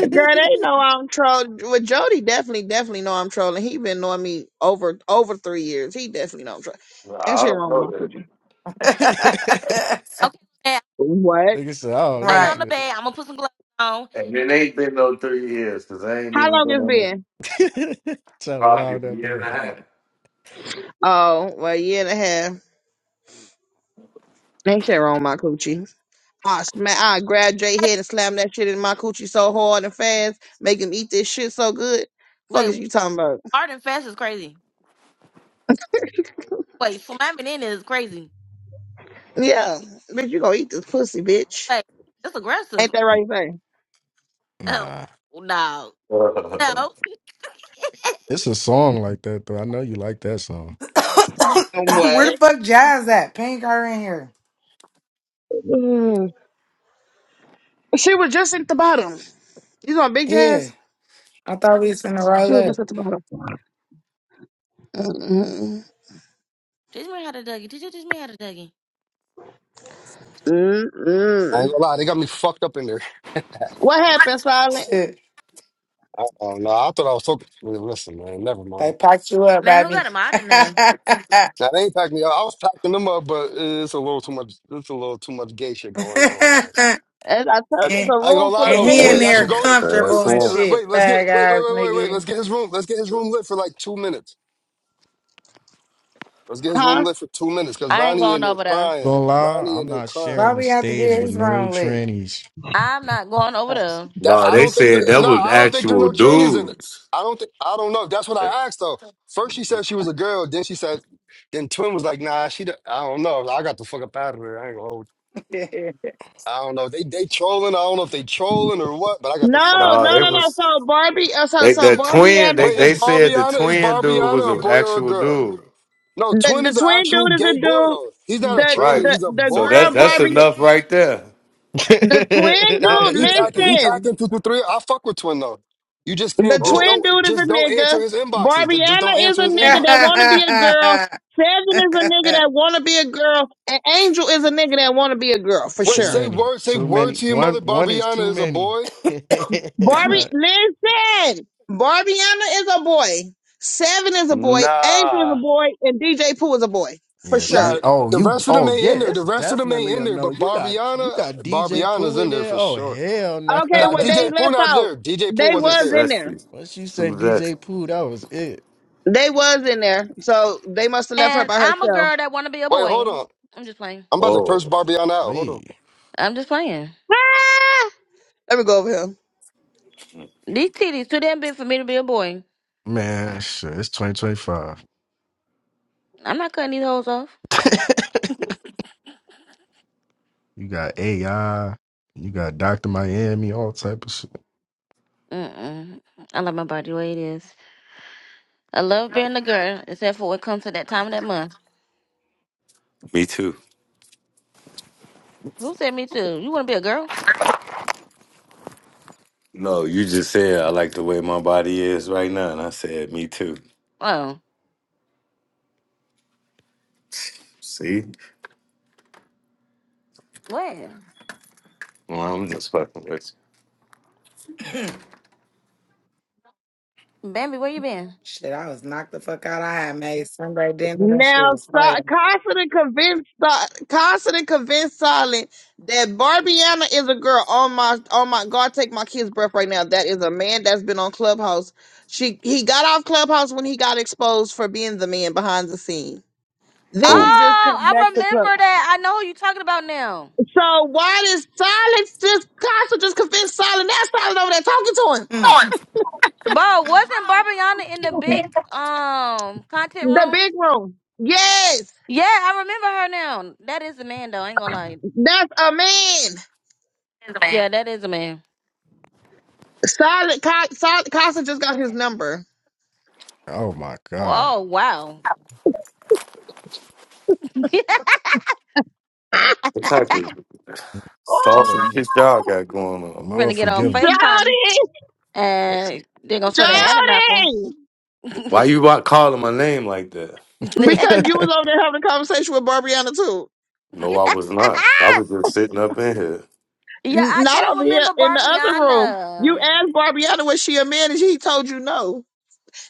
[SPEAKER 1] Girl, they know I'm trolling. Well, Jody definitely, definitely know I'm trolling. He been knowing me over over three years. He definitely know I'm trolling. Ain't
[SPEAKER 10] I
[SPEAKER 1] shit
[SPEAKER 10] don't
[SPEAKER 1] wrong with
[SPEAKER 10] know
[SPEAKER 1] my
[SPEAKER 10] that.
[SPEAKER 1] coochie.
[SPEAKER 2] Okay, yeah,
[SPEAKER 1] What?
[SPEAKER 12] Nigga said, I don't
[SPEAKER 2] lay
[SPEAKER 12] know
[SPEAKER 2] on
[SPEAKER 11] right?
[SPEAKER 2] the
[SPEAKER 12] shit.
[SPEAKER 2] bed. I'm going to put some gloves on.
[SPEAKER 10] And it ain't been no three years because I ain't
[SPEAKER 1] How
[SPEAKER 10] even
[SPEAKER 1] long
[SPEAKER 10] been
[SPEAKER 1] it's
[SPEAKER 10] on. no
[SPEAKER 1] been?
[SPEAKER 12] Trying to
[SPEAKER 10] probably
[SPEAKER 12] lie
[SPEAKER 10] a
[SPEAKER 12] that
[SPEAKER 10] year and
[SPEAKER 12] bad.
[SPEAKER 10] a
[SPEAKER 1] Oh, well, a year and a half. Ain't shit wrong with my coochie. I smack, I grab Jay
[SPEAKER 2] Hey,
[SPEAKER 1] head and slam that shit in my coochie so hard and fast, make him eat this shit so good. Fuck
[SPEAKER 2] wait,
[SPEAKER 1] is you talking about?
[SPEAKER 2] hard and fast is crazy. Wait, slamming in is crazy.
[SPEAKER 1] Yeah, bitch, you gonna eat this pussy, bitch.
[SPEAKER 2] Wait, it's
[SPEAKER 1] Ain't
[SPEAKER 2] aggressive.
[SPEAKER 1] that right there?
[SPEAKER 2] Oh,
[SPEAKER 12] Nah.
[SPEAKER 2] no.
[SPEAKER 10] half.
[SPEAKER 2] No.
[SPEAKER 12] It's a song like that though. I know you like that song.
[SPEAKER 11] Where
[SPEAKER 1] What?
[SPEAKER 11] the fuck Jazz at? Pink her in here.
[SPEAKER 1] Mm. She was just at the bottom. You know, big
[SPEAKER 11] Yeah,
[SPEAKER 1] ass.
[SPEAKER 11] I thought we was finna
[SPEAKER 1] She
[SPEAKER 11] roll
[SPEAKER 1] was
[SPEAKER 11] up.
[SPEAKER 1] just at the bottom. Mm-mm.
[SPEAKER 2] teach me how to duggy. Did you teach me how to duggy?
[SPEAKER 5] I ain't
[SPEAKER 1] Mm-mm.
[SPEAKER 5] gonna lie, they got me fucked up in there.
[SPEAKER 1] What happened, Silent?
[SPEAKER 11] Shit.
[SPEAKER 5] I don't know. I thought I was talking. Listen, man, never
[SPEAKER 11] They
[SPEAKER 5] mind.
[SPEAKER 11] packed you up,
[SPEAKER 2] Man, who
[SPEAKER 11] baby.
[SPEAKER 2] got him out
[SPEAKER 11] and,
[SPEAKER 2] in there?
[SPEAKER 5] Now they ain't packed me up. I was packing them up, but it's a little too much. It's a little too much gay shit going on. Right?
[SPEAKER 1] As I told you, it's
[SPEAKER 11] and
[SPEAKER 1] a
[SPEAKER 5] I ain't gonna
[SPEAKER 1] room
[SPEAKER 5] lie
[SPEAKER 1] full of
[SPEAKER 5] though.
[SPEAKER 1] gay
[SPEAKER 11] he in
[SPEAKER 5] Twenty,
[SPEAKER 10] Hey,
[SPEAKER 5] y'all
[SPEAKER 11] there
[SPEAKER 5] should
[SPEAKER 1] people.
[SPEAKER 5] go with it. Wait,
[SPEAKER 10] That's
[SPEAKER 11] comfortable
[SPEAKER 5] let's
[SPEAKER 11] and
[SPEAKER 5] get.
[SPEAKER 10] all.
[SPEAKER 11] shit,
[SPEAKER 5] Wait, let's get.
[SPEAKER 11] fag
[SPEAKER 5] Wait, wait,
[SPEAKER 11] ass
[SPEAKER 5] wait, wait, wait.
[SPEAKER 11] nigga.
[SPEAKER 5] Let's get his room. Let's get his room lit for like two minutes. Let's get his room
[SPEAKER 1] Huh?
[SPEAKER 5] lit for two minutes because
[SPEAKER 2] I ain't
[SPEAKER 5] Ronnie in
[SPEAKER 2] going
[SPEAKER 5] there
[SPEAKER 2] over there.
[SPEAKER 5] crying.
[SPEAKER 12] Gonna lie,
[SPEAKER 5] Ronnie in
[SPEAKER 12] I'm
[SPEAKER 5] there
[SPEAKER 12] not
[SPEAKER 5] crying.
[SPEAKER 11] Why
[SPEAKER 12] sharing the
[SPEAKER 11] we have to
[SPEAKER 12] stage
[SPEAKER 11] get
[SPEAKER 12] with
[SPEAKER 11] his
[SPEAKER 12] no
[SPEAKER 11] room lit?
[SPEAKER 12] trannies.
[SPEAKER 2] I'm not going over there.
[SPEAKER 5] That
[SPEAKER 10] Nah,
[SPEAKER 5] I
[SPEAKER 10] they
[SPEAKER 12] I'm-
[SPEAKER 5] don't think there.
[SPEAKER 10] said that
[SPEAKER 5] No,
[SPEAKER 10] was
[SPEAKER 5] I don't think there's
[SPEAKER 10] actual
[SPEAKER 5] no trannies in it.
[SPEAKER 10] dudes.
[SPEAKER 5] I don't think. I don't know. That's what I asked though. First she said she was a girl. Then she said. Then Twin was like, Nah, she. don't- I don't know. I got the fuck up out of here. I ain't gonna hold. you. I don't know. They they trolling. I don't know if they trolling or what. But I
[SPEAKER 1] No,
[SPEAKER 5] got the fuck up
[SPEAKER 10] Nah,
[SPEAKER 1] no,
[SPEAKER 5] out
[SPEAKER 10] they
[SPEAKER 5] of
[SPEAKER 1] no,
[SPEAKER 5] here.
[SPEAKER 10] was
[SPEAKER 1] no. So Barbie, uh, so
[SPEAKER 10] they
[SPEAKER 1] so
[SPEAKER 10] the
[SPEAKER 1] Barbie
[SPEAKER 10] twin.
[SPEAKER 1] and the,
[SPEAKER 10] They
[SPEAKER 5] Wait, is
[SPEAKER 10] they said the
[SPEAKER 5] Barbiana? Is
[SPEAKER 10] twin dude was
[SPEAKER 5] Barbiana a
[SPEAKER 10] an
[SPEAKER 5] boy or a
[SPEAKER 10] actual
[SPEAKER 5] girl?
[SPEAKER 10] dude.
[SPEAKER 5] No,
[SPEAKER 1] the
[SPEAKER 5] Twin
[SPEAKER 1] the
[SPEAKER 5] is an
[SPEAKER 1] twin
[SPEAKER 5] actual
[SPEAKER 1] dude is a
[SPEAKER 5] gay boy
[SPEAKER 1] dude.
[SPEAKER 5] though. He's not a
[SPEAKER 1] The
[SPEAKER 5] tranny.
[SPEAKER 10] Right.
[SPEAKER 1] the
[SPEAKER 5] He's a
[SPEAKER 1] the
[SPEAKER 10] So
[SPEAKER 5] boy
[SPEAKER 10] that's
[SPEAKER 5] that's
[SPEAKER 1] girl
[SPEAKER 5] gay.
[SPEAKER 10] that's
[SPEAKER 5] yeah.
[SPEAKER 1] Barbie,
[SPEAKER 10] enough right there.
[SPEAKER 1] the twin
[SPEAKER 5] Nah, but he packing.
[SPEAKER 1] dude.
[SPEAKER 5] He
[SPEAKER 12] it's
[SPEAKER 1] Listen.
[SPEAKER 5] packing two through three. I fuck with Twin though. You just
[SPEAKER 1] The
[SPEAKER 5] can't. Just
[SPEAKER 10] Whoa.
[SPEAKER 1] twin
[SPEAKER 5] don't.
[SPEAKER 1] dude is
[SPEAKER 5] Just
[SPEAKER 1] a
[SPEAKER 5] don't
[SPEAKER 1] nigga.
[SPEAKER 5] answer his inboxes. Th- Just don't
[SPEAKER 1] Barbiana is
[SPEAKER 5] answer
[SPEAKER 1] a
[SPEAKER 5] his
[SPEAKER 1] nigga that
[SPEAKER 5] inboxes.
[SPEAKER 1] wanna
[SPEAKER 5] That's what.
[SPEAKER 1] be a girl. Seven is a nigga that wanna be a girl. And Angel is a nigga that wanna be a girl for
[SPEAKER 5] Wait.
[SPEAKER 12] too
[SPEAKER 1] sure.
[SPEAKER 5] Say
[SPEAKER 12] many.
[SPEAKER 5] word. Say
[SPEAKER 12] Too
[SPEAKER 5] word
[SPEAKER 12] many.
[SPEAKER 5] to your
[SPEAKER 12] One
[SPEAKER 5] mother.
[SPEAKER 12] one is
[SPEAKER 5] Barbiana
[SPEAKER 12] too
[SPEAKER 5] is a
[SPEAKER 12] many.
[SPEAKER 5] boy.
[SPEAKER 1] Barbie
[SPEAKER 12] Nah.
[SPEAKER 1] listen. Barbiana is a boy. Seven is a boy. Angel is
[SPEAKER 5] Nah.
[SPEAKER 1] a boy. And DJ Pooh is a boy. For
[SPEAKER 12] Yeah,
[SPEAKER 1] sure.
[SPEAKER 12] see.
[SPEAKER 5] Nah.
[SPEAKER 12] Oh,
[SPEAKER 5] The
[SPEAKER 12] you.
[SPEAKER 5] rest of them
[SPEAKER 12] Oh, yeah.
[SPEAKER 5] ain't in there.
[SPEAKER 12] It's
[SPEAKER 5] The rest of them ain't
[SPEAKER 12] definitely
[SPEAKER 5] in
[SPEAKER 12] a
[SPEAKER 5] there.
[SPEAKER 12] no.
[SPEAKER 5] But
[SPEAKER 12] You got you
[SPEAKER 5] Barbiana.
[SPEAKER 12] got DJ Pooh
[SPEAKER 5] Barbiana's
[SPEAKER 12] in
[SPEAKER 5] in there
[SPEAKER 12] there.
[SPEAKER 5] for
[SPEAKER 12] Oh
[SPEAKER 5] sure.
[SPEAKER 12] hell no.
[SPEAKER 1] Okay,
[SPEAKER 5] Now
[SPEAKER 1] well they
[SPEAKER 5] DJ Pooh
[SPEAKER 1] left
[SPEAKER 5] not
[SPEAKER 1] out.
[SPEAKER 5] there. DJ Pooh
[SPEAKER 1] They
[SPEAKER 10] And
[SPEAKER 5] wasn't
[SPEAKER 10] that's
[SPEAKER 1] was
[SPEAKER 5] there.
[SPEAKER 1] in
[SPEAKER 10] that's
[SPEAKER 1] there.
[SPEAKER 10] the
[SPEAKER 12] Once you
[SPEAKER 10] who
[SPEAKER 12] said
[SPEAKER 10] that.
[SPEAKER 12] DJ Pooh, that was it.
[SPEAKER 1] They was in there. So they must have left her
[SPEAKER 2] And
[SPEAKER 1] by
[SPEAKER 2] I'm a
[SPEAKER 1] herself.
[SPEAKER 2] girl that want to be a
[SPEAKER 5] Wait. Hold
[SPEAKER 2] boy.
[SPEAKER 5] on.
[SPEAKER 2] I'm just playing.
[SPEAKER 5] I'm about to
[SPEAKER 10] Whoa.
[SPEAKER 5] curse Barbiana out. Hold on.
[SPEAKER 12] Lee,
[SPEAKER 2] I'm just playing.
[SPEAKER 1] Ah! Let me go over here.
[SPEAKER 2] These titties too damn big for me to be a boy.
[SPEAKER 12] man, shit. It's twenty twenty five.
[SPEAKER 2] I'm not cutting these hoes off.
[SPEAKER 12] You got AI. You got Doctor Miami. All type of shit.
[SPEAKER 2] Mm-mm. I love my body the way it is. I love being a girl, except for when it comes to that time of that month.
[SPEAKER 10] Me too.
[SPEAKER 2] Who said me too? You want to be a girl?
[SPEAKER 10] No, you just said I like the way my body is right now, and I said me too.
[SPEAKER 2] Oh,
[SPEAKER 10] See,
[SPEAKER 2] where?
[SPEAKER 10] well, I'm just fucking with
[SPEAKER 2] Bambi, where you been?
[SPEAKER 11] shit, I was knocked the fuck out. I had made Sunday dinner. That shit
[SPEAKER 1] Now,
[SPEAKER 11] was
[SPEAKER 1] so-
[SPEAKER 11] fire.
[SPEAKER 1] Carson and convinced So- Carson and convinced Solid that Barbiana is a girl. Oh my, oh my God, take my kid's breath right now. That is a man that's been on Clubhouse. She he got off Clubhouse when he got exposed for being the man behind the scene.
[SPEAKER 2] Oh,
[SPEAKER 1] Then
[SPEAKER 10] you.
[SPEAKER 1] he just came
[SPEAKER 2] I
[SPEAKER 1] back
[SPEAKER 2] remember
[SPEAKER 1] to club.
[SPEAKER 2] that. I know who you talking about now.
[SPEAKER 1] So why did Solid just Carson just convince Solid? That's Solid over there talking to him.
[SPEAKER 11] Mm.
[SPEAKER 2] Bro, wasn't Barbiana in the big um content
[SPEAKER 1] The
[SPEAKER 2] room?
[SPEAKER 1] big room. Yes,
[SPEAKER 2] Yeah, I remember her now. That is the man though. I ain't gonna lie.
[SPEAKER 1] that's a man.
[SPEAKER 2] Yeah, that is a man.
[SPEAKER 1] Solid, Carson just got his number.
[SPEAKER 12] Oh my god.
[SPEAKER 2] Oh wow. Finna
[SPEAKER 10] Saucy,
[SPEAKER 12] Lord,
[SPEAKER 10] his y'all got going on.
[SPEAKER 12] Lord
[SPEAKER 2] get on
[SPEAKER 12] forgive him.
[SPEAKER 2] FaceTime
[SPEAKER 1] Jody,
[SPEAKER 2] and they are gonna show the
[SPEAKER 12] Lord.
[SPEAKER 2] Adam apple.
[SPEAKER 1] Jody,
[SPEAKER 10] Why
[SPEAKER 2] yeah,
[SPEAKER 10] you wa- calling my name like that?
[SPEAKER 1] because you was over there having a conversation with Barbiana too.
[SPEAKER 10] No, I was not. I was just sitting up in here,
[SPEAKER 1] N-
[SPEAKER 2] I
[SPEAKER 1] Not
[SPEAKER 2] do
[SPEAKER 1] over here
[SPEAKER 2] remember
[SPEAKER 1] in the other room. You
[SPEAKER 2] Barbiana.
[SPEAKER 1] asked Barbiana was she a man, and she told you no.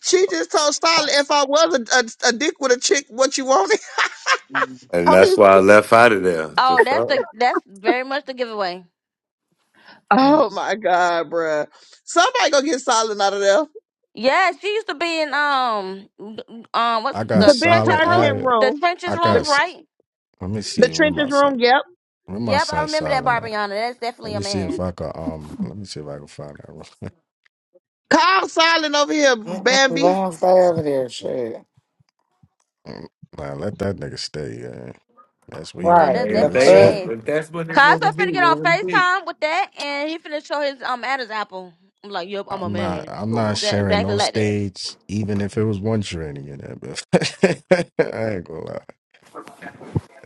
[SPEAKER 1] She just told Stalin if I was a, a, a dick with a chick, what you wanted.
[SPEAKER 11] Mm-mm,
[SPEAKER 10] and
[SPEAKER 1] I
[SPEAKER 10] that's
[SPEAKER 1] mean,
[SPEAKER 10] why I left out of there. The
[SPEAKER 2] Oh, that's
[SPEAKER 10] fuck.
[SPEAKER 2] the that's very much the giveaway.
[SPEAKER 12] Mm,
[SPEAKER 1] oh my god, bruh. Somebody go get Stalin out of there.
[SPEAKER 2] Yeah, she used to be in um um what's
[SPEAKER 12] I got
[SPEAKER 1] The
[SPEAKER 2] the
[SPEAKER 1] big
[SPEAKER 2] trenches
[SPEAKER 12] silent
[SPEAKER 2] room?
[SPEAKER 12] at
[SPEAKER 1] content
[SPEAKER 12] it.
[SPEAKER 2] The
[SPEAKER 1] room,
[SPEAKER 2] trenches
[SPEAKER 12] I got.
[SPEAKER 1] the
[SPEAKER 2] room,
[SPEAKER 12] s-
[SPEAKER 2] right?
[SPEAKER 12] Let me
[SPEAKER 1] the
[SPEAKER 12] see where my
[SPEAKER 1] trenches
[SPEAKER 12] son.
[SPEAKER 1] room. Yep.
[SPEAKER 12] Where my
[SPEAKER 2] Yep, I
[SPEAKER 12] son
[SPEAKER 2] remember that
[SPEAKER 12] silent at?
[SPEAKER 2] Barbiana. That's definitely
[SPEAKER 12] Let
[SPEAKER 2] a
[SPEAKER 12] me see if
[SPEAKER 2] man.
[SPEAKER 12] I can. Um. Let me see if I can find that. room.
[SPEAKER 1] Call Stalin over here, Bambi.
[SPEAKER 11] let him stay over there, shit.
[SPEAKER 12] nah, let that nigga stay. Yeah. That's what you
[SPEAKER 2] Yeah,
[SPEAKER 12] want
[SPEAKER 11] Right.
[SPEAKER 2] that's
[SPEAKER 12] to
[SPEAKER 10] Hey,
[SPEAKER 12] do
[SPEAKER 10] if
[SPEAKER 11] The
[SPEAKER 2] definitely a
[SPEAKER 12] this
[SPEAKER 10] they
[SPEAKER 12] week.
[SPEAKER 11] fuck?
[SPEAKER 10] up,
[SPEAKER 2] man.
[SPEAKER 10] if that's what they want
[SPEAKER 2] Cosmo
[SPEAKER 10] to be,
[SPEAKER 2] finna get on
[SPEAKER 10] want to be.
[SPEAKER 2] FaceTime with that and he finna show his um Adam's apple. I'm like, yep, I'm a
[SPEAKER 12] I'm not.
[SPEAKER 2] man.
[SPEAKER 12] I'm not
[SPEAKER 2] That,
[SPEAKER 12] sharing
[SPEAKER 2] exactly
[SPEAKER 12] no
[SPEAKER 2] like that.
[SPEAKER 12] stage, even if it was one tranny in there. But I ain't gonna lie.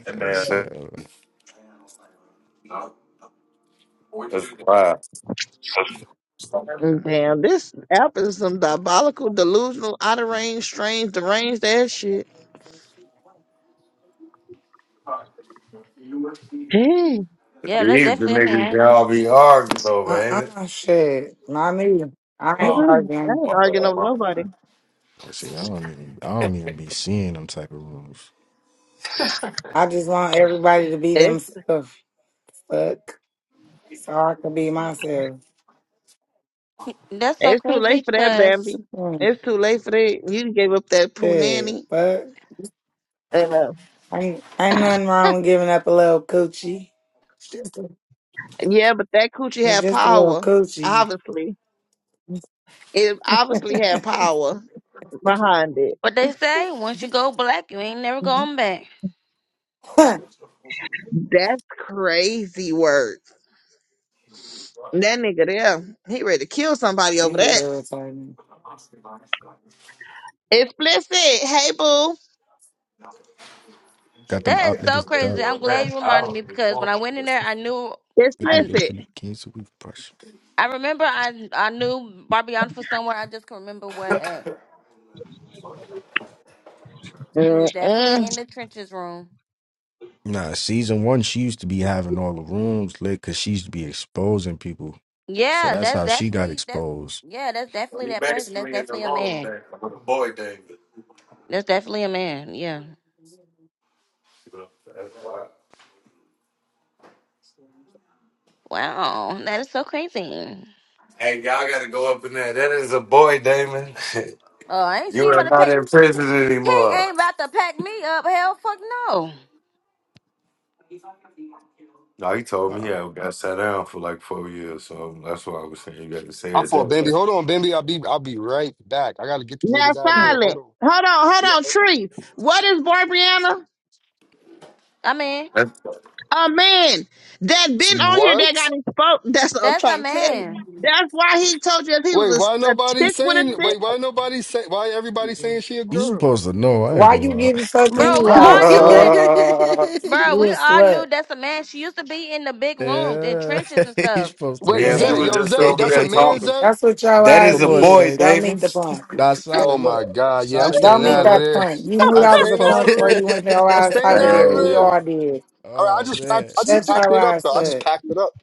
[SPEAKER 10] And
[SPEAKER 12] That
[SPEAKER 10] man, that's
[SPEAKER 12] shit.
[SPEAKER 10] why
[SPEAKER 1] Mm, Damn, this app is some diabolical, delusional, out of range, strange, deranged ass shit. Hey.
[SPEAKER 2] Yeah, that's
[SPEAKER 10] these the
[SPEAKER 2] definitely a
[SPEAKER 10] niggas
[SPEAKER 2] man.
[SPEAKER 10] y'all be arguing over, ain't it?
[SPEAKER 11] Uh-uh, shit. Not me. I ain't
[SPEAKER 10] Oh,
[SPEAKER 1] Mhm. I
[SPEAKER 11] arguing.
[SPEAKER 1] ain't
[SPEAKER 10] my
[SPEAKER 1] arguing
[SPEAKER 10] bad.
[SPEAKER 1] over
[SPEAKER 10] My
[SPEAKER 1] nobody.
[SPEAKER 12] See, I don't even. I don't even be seeing them type of rooms.
[SPEAKER 11] I just want everybody to be
[SPEAKER 1] It's
[SPEAKER 11] themselves. Fuck. So I can be myself.
[SPEAKER 2] That's so
[SPEAKER 1] it's too
[SPEAKER 2] crazy
[SPEAKER 1] late for that,
[SPEAKER 2] because
[SPEAKER 1] Bambi.
[SPEAKER 11] Mm,
[SPEAKER 1] It's too late for that. You gave up that poo
[SPEAKER 11] shit.
[SPEAKER 1] nanny.
[SPEAKER 11] Fuck.
[SPEAKER 1] And, uh,
[SPEAKER 11] Ain't, ain't nothing wrong with giving up a little coochie. It's just a,
[SPEAKER 1] yeah, but that coochie
[SPEAKER 11] it's
[SPEAKER 1] had
[SPEAKER 11] just a little
[SPEAKER 1] power.
[SPEAKER 11] coochie.
[SPEAKER 1] Obviously, it obviously had power behind it.
[SPEAKER 2] what they say, once you go black, you ain't never going back.
[SPEAKER 1] That's crazy work. That nigga there, he ready to kill somebody over
[SPEAKER 11] you
[SPEAKER 1] that.
[SPEAKER 11] irritating.
[SPEAKER 1] Explicit. Hey, boo.
[SPEAKER 12] Got them
[SPEAKER 2] That
[SPEAKER 12] up
[SPEAKER 2] is so
[SPEAKER 12] niggas
[SPEAKER 2] crazy.
[SPEAKER 12] duck.
[SPEAKER 2] I'm glad you reminded me because when I went in there, I knew,
[SPEAKER 12] Maybe
[SPEAKER 2] I
[SPEAKER 12] yo
[SPEAKER 1] Explicit.
[SPEAKER 12] finna cancel. We
[SPEAKER 2] I remember I I knew Barbion for somewhere. I just can remember where at. She was
[SPEAKER 1] Mm-mm.
[SPEAKER 2] definitely in the trenches room.
[SPEAKER 12] Nah, season one, she used to be having all the rooms lit because she used to be exposing people. So
[SPEAKER 2] Yeah,
[SPEAKER 12] that's
[SPEAKER 2] that's
[SPEAKER 12] how she got
[SPEAKER 2] definitely that's
[SPEAKER 12] exposed.
[SPEAKER 2] yeah, that's
[SPEAKER 10] bad.
[SPEAKER 2] definitely
[SPEAKER 10] We
[SPEAKER 2] that person. That's
[SPEAKER 10] basically in the
[SPEAKER 2] definitely a
[SPEAKER 10] room,
[SPEAKER 2] man.
[SPEAKER 10] Damon, with a boy, Damon.
[SPEAKER 2] That's definitely a man. Yeah. Wow. That is so crazy.
[SPEAKER 10] Hey, y'all got to go up in there. That is a boy, Damon.
[SPEAKER 2] Oh, ain't she
[SPEAKER 10] you are
[SPEAKER 2] about to
[SPEAKER 10] not
[SPEAKER 2] pack?
[SPEAKER 10] in prison
[SPEAKER 2] He
[SPEAKER 10] anymore.
[SPEAKER 2] ain't about to pack me up. Hell, fuck no.
[SPEAKER 10] No, he told me he
[SPEAKER 12] Uh,
[SPEAKER 10] had got sat down for like four years, so that's why I was saying you got to say
[SPEAKER 5] I
[SPEAKER 10] it.
[SPEAKER 5] fought Bambi. Hold on, Bambi. I'll be. I'll be right back. I gotta get these
[SPEAKER 1] Now
[SPEAKER 5] niggas out of here. Hold
[SPEAKER 1] silent.
[SPEAKER 5] on.
[SPEAKER 1] Hold on, hold
[SPEAKER 5] Yo.
[SPEAKER 1] on, Tree. What is Barbiana?
[SPEAKER 2] I mean,
[SPEAKER 1] A man that been on here that
[SPEAKER 5] What?
[SPEAKER 1] got exposed. That's what I'm
[SPEAKER 2] That's a
[SPEAKER 1] trying to tell you.
[SPEAKER 2] man.
[SPEAKER 1] That's why he told you if he
[SPEAKER 5] Wait,
[SPEAKER 1] was
[SPEAKER 5] why
[SPEAKER 1] a, a
[SPEAKER 5] nobody
[SPEAKER 1] chick with a
[SPEAKER 5] saying?
[SPEAKER 1] dick.
[SPEAKER 5] Wait, why nobody say? Why everybody saying she a
[SPEAKER 12] you
[SPEAKER 5] girl?
[SPEAKER 12] supposed to know, I ain't
[SPEAKER 11] Why
[SPEAKER 12] gonna
[SPEAKER 11] you
[SPEAKER 12] lie.
[SPEAKER 11] getting fucked
[SPEAKER 2] bro, we
[SPEAKER 1] Oh
[SPEAKER 11] anyway,
[SPEAKER 2] all
[SPEAKER 1] my god.
[SPEAKER 2] knew that.
[SPEAKER 11] slut?
[SPEAKER 2] Bro,
[SPEAKER 11] You a
[SPEAKER 2] we all
[SPEAKER 11] slut.
[SPEAKER 2] knew that's a man. She used to be in the big rooms in
[SPEAKER 12] yeah,
[SPEAKER 2] trenches and
[SPEAKER 12] you
[SPEAKER 2] stuff.
[SPEAKER 12] supposed to
[SPEAKER 5] Wait,
[SPEAKER 10] yeah,
[SPEAKER 12] know
[SPEAKER 10] we
[SPEAKER 2] And
[SPEAKER 5] Zay,
[SPEAKER 10] were
[SPEAKER 5] yo,
[SPEAKER 10] just
[SPEAKER 5] Zay,
[SPEAKER 10] over
[SPEAKER 5] that's a
[SPEAKER 10] there
[SPEAKER 5] man,
[SPEAKER 12] that.
[SPEAKER 10] talking.
[SPEAKER 5] Zay.
[SPEAKER 11] That's what your
[SPEAKER 10] That
[SPEAKER 11] eyes
[SPEAKER 10] is
[SPEAKER 12] Come
[SPEAKER 10] a
[SPEAKER 12] on,
[SPEAKER 10] boy,
[SPEAKER 11] get.
[SPEAKER 12] say,
[SPEAKER 11] Go meet the
[SPEAKER 10] Davis.
[SPEAKER 11] punk.
[SPEAKER 12] nah,
[SPEAKER 5] Oh
[SPEAKER 12] solid. Look,
[SPEAKER 5] my God, yeah, I'm
[SPEAKER 12] solid, you
[SPEAKER 5] staying
[SPEAKER 11] Don't meet
[SPEAKER 12] good.
[SPEAKER 5] out of
[SPEAKER 12] Look,
[SPEAKER 11] that
[SPEAKER 5] there.
[SPEAKER 11] punk. You knew
[SPEAKER 5] I'm
[SPEAKER 12] look,
[SPEAKER 11] that
[SPEAKER 12] you
[SPEAKER 11] was a
[SPEAKER 5] staying
[SPEAKER 12] supposed
[SPEAKER 5] out
[SPEAKER 11] punk
[SPEAKER 5] of
[SPEAKER 11] before
[SPEAKER 5] there.
[SPEAKER 11] you went your
[SPEAKER 5] I'm
[SPEAKER 11] ass
[SPEAKER 5] staying
[SPEAKER 11] over
[SPEAKER 5] out of
[SPEAKER 11] there. We
[SPEAKER 10] Hey,
[SPEAKER 5] there.
[SPEAKER 11] all did.
[SPEAKER 5] All right, I
[SPEAKER 12] oh,
[SPEAKER 5] just, I,
[SPEAKER 12] man.
[SPEAKER 5] I just
[SPEAKER 11] Shut
[SPEAKER 5] packed
[SPEAKER 11] your
[SPEAKER 5] it up
[SPEAKER 11] ass
[SPEAKER 5] though. I just
[SPEAKER 11] up.
[SPEAKER 5] packed it up.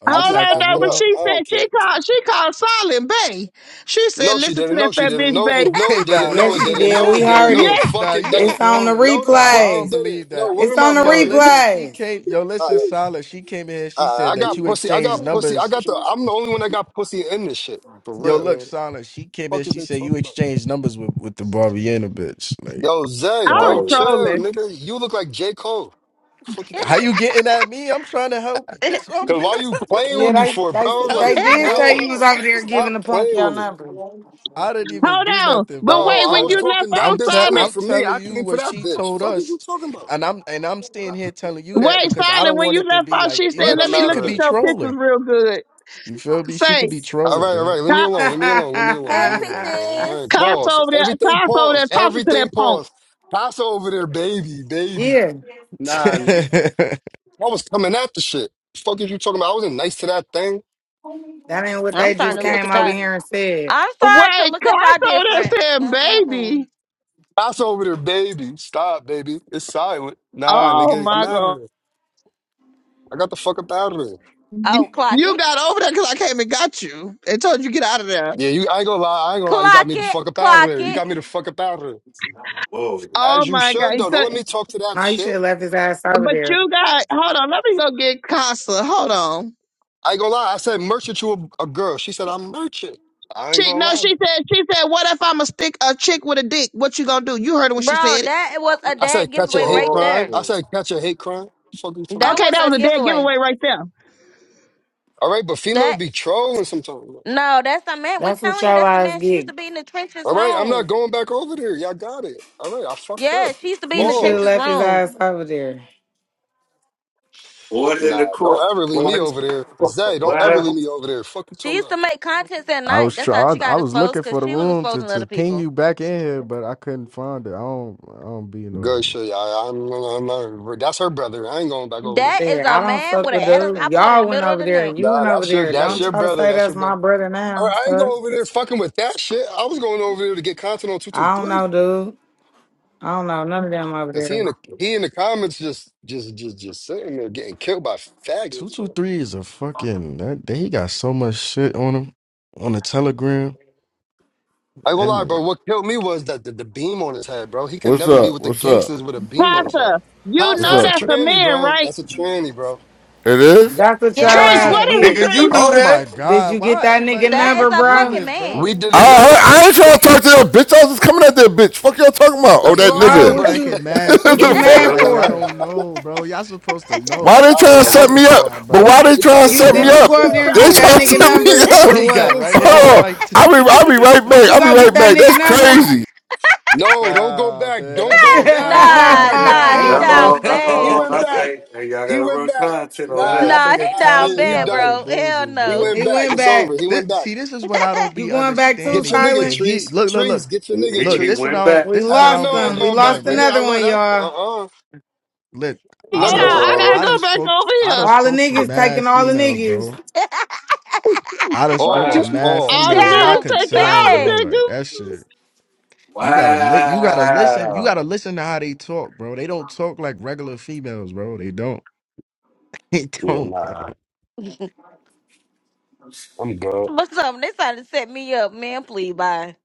[SPEAKER 12] Are
[SPEAKER 5] I
[SPEAKER 12] you
[SPEAKER 1] Hold
[SPEAKER 5] just
[SPEAKER 12] packed
[SPEAKER 1] on
[SPEAKER 12] the
[SPEAKER 5] packed
[SPEAKER 1] though,
[SPEAKER 5] it
[SPEAKER 12] room
[SPEAKER 1] but
[SPEAKER 5] up.
[SPEAKER 12] up?
[SPEAKER 1] she
[SPEAKER 5] I don't
[SPEAKER 1] said she
[SPEAKER 5] care.
[SPEAKER 1] called she called Silent Bay. She said,
[SPEAKER 5] No, she
[SPEAKER 1] listen to
[SPEAKER 5] didn't. No,
[SPEAKER 1] that
[SPEAKER 5] she
[SPEAKER 1] fat
[SPEAKER 5] didn't.
[SPEAKER 1] bitch
[SPEAKER 5] No,
[SPEAKER 1] Bay.
[SPEAKER 5] it, no, it
[SPEAKER 12] Hey, nah,
[SPEAKER 5] didn't.
[SPEAKER 12] why
[SPEAKER 5] No,
[SPEAKER 11] Yes,
[SPEAKER 5] it
[SPEAKER 12] you?
[SPEAKER 11] she
[SPEAKER 5] didn't.
[SPEAKER 11] did.
[SPEAKER 5] No,
[SPEAKER 11] We
[SPEAKER 5] it didn't.
[SPEAKER 11] heard
[SPEAKER 5] No, the
[SPEAKER 11] it.
[SPEAKER 1] Yes,
[SPEAKER 5] fuck
[SPEAKER 12] nah,
[SPEAKER 5] it
[SPEAKER 12] you
[SPEAKER 5] didn't.
[SPEAKER 11] It's on the
[SPEAKER 12] trolling.
[SPEAKER 5] No, the
[SPEAKER 12] Nah,
[SPEAKER 5] fuck
[SPEAKER 12] I
[SPEAKER 5] it
[SPEAKER 12] don't
[SPEAKER 11] replays.
[SPEAKER 5] didn't.
[SPEAKER 12] believe
[SPEAKER 5] No,
[SPEAKER 12] that.
[SPEAKER 5] what
[SPEAKER 11] It's
[SPEAKER 5] am I
[SPEAKER 11] on the
[SPEAKER 12] Yo,
[SPEAKER 5] mothered?
[SPEAKER 12] listen, she
[SPEAKER 11] replays.
[SPEAKER 12] came. Yo,
[SPEAKER 5] All
[SPEAKER 12] listen,
[SPEAKER 5] right,
[SPEAKER 12] Solid. She came in. here. She
[SPEAKER 5] all right,
[SPEAKER 12] said
[SPEAKER 5] I
[SPEAKER 12] that
[SPEAKER 5] got
[SPEAKER 12] you
[SPEAKER 5] pussy. I
[SPEAKER 12] exchanged
[SPEAKER 5] got pussy. I
[SPEAKER 12] numbers.
[SPEAKER 5] got the. I'm the only one that got pussy in this shit for
[SPEAKER 12] Yo,
[SPEAKER 5] real.
[SPEAKER 12] look,
[SPEAKER 11] Shit.
[SPEAKER 12] Solid. She came in.
[SPEAKER 5] fuck is
[SPEAKER 12] She
[SPEAKER 5] they
[SPEAKER 12] said you
[SPEAKER 5] talking about?
[SPEAKER 12] exchanged numbers with with the Barbiana bitch. Like,
[SPEAKER 5] Yo,
[SPEAKER 1] I
[SPEAKER 5] Zay,
[SPEAKER 1] was
[SPEAKER 5] bro, chill,
[SPEAKER 1] trolling.
[SPEAKER 5] nigga. You look like J. Cole. fuck you talking
[SPEAKER 12] how
[SPEAKER 5] about?
[SPEAKER 12] you getting at me? I'm trying to help you. That's what
[SPEAKER 5] Cause why you
[SPEAKER 12] I'm.
[SPEAKER 5] playing with me
[SPEAKER 11] Yeah,
[SPEAKER 5] for,
[SPEAKER 11] they
[SPEAKER 5] bro?
[SPEAKER 11] they
[SPEAKER 12] how
[SPEAKER 11] they
[SPEAKER 5] Like,
[SPEAKER 12] is
[SPEAKER 5] come
[SPEAKER 12] it
[SPEAKER 11] did
[SPEAKER 12] my
[SPEAKER 11] say
[SPEAKER 5] on.
[SPEAKER 11] you
[SPEAKER 12] fault?
[SPEAKER 11] was over there giving
[SPEAKER 5] Stop
[SPEAKER 11] the punk
[SPEAKER 5] playing
[SPEAKER 11] your
[SPEAKER 5] with me.
[SPEAKER 11] number.
[SPEAKER 12] I didn't even
[SPEAKER 1] Hold
[SPEAKER 12] do
[SPEAKER 1] on.
[SPEAKER 12] nothing,
[SPEAKER 5] No,
[SPEAKER 1] But
[SPEAKER 12] bro. I'm
[SPEAKER 1] wait,
[SPEAKER 5] I
[SPEAKER 1] when
[SPEAKER 12] trying
[SPEAKER 5] was
[SPEAKER 1] you
[SPEAKER 12] to.
[SPEAKER 1] left
[SPEAKER 5] talking that
[SPEAKER 12] I'm
[SPEAKER 1] out
[SPEAKER 5] bitch
[SPEAKER 12] te-
[SPEAKER 5] come
[SPEAKER 1] Silent,
[SPEAKER 5] at
[SPEAKER 12] I'm
[SPEAKER 5] for me.
[SPEAKER 12] telling
[SPEAKER 5] I
[SPEAKER 12] you
[SPEAKER 5] came for
[SPEAKER 12] what
[SPEAKER 5] that
[SPEAKER 12] she
[SPEAKER 5] bitch.
[SPEAKER 12] told
[SPEAKER 5] Fuck is
[SPEAKER 12] us,
[SPEAKER 5] you talking about?
[SPEAKER 12] and I'm and I'm staying here telling you that
[SPEAKER 1] wait,
[SPEAKER 12] because I
[SPEAKER 1] Silent,
[SPEAKER 12] don't
[SPEAKER 1] when
[SPEAKER 12] want
[SPEAKER 1] you
[SPEAKER 12] it to
[SPEAKER 1] left
[SPEAKER 12] be
[SPEAKER 1] out,
[SPEAKER 12] like
[SPEAKER 1] she
[SPEAKER 5] All
[SPEAKER 1] said,
[SPEAKER 5] right,
[SPEAKER 12] you.
[SPEAKER 1] let
[SPEAKER 5] I'm
[SPEAKER 1] me
[SPEAKER 12] She
[SPEAKER 5] out
[SPEAKER 1] look
[SPEAKER 5] of
[SPEAKER 12] could
[SPEAKER 1] at
[SPEAKER 12] be
[SPEAKER 5] here.
[SPEAKER 1] your pictures
[SPEAKER 12] trolling.
[SPEAKER 1] real good.
[SPEAKER 12] You feel me? She could
[SPEAKER 1] Say,
[SPEAKER 12] be
[SPEAKER 5] All
[SPEAKER 12] trolling,
[SPEAKER 5] right, all
[SPEAKER 12] man.
[SPEAKER 5] right. Leave
[SPEAKER 1] huh?
[SPEAKER 5] me alone. Leave me
[SPEAKER 11] yeah,
[SPEAKER 5] alone. Leave me alone.
[SPEAKER 2] hey,
[SPEAKER 5] Leave me alone,
[SPEAKER 11] that
[SPEAKER 5] bro. All
[SPEAKER 2] peaches.
[SPEAKER 5] right,
[SPEAKER 1] Cops
[SPEAKER 5] pause.
[SPEAKER 1] over there,
[SPEAKER 5] Everything
[SPEAKER 1] Cops over there
[SPEAKER 5] pause.
[SPEAKER 1] talking to that
[SPEAKER 5] Everything
[SPEAKER 1] punk.
[SPEAKER 5] pause. Pass over there, baby, baby.
[SPEAKER 11] ain't
[SPEAKER 5] Nah, nigga. I was coming at the shit. Fuck is you talking about? I wasn't nice to that thing.
[SPEAKER 11] what
[SPEAKER 2] I'm
[SPEAKER 11] they just
[SPEAKER 2] starting
[SPEAKER 5] Fuck
[SPEAKER 2] to
[SPEAKER 5] y'all
[SPEAKER 2] look
[SPEAKER 11] came
[SPEAKER 2] at
[SPEAKER 11] over
[SPEAKER 5] talking
[SPEAKER 2] y'all.
[SPEAKER 5] about?
[SPEAKER 11] here and said.
[SPEAKER 2] I'm starting to
[SPEAKER 1] Wait,
[SPEAKER 2] look at y'all
[SPEAKER 1] Cops over
[SPEAKER 2] different.
[SPEAKER 1] there saying,
[SPEAKER 2] Mm-mm-mm.
[SPEAKER 1] baby.
[SPEAKER 5] Pass over there, baby. Stop, baby. It's silent. Nah,
[SPEAKER 1] Oh
[SPEAKER 5] nigga, I'm
[SPEAKER 1] my
[SPEAKER 5] out of
[SPEAKER 1] God.
[SPEAKER 5] here. I got the fuck up out of there.
[SPEAKER 1] You,
[SPEAKER 2] Oh, clock
[SPEAKER 1] you
[SPEAKER 2] it.
[SPEAKER 1] got over there because I came and got you and told you get out of there.
[SPEAKER 5] Yeah, you. I ain't gonna lie. I ain't gonna lie. You got
[SPEAKER 2] Clock
[SPEAKER 5] me the
[SPEAKER 2] it,
[SPEAKER 5] fuck up out of
[SPEAKER 2] clock
[SPEAKER 5] there. You
[SPEAKER 2] it.
[SPEAKER 5] got me the fuck up out of there.
[SPEAKER 10] whoa,
[SPEAKER 1] Oh
[SPEAKER 5] As you
[SPEAKER 1] my God.
[SPEAKER 5] should though. Don't let
[SPEAKER 1] So-
[SPEAKER 5] me talk to that
[SPEAKER 11] No, you should
[SPEAKER 5] shit.
[SPEAKER 11] have left his ass over
[SPEAKER 1] but
[SPEAKER 11] there.
[SPEAKER 1] you got, hold on, let me go get Casa. Hold on.
[SPEAKER 5] I ain't gonna lie. I said merchant to a, a girl. She said I'm merchant. I ain't
[SPEAKER 1] She,
[SPEAKER 5] gonna
[SPEAKER 1] no,
[SPEAKER 5] lie.
[SPEAKER 1] she
[SPEAKER 5] bro.
[SPEAKER 1] said, she said, what if I'm a stick, a chick with a dick? What you gonna do? You heard her when she
[SPEAKER 2] Bro,
[SPEAKER 1] said it.
[SPEAKER 2] that was a
[SPEAKER 5] I said
[SPEAKER 2] dad
[SPEAKER 5] catch a
[SPEAKER 2] giveaway
[SPEAKER 5] hate
[SPEAKER 2] right
[SPEAKER 5] crime.
[SPEAKER 2] there.
[SPEAKER 5] I
[SPEAKER 10] whoa,
[SPEAKER 5] said catch a hate crime. Fuck you talking
[SPEAKER 2] That
[SPEAKER 5] about?
[SPEAKER 1] Okay,
[SPEAKER 2] was
[SPEAKER 1] that
[SPEAKER 2] a
[SPEAKER 1] was a dead
[SPEAKER 2] giveaway.
[SPEAKER 1] giveaway right there.
[SPEAKER 5] All right, but females
[SPEAKER 2] That
[SPEAKER 5] be trolling sometimes. bro.
[SPEAKER 2] no, that's the man. we
[SPEAKER 11] That's what
[SPEAKER 2] telling you
[SPEAKER 11] your
[SPEAKER 2] that's the
[SPEAKER 11] ass
[SPEAKER 2] man. She used
[SPEAKER 11] get.
[SPEAKER 2] to be in the trenches
[SPEAKER 5] All right, I'm not
[SPEAKER 2] room.
[SPEAKER 5] going back over there. Y'all got it. All right, I fucked
[SPEAKER 2] Yeah,
[SPEAKER 5] up.
[SPEAKER 2] she used to be in
[SPEAKER 11] You
[SPEAKER 2] the
[SPEAKER 11] should have
[SPEAKER 2] trenches
[SPEAKER 5] Pause.
[SPEAKER 11] left his
[SPEAKER 2] room.
[SPEAKER 11] ass over there.
[SPEAKER 10] order in
[SPEAKER 5] Nah,
[SPEAKER 10] the
[SPEAKER 5] don't
[SPEAKER 10] court,
[SPEAKER 5] ever leave me over there. Zay, don't ever leave me over there. Fuck you
[SPEAKER 2] She
[SPEAKER 5] talking
[SPEAKER 2] used to
[SPEAKER 5] about.
[SPEAKER 2] make contents at
[SPEAKER 12] I
[SPEAKER 2] night.
[SPEAKER 12] was
[SPEAKER 2] That's how
[SPEAKER 12] try-
[SPEAKER 2] she
[SPEAKER 12] I, I
[SPEAKER 2] got
[SPEAKER 12] was
[SPEAKER 2] exposed
[SPEAKER 12] looking
[SPEAKER 2] because
[SPEAKER 12] for the
[SPEAKER 2] she was
[SPEAKER 12] room to,
[SPEAKER 2] exposing other
[SPEAKER 12] to ping
[SPEAKER 2] people.
[SPEAKER 12] you back in here, but I couldn't find it. I don't I don't be in the
[SPEAKER 5] Good
[SPEAKER 12] um,
[SPEAKER 5] shit. I, I'm, I'm, I'm- that's her brother. I ain't going back over there.
[SPEAKER 2] That is
[SPEAKER 11] Yeah,
[SPEAKER 2] a
[SPEAKER 11] I don't
[SPEAKER 2] man
[SPEAKER 11] fuck
[SPEAKER 2] with an
[SPEAKER 11] with
[SPEAKER 2] Adam's
[SPEAKER 11] dude.
[SPEAKER 2] apple in the
[SPEAKER 11] Y'all went
[SPEAKER 2] middle of
[SPEAKER 11] over
[SPEAKER 2] the
[SPEAKER 11] there.
[SPEAKER 2] neck.
[SPEAKER 11] You
[SPEAKER 5] Nah,
[SPEAKER 11] went over
[SPEAKER 5] that's your,
[SPEAKER 11] there.
[SPEAKER 5] that's
[SPEAKER 11] Don't
[SPEAKER 5] your
[SPEAKER 11] try to
[SPEAKER 5] brother.
[SPEAKER 11] say
[SPEAKER 5] That's your
[SPEAKER 11] that's my
[SPEAKER 5] brother.
[SPEAKER 11] brother
[SPEAKER 5] All
[SPEAKER 11] now.
[SPEAKER 5] right, I ain't
[SPEAKER 11] Fuck.
[SPEAKER 5] going over there fucking with that shit. I was going over there to get content on two two
[SPEAKER 11] I don't know,
[SPEAKER 5] three
[SPEAKER 11] dude. I don't know none of them over
[SPEAKER 5] because he
[SPEAKER 11] there.
[SPEAKER 5] in the he in the comments just just just just sitting there getting killed by
[SPEAKER 12] two
[SPEAKER 5] faggots. I
[SPEAKER 12] two three is a fucking that, that he got so much shit on him on the telegram.
[SPEAKER 5] ain't gonna lie,
[SPEAKER 12] And.
[SPEAKER 5] bro. What killed me was that the, the beam on his head, bro. He could
[SPEAKER 6] What's
[SPEAKER 5] never be
[SPEAKER 6] up?
[SPEAKER 5] with the
[SPEAKER 6] What's up?
[SPEAKER 5] gangsters with a beam on his head.
[SPEAKER 1] Casa, you
[SPEAKER 5] Casa,
[SPEAKER 6] What's
[SPEAKER 1] know
[SPEAKER 5] that's a
[SPEAKER 6] up?
[SPEAKER 1] that's a
[SPEAKER 5] tranny,
[SPEAKER 1] man,
[SPEAKER 5] bro.
[SPEAKER 1] right?
[SPEAKER 5] That's a tranny, bro.
[SPEAKER 6] It
[SPEAKER 5] We
[SPEAKER 6] is?
[SPEAKER 5] got it.
[SPEAKER 11] That's what your
[SPEAKER 1] Trace,
[SPEAKER 5] Yes,
[SPEAKER 11] ass
[SPEAKER 1] what
[SPEAKER 2] Yes.
[SPEAKER 1] is it,
[SPEAKER 10] nigga.
[SPEAKER 11] get.
[SPEAKER 10] You
[SPEAKER 1] Trace?
[SPEAKER 12] Oh
[SPEAKER 10] knew
[SPEAKER 12] my
[SPEAKER 11] Did
[SPEAKER 12] god,
[SPEAKER 11] you get
[SPEAKER 12] why
[SPEAKER 11] that
[SPEAKER 12] everybody
[SPEAKER 11] nigga
[SPEAKER 2] That is
[SPEAKER 12] acting
[SPEAKER 11] number,
[SPEAKER 2] a
[SPEAKER 11] bro?
[SPEAKER 2] fucking
[SPEAKER 12] clueless,
[SPEAKER 5] we
[SPEAKER 2] man.
[SPEAKER 12] bro?
[SPEAKER 6] I,
[SPEAKER 5] didn't know
[SPEAKER 6] I, I ain't
[SPEAKER 5] that.
[SPEAKER 6] trying to talk to that bitch. I was just coming at that bitch. Fuck y'all talking about? Oh,
[SPEAKER 5] That's
[SPEAKER 6] that
[SPEAKER 5] what
[SPEAKER 12] Yo,
[SPEAKER 5] I
[SPEAKER 12] y'all
[SPEAKER 11] Oh,
[SPEAKER 5] said,
[SPEAKER 6] nigga.
[SPEAKER 12] be
[SPEAKER 11] what
[SPEAKER 5] but
[SPEAKER 12] acting
[SPEAKER 11] you
[SPEAKER 12] mad
[SPEAKER 6] What
[SPEAKER 11] what
[SPEAKER 10] that.
[SPEAKER 6] the
[SPEAKER 11] you
[SPEAKER 12] clueless
[SPEAKER 11] mad
[SPEAKER 12] like
[SPEAKER 6] fuck?
[SPEAKER 12] y'all
[SPEAKER 11] for?
[SPEAKER 12] don't know, bro. Y'all supposed to know.
[SPEAKER 6] Why they
[SPEAKER 5] I don't
[SPEAKER 6] trying to
[SPEAKER 5] know
[SPEAKER 12] Y'all
[SPEAKER 6] set
[SPEAKER 5] what the
[SPEAKER 6] me up?
[SPEAKER 5] fuck.
[SPEAKER 12] nah,
[SPEAKER 6] But
[SPEAKER 12] bro. I
[SPEAKER 6] why they
[SPEAKER 5] They
[SPEAKER 6] trying
[SPEAKER 5] trying
[SPEAKER 6] to
[SPEAKER 12] ain't
[SPEAKER 5] to
[SPEAKER 12] gonna
[SPEAKER 11] You
[SPEAKER 6] set
[SPEAKER 5] set
[SPEAKER 6] me
[SPEAKER 11] did you
[SPEAKER 12] lie.
[SPEAKER 5] us
[SPEAKER 11] go
[SPEAKER 6] up?
[SPEAKER 11] over
[SPEAKER 5] up.
[SPEAKER 11] there and
[SPEAKER 6] They
[SPEAKER 11] get
[SPEAKER 12] I'm
[SPEAKER 1] Oh,
[SPEAKER 11] that
[SPEAKER 6] trying to
[SPEAKER 12] not
[SPEAKER 11] nigga
[SPEAKER 6] set me
[SPEAKER 5] Ooh,
[SPEAKER 11] number
[SPEAKER 5] They trying
[SPEAKER 6] up.
[SPEAKER 11] or
[SPEAKER 5] to
[SPEAKER 12] he
[SPEAKER 5] set
[SPEAKER 12] got
[SPEAKER 11] what?
[SPEAKER 12] right
[SPEAKER 5] us
[SPEAKER 12] at his
[SPEAKER 5] up.
[SPEAKER 12] mic
[SPEAKER 6] Oh, I'll
[SPEAKER 12] too.
[SPEAKER 6] be, I'll be right
[SPEAKER 11] Did
[SPEAKER 6] back.
[SPEAKER 11] you
[SPEAKER 6] I'll be
[SPEAKER 11] go get
[SPEAKER 6] right
[SPEAKER 11] that
[SPEAKER 6] back.
[SPEAKER 11] nigga
[SPEAKER 6] That's
[SPEAKER 11] number?
[SPEAKER 6] crazy.
[SPEAKER 5] No, don't go
[SPEAKER 12] nah,
[SPEAKER 5] back.
[SPEAKER 12] man,
[SPEAKER 5] Don't
[SPEAKER 12] that
[SPEAKER 5] go
[SPEAKER 12] nigga
[SPEAKER 5] back.
[SPEAKER 12] Casa
[SPEAKER 5] Oh
[SPEAKER 12] got
[SPEAKER 2] Nah,
[SPEAKER 5] my God,
[SPEAKER 2] nah,
[SPEAKER 5] he
[SPEAKER 2] he
[SPEAKER 10] Uh
[SPEAKER 5] went back.
[SPEAKER 12] bamboozled.
[SPEAKER 10] oh,
[SPEAKER 2] down
[SPEAKER 10] uh
[SPEAKER 5] He
[SPEAKER 2] bad.
[SPEAKER 10] oh,
[SPEAKER 5] went
[SPEAKER 10] uh
[SPEAKER 5] back.
[SPEAKER 10] hey,
[SPEAKER 12] nah,
[SPEAKER 10] hey, y'all
[SPEAKER 5] He
[SPEAKER 10] gotta
[SPEAKER 5] went
[SPEAKER 10] run
[SPEAKER 5] back.
[SPEAKER 10] content on
[SPEAKER 5] Nah,
[SPEAKER 12] that
[SPEAKER 10] that.
[SPEAKER 2] Nah, he
[SPEAKER 12] nigga
[SPEAKER 5] nah,
[SPEAKER 2] down
[SPEAKER 12] Casa
[SPEAKER 5] they- he
[SPEAKER 2] bad,
[SPEAKER 12] got
[SPEAKER 5] done.
[SPEAKER 2] bro. Hell
[SPEAKER 12] bamboozled,
[SPEAKER 5] He
[SPEAKER 2] no.
[SPEAKER 12] bro.
[SPEAKER 5] went
[SPEAKER 11] he
[SPEAKER 5] back.
[SPEAKER 11] went
[SPEAKER 5] It's
[SPEAKER 11] back.
[SPEAKER 5] over. He
[SPEAKER 12] This,
[SPEAKER 5] went back.
[SPEAKER 12] see, this is what I don't
[SPEAKER 11] You
[SPEAKER 12] be
[SPEAKER 11] going back too,
[SPEAKER 5] Get
[SPEAKER 12] understanding.
[SPEAKER 5] your
[SPEAKER 12] You
[SPEAKER 5] nigga,
[SPEAKER 12] could
[SPEAKER 11] silent?
[SPEAKER 12] hit.
[SPEAKER 5] Trees.
[SPEAKER 12] Look, look,
[SPEAKER 5] Trees,
[SPEAKER 12] look,
[SPEAKER 5] get your
[SPEAKER 10] He
[SPEAKER 5] nigga,
[SPEAKER 10] he,
[SPEAKER 12] look.
[SPEAKER 10] he
[SPEAKER 12] This
[SPEAKER 5] Trees.
[SPEAKER 12] what
[SPEAKER 10] went
[SPEAKER 12] I don't.
[SPEAKER 10] back.
[SPEAKER 11] We
[SPEAKER 12] This is what
[SPEAKER 5] Hell
[SPEAKER 12] I don't
[SPEAKER 11] lost
[SPEAKER 5] no,
[SPEAKER 12] be
[SPEAKER 5] I
[SPEAKER 11] him.
[SPEAKER 5] ain't
[SPEAKER 11] We
[SPEAKER 5] going back,
[SPEAKER 12] understanding,
[SPEAKER 11] lost
[SPEAKER 5] nigga.
[SPEAKER 12] right?
[SPEAKER 5] I
[SPEAKER 11] another
[SPEAKER 5] love
[SPEAKER 11] one,
[SPEAKER 5] that.
[SPEAKER 11] y'all.
[SPEAKER 5] Uh-uh.
[SPEAKER 12] Look,
[SPEAKER 5] ain't
[SPEAKER 12] I
[SPEAKER 10] Uh
[SPEAKER 5] never
[SPEAKER 1] Hold
[SPEAKER 12] done,
[SPEAKER 5] going
[SPEAKER 1] I
[SPEAKER 5] back
[SPEAKER 12] sp-
[SPEAKER 1] gotta
[SPEAKER 10] oh,
[SPEAKER 12] I
[SPEAKER 5] over
[SPEAKER 12] done
[SPEAKER 1] go
[SPEAKER 5] there.
[SPEAKER 1] back
[SPEAKER 12] spoke, t-
[SPEAKER 1] over
[SPEAKER 12] I
[SPEAKER 1] here.
[SPEAKER 12] done
[SPEAKER 11] All the
[SPEAKER 12] spoke to
[SPEAKER 11] niggas
[SPEAKER 12] mad
[SPEAKER 11] taking all the
[SPEAKER 12] females,
[SPEAKER 11] niggas.
[SPEAKER 12] bro. I done spoke to
[SPEAKER 5] Pause,
[SPEAKER 12] mad
[SPEAKER 5] pause,
[SPEAKER 1] All the
[SPEAKER 12] females. Y'all
[SPEAKER 5] pause.
[SPEAKER 10] wow.
[SPEAKER 1] niggas
[SPEAKER 12] could
[SPEAKER 2] down
[SPEAKER 1] taking
[SPEAKER 12] tell,
[SPEAKER 1] all the
[SPEAKER 2] bad
[SPEAKER 12] bro. Like
[SPEAKER 1] niggas.
[SPEAKER 12] that shit. You gotta li- You gotta listen. You
[SPEAKER 10] Wow.
[SPEAKER 12] gotta listen to how they talk, bro. They don't talk like regular females, bro. They don't. They
[SPEAKER 5] Yeah,
[SPEAKER 12] don't, bro.
[SPEAKER 5] nah. I'm good.
[SPEAKER 2] for something. They trying to set me up, man. Please, bye.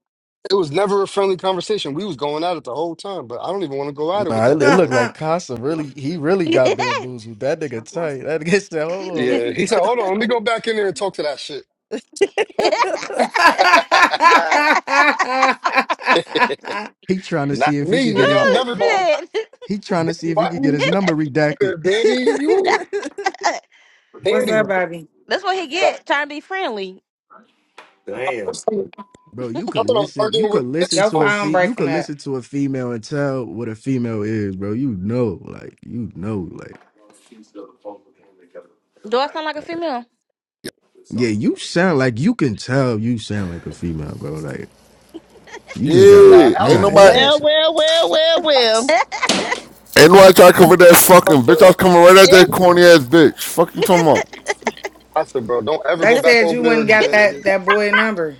[SPEAKER 5] It was never a friendly conversation. We was going at it the whole time, but I don't even want to go at it with
[SPEAKER 12] Nah, it,
[SPEAKER 5] that
[SPEAKER 12] it looked
[SPEAKER 5] thing.
[SPEAKER 12] like Casa really, he really got bamboozled. That nigga tight. That nigga said, hold on, let
[SPEAKER 5] Yeah,
[SPEAKER 12] me.
[SPEAKER 5] he said, "Hold on, let me go back in there and talk to that shit."
[SPEAKER 12] He trying to
[SPEAKER 5] Not
[SPEAKER 12] see if he
[SPEAKER 5] me,
[SPEAKER 12] could get
[SPEAKER 5] nigga.
[SPEAKER 12] his
[SPEAKER 5] I'm
[SPEAKER 2] oh
[SPEAKER 5] never going. back.
[SPEAKER 2] shit!
[SPEAKER 12] he trying to see if he
[SPEAKER 5] Why
[SPEAKER 12] could get
[SPEAKER 5] you
[SPEAKER 12] his
[SPEAKER 5] look
[SPEAKER 12] number redacted.
[SPEAKER 5] good, baby? You
[SPEAKER 11] What's
[SPEAKER 5] baby. Nah,
[SPEAKER 11] up, baby?
[SPEAKER 2] That's what he
[SPEAKER 5] I
[SPEAKER 2] get trying to be friendly.
[SPEAKER 10] Damn.
[SPEAKER 5] was- like,
[SPEAKER 12] Bro, you
[SPEAKER 5] I
[SPEAKER 12] could
[SPEAKER 5] thought I was
[SPEAKER 12] listen. You
[SPEAKER 5] arguing with
[SPEAKER 12] could
[SPEAKER 5] a
[SPEAKER 12] listen
[SPEAKER 11] Your
[SPEAKER 12] to
[SPEAKER 5] pistol.
[SPEAKER 12] a
[SPEAKER 11] phone
[SPEAKER 12] fe- you
[SPEAKER 11] breaking
[SPEAKER 12] could
[SPEAKER 11] up.
[SPEAKER 12] listen to a female and tell what a female is, bro. You know, like you know, like
[SPEAKER 2] Do I sound like a female?
[SPEAKER 12] yeah, you sound like you can tell you sound like a female, bro. Like you just gotta
[SPEAKER 5] Nah,
[SPEAKER 6] Yeah,
[SPEAKER 12] you
[SPEAKER 6] ain't
[SPEAKER 5] hell.
[SPEAKER 12] gotta
[SPEAKER 6] nobody,
[SPEAKER 1] Well,
[SPEAKER 12] answer.
[SPEAKER 1] well, well, well, well.
[SPEAKER 6] ain't nobody trying to cover that fucking bitch. I was coming right at
[SPEAKER 1] If
[SPEAKER 6] that corny ass bitch. Fuck you talking about?
[SPEAKER 5] I said, bro, don't ever
[SPEAKER 11] They
[SPEAKER 5] go back
[SPEAKER 11] said you
[SPEAKER 5] over
[SPEAKER 11] went
[SPEAKER 5] there
[SPEAKER 11] and got
[SPEAKER 5] again,
[SPEAKER 11] that
[SPEAKER 5] nigga.
[SPEAKER 11] that boy number.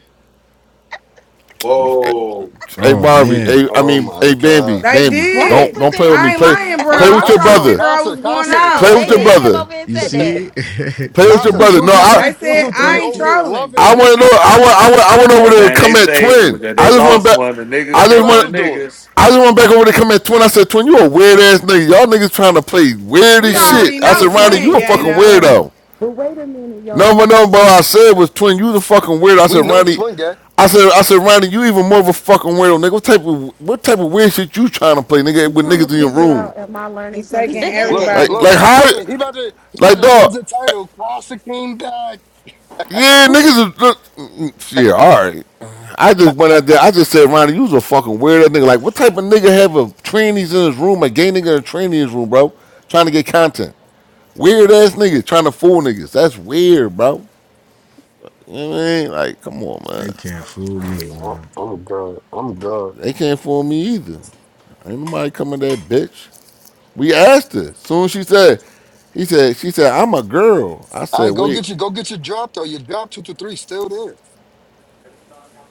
[SPEAKER 10] Whoa.
[SPEAKER 6] Hey
[SPEAKER 12] Oh
[SPEAKER 6] Barbie,
[SPEAKER 12] man,
[SPEAKER 6] hey, I
[SPEAKER 5] Oh
[SPEAKER 6] mean,
[SPEAKER 5] my
[SPEAKER 6] hey Bambi,
[SPEAKER 5] god.
[SPEAKER 11] They
[SPEAKER 6] Bambi,
[SPEAKER 16] Why you
[SPEAKER 6] don't
[SPEAKER 11] did.
[SPEAKER 16] put
[SPEAKER 6] don't
[SPEAKER 16] that
[SPEAKER 6] play with
[SPEAKER 16] on
[SPEAKER 6] me.
[SPEAKER 11] I ain't
[SPEAKER 6] Play,
[SPEAKER 16] me?
[SPEAKER 11] lying, bro.
[SPEAKER 6] play
[SPEAKER 5] Wait,
[SPEAKER 6] with
[SPEAKER 11] I'm
[SPEAKER 6] your
[SPEAKER 5] Casa
[SPEAKER 11] trying to
[SPEAKER 5] though,
[SPEAKER 11] figure
[SPEAKER 6] brother.
[SPEAKER 11] out
[SPEAKER 5] Casa,
[SPEAKER 11] what's going
[SPEAKER 5] Casa,
[SPEAKER 2] no,
[SPEAKER 11] on.
[SPEAKER 6] Play
[SPEAKER 2] they
[SPEAKER 6] with your
[SPEAKER 5] Casa,
[SPEAKER 2] did
[SPEAKER 11] Shit.
[SPEAKER 2] came
[SPEAKER 6] brother.
[SPEAKER 2] over and
[SPEAKER 12] you
[SPEAKER 2] said that.
[SPEAKER 12] see
[SPEAKER 6] Play
[SPEAKER 12] this
[SPEAKER 6] with your
[SPEAKER 5] Casa,
[SPEAKER 12] one
[SPEAKER 6] brother.
[SPEAKER 5] two
[SPEAKER 6] No,
[SPEAKER 5] two
[SPEAKER 6] I.
[SPEAKER 5] three,
[SPEAKER 11] They
[SPEAKER 5] two
[SPEAKER 11] said
[SPEAKER 5] two
[SPEAKER 17] at
[SPEAKER 5] three
[SPEAKER 11] I ain't
[SPEAKER 5] over
[SPEAKER 17] Messy.
[SPEAKER 5] there,
[SPEAKER 11] trolling.
[SPEAKER 5] loving
[SPEAKER 6] I
[SPEAKER 5] it.
[SPEAKER 6] want to know. I want. I want. I want over
[SPEAKER 10] Hey
[SPEAKER 6] there to
[SPEAKER 10] man, they
[SPEAKER 6] come at
[SPEAKER 10] say
[SPEAKER 6] twin.
[SPEAKER 10] that they
[SPEAKER 6] I just went
[SPEAKER 10] lost
[SPEAKER 6] back.
[SPEAKER 10] one. The niggas
[SPEAKER 6] I
[SPEAKER 5] That's what
[SPEAKER 6] just
[SPEAKER 10] taking
[SPEAKER 5] I
[SPEAKER 10] the
[SPEAKER 6] went.
[SPEAKER 5] was doing.
[SPEAKER 10] niggas.
[SPEAKER 6] I just went back over to come at twin. I said, twin, you a weird ass nigga. Y'all niggas trying to play weird
[SPEAKER 11] We
[SPEAKER 6] as
[SPEAKER 17] Hey,
[SPEAKER 6] shit.
[SPEAKER 11] already
[SPEAKER 6] I
[SPEAKER 11] know
[SPEAKER 6] said,
[SPEAKER 17] hey,
[SPEAKER 6] Ronnie,
[SPEAKER 11] twin
[SPEAKER 6] you a
[SPEAKER 17] Costa,
[SPEAKER 11] gay
[SPEAKER 17] you
[SPEAKER 6] fucking
[SPEAKER 11] though.
[SPEAKER 17] funny.
[SPEAKER 6] weirdo.
[SPEAKER 17] But wait a minute, y'all.
[SPEAKER 6] Number number what I said was twin, you the fucking weirdo. I
[SPEAKER 5] We
[SPEAKER 6] said,
[SPEAKER 5] know
[SPEAKER 6] Ronnie,
[SPEAKER 5] Twin Gang.
[SPEAKER 6] I said, I said, Ronnie, you even more of a fucking weirdo, nigga. What type of what type of weird shit you trying to play, nigga,
[SPEAKER 17] I'm
[SPEAKER 6] with
[SPEAKER 17] trying to
[SPEAKER 6] niggas in your
[SPEAKER 17] figure
[SPEAKER 6] room?
[SPEAKER 17] out, am I learning
[SPEAKER 11] He
[SPEAKER 17] something
[SPEAKER 11] taking
[SPEAKER 17] new
[SPEAKER 5] Look,
[SPEAKER 17] today?
[SPEAKER 6] Like,
[SPEAKER 11] everybody.
[SPEAKER 5] look,
[SPEAKER 6] like
[SPEAKER 5] he
[SPEAKER 6] how?
[SPEAKER 5] about to, he about to, he
[SPEAKER 6] Like,
[SPEAKER 5] about to change
[SPEAKER 6] dog.
[SPEAKER 5] the title. Classic came back.
[SPEAKER 6] Yeah, niggas. yeah, all right. I just went out there. I just said, Ronnie, you was a fucking weirdo nigga. Like, what type of nigga have a trainees in his room, a gay nigga in a trainee in his room, bro? Trying to get content. Weird ass niggas trying to fool niggas. That's weird, bro. You know what I mean? Like, come on, man.
[SPEAKER 12] they can't fool me,
[SPEAKER 5] No,
[SPEAKER 12] man.
[SPEAKER 5] I'm good. I'm good.
[SPEAKER 6] They can't fool me either. Ain't nobody coming to that bitch. We asked her. Soon as she said, he said, she said, I'm a girl. I
[SPEAKER 5] All
[SPEAKER 6] said,
[SPEAKER 5] right, go
[SPEAKER 6] wait,
[SPEAKER 5] get your, go get your drop though. Your drop two to three still there.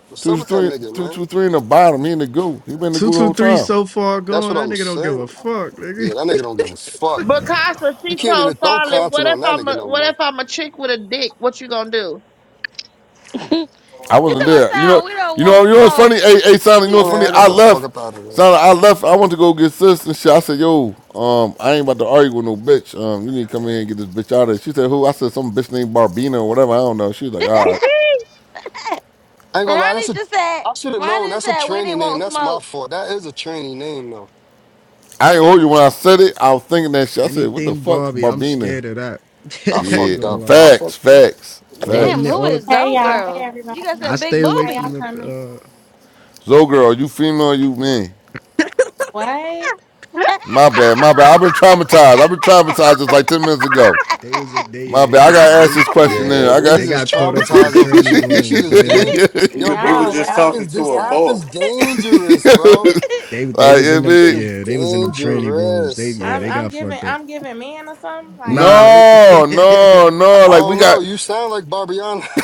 [SPEAKER 5] What's up
[SPEAKER 6] two,
[SPEAKER 5] with that
[SPEAKER 6] three,
[SPEAKER 5] nigga,
[SPEAKER 6] two,
[SPEAKER 5] man?
[SPEAKER 6] two, three in the bottom. He in the goo. He been in the
[SPEAKER 12] Two
[SPEAKER 6] goo the
[SPEAKER 12] two
[SPEAKER 6] whole
[SPEAKER 12] three
[SPEAKER 6] time.
[SPEAKER 12] so far
[SPEAKER 5] That's
[SPEAKER 12] gone.
[SPEAKER 5] what
[SPEAKER 12] That
[SPEAKER 5] I'm
[SPEAKER 12] nigga don't give a
[SPEAKER 5] saying.
[SPEAKER 12] fuck, nigga.
[SPEAKER 5] Yeah, that nigga don't give a fuck.
[SPEAKER 1] Bacasa,
[SPEAKER 5] You
[SPEAKER 1] she
[SPEAKER 5] can't even
[SPEAKER 1] told
[SPEAKER 5] throw
[SPEAKER 1] Charlotte,
[SPEAKER 5] content
[SPEAKER 1] what if
[SPEAKER 5] on that
[SPEAKER 1] I'm
[SPEAKER 5] nigga
[SPEAKER 1] a
[SPEAKER 5] no
[SPEAKER 1] what
[SPEAKER 5] more.
[SPEAKER 1] if I'm a chick with a dick? What you gonna do?
[SPEAKER 2] he
[SPEAKER 6] I wasn't
[SPEAKER 2] told us
[SPEAKER 10] Whoa.
[SPEAKER 6] there. You know,
[SPEAKER 2] We don't
[SPEAKER 6] you know,
[SPEAKER 2] want
[SPEAKER 6] you know what's
[SPEAKER 2] smoke.
[SPEAKER 6] funny? Hey, hey, Sonic, you know
[SPEAKER 5] I
[SPEAKER 6] what's
[SPEAKER 5] mean,
[SPEAKER 6] funny?
[SPEAKER 5] I got
[SPEAKER 6] I
[SPEAKER 5] the fuck
[SPEAKER 6] left.
[SPEAKER 5] up out of there.
[SPEAKER 6] Sonic, I left. I went to go get sis and shit. I said, yo, um, I ain't about to argue with no bitch. Um, you need to come in here and get this bitch out of here. She said, who? I said, some bitch named Barbina or whatever. I don't know. She was like, all right.
[SPEAKER 5] I ain't gonna lie. That's
[SPEAKER 2] Ronnie
[SPEAKER 5] a,
[SPEAKER 2] just said.
[SPEAKER 5] I should have
[SPEAKER 2] Ronnie
[SPEAKER 5] known.
[SPEAKER 2] just
[SPEAKER 5] That's a
[SPEAKER 2] said we
[SPEAKER 5] training
[SPEAKER 2] didn't
[SPEAKER 5] name.
[SPEAKER 2] want
[SPEAKER 5] That's my
[SPEAKER 2] smoke.
[SPEAKER 5] fault. That is a training name though.
[SPEAKER 6] I ain't hold you when I said it. I was thinking that shit. I said, what the
[SPEAKER 12] Anything
[SPEAKER 6] fuck,
[SPEAKER 12] Barbie, I'm
[SPEAKER 6] Barbina?
[SPEAKER 12] scared of that.
[SPEAKER 5] I
[SPEAKER 12] I ain't
[SPEAKER 6] Yeah,
[SPEAKER 5] fucked
[SPEAKER 12] gonna
[SPEAKER 5] up.
[SPEAKER 12] lie.
[SPEAKER 5] I
[SPEAKER 6] facts,
[SPEAKER 5] fucked up.
[SPEAKER 6] facts,
[SPEAKER 12] All the
[SPEAKER 2] Damn,
[SPEAKER 12] ni-
[SPEAKER 6] facts.
[SPEAKER 2] who
[SPEAKER 12] all the
[SPEAKER 2] is
[SPEAKER 18] Hey
[SPEAKER 2] Zoe
[SPEAKER 18] y'all, hey
[SPEAKER 2] girl? You got
[SPEAKER 18] everybody.
[SPEAKER 12] I
[SPEAKER 2] some big
[SPEAKER 12] stay away
[SPEAKER 18] How
[SPEAKER 12] from
[SPEAKER 2] boobies.
[SPEAKER 18] y'all coming?
[SPEAKER 12] the uh
[SPEAKER 6] So, girl, you female, or you man.
[SPEAKER 18] What?
[SPEAKER 6] My bad, my bad. I've been traumatized. I've been traumatized just like ten minutes ago.
[SPEAKER 12] they was a day
[SPEAKER 6] My
[SPEAKER 12] yeah, they
[SPEAKER 6] bad. I
[SPEAKER 12] was a
[SPEAKER 6] gotta ask this
[SPEAKER 12] date,
[SPEAKER 6] question.
[SPEAKER 12] yeah.
[SPEAKER 5] Yeah,
[SPEAKER 6] There, I got.
[SPEAKER 12] They
[SPEAKER 5] niggas is
[SPEAKER 12] got caught up in the
[SPEAKER 5] traumatized off this
[SPEAKER 12] tranny
[SPEAKER 5] shit. This shit
[SPEAKER 12] rooms,
[SPEAKER 5] is
[SPEAKER 12] man.
[SPEAKER 5] dangerous.
[SPEAKER 10] He
[SPEAKER 6] like
[SPEAKER 5] Yo,
[SPEAKER 10] was, he
[SPEAKER 5] bro,
[SPEAKER 10] was
[SPEAKER 18] Y'all
[SPEAKER 5] this
[SPEAKER 10] just
[SPEAKER 5] app
[SPEAKER 18] wild
[SPEAKER 10] talking
[SPEAKER 18] as
[SPEAKER 5] is this
[SPEAKER 10] to a
[SPEAKER 18] hell.
[SPEAKER 5] app
[SPEAKER 10] boy.
[SPEAKER 5] is dangerous, bro.
[SPEAKER 12] They they was in
[SPEAKER 6] it
[SPEAKER 5] This
[SPEAKER 12] them
[SPEAKER 5] shit
[SPEAKER 6] be
[SPEAKER 5] is
[SPEAKER 12] yeah, they was in them tranny rooms.
[SPEAKER 5] dangerous.
[SPEAKER 12] They yeah,
[SPEAKER 18] I'm
[SPEAKER 12] they
[SPEAKER 5] So
[SPEAKER 18] I'm
[SPEAKER 12] got
[SPEAKER 18] giving
[SPEAKER 12] fucked up.
[SPEAKER 18] I'm giving men or something. Like
[SPEAKER 12] Nah, they
[SPEAKER 6] no, no, no.
[SPEAKER 5] I
[SPEAKER 6] Like we
[SPEAKER 5] don't know.
[SPEAKER 6] got
[SPEAKER 5] You sound like Barbiana.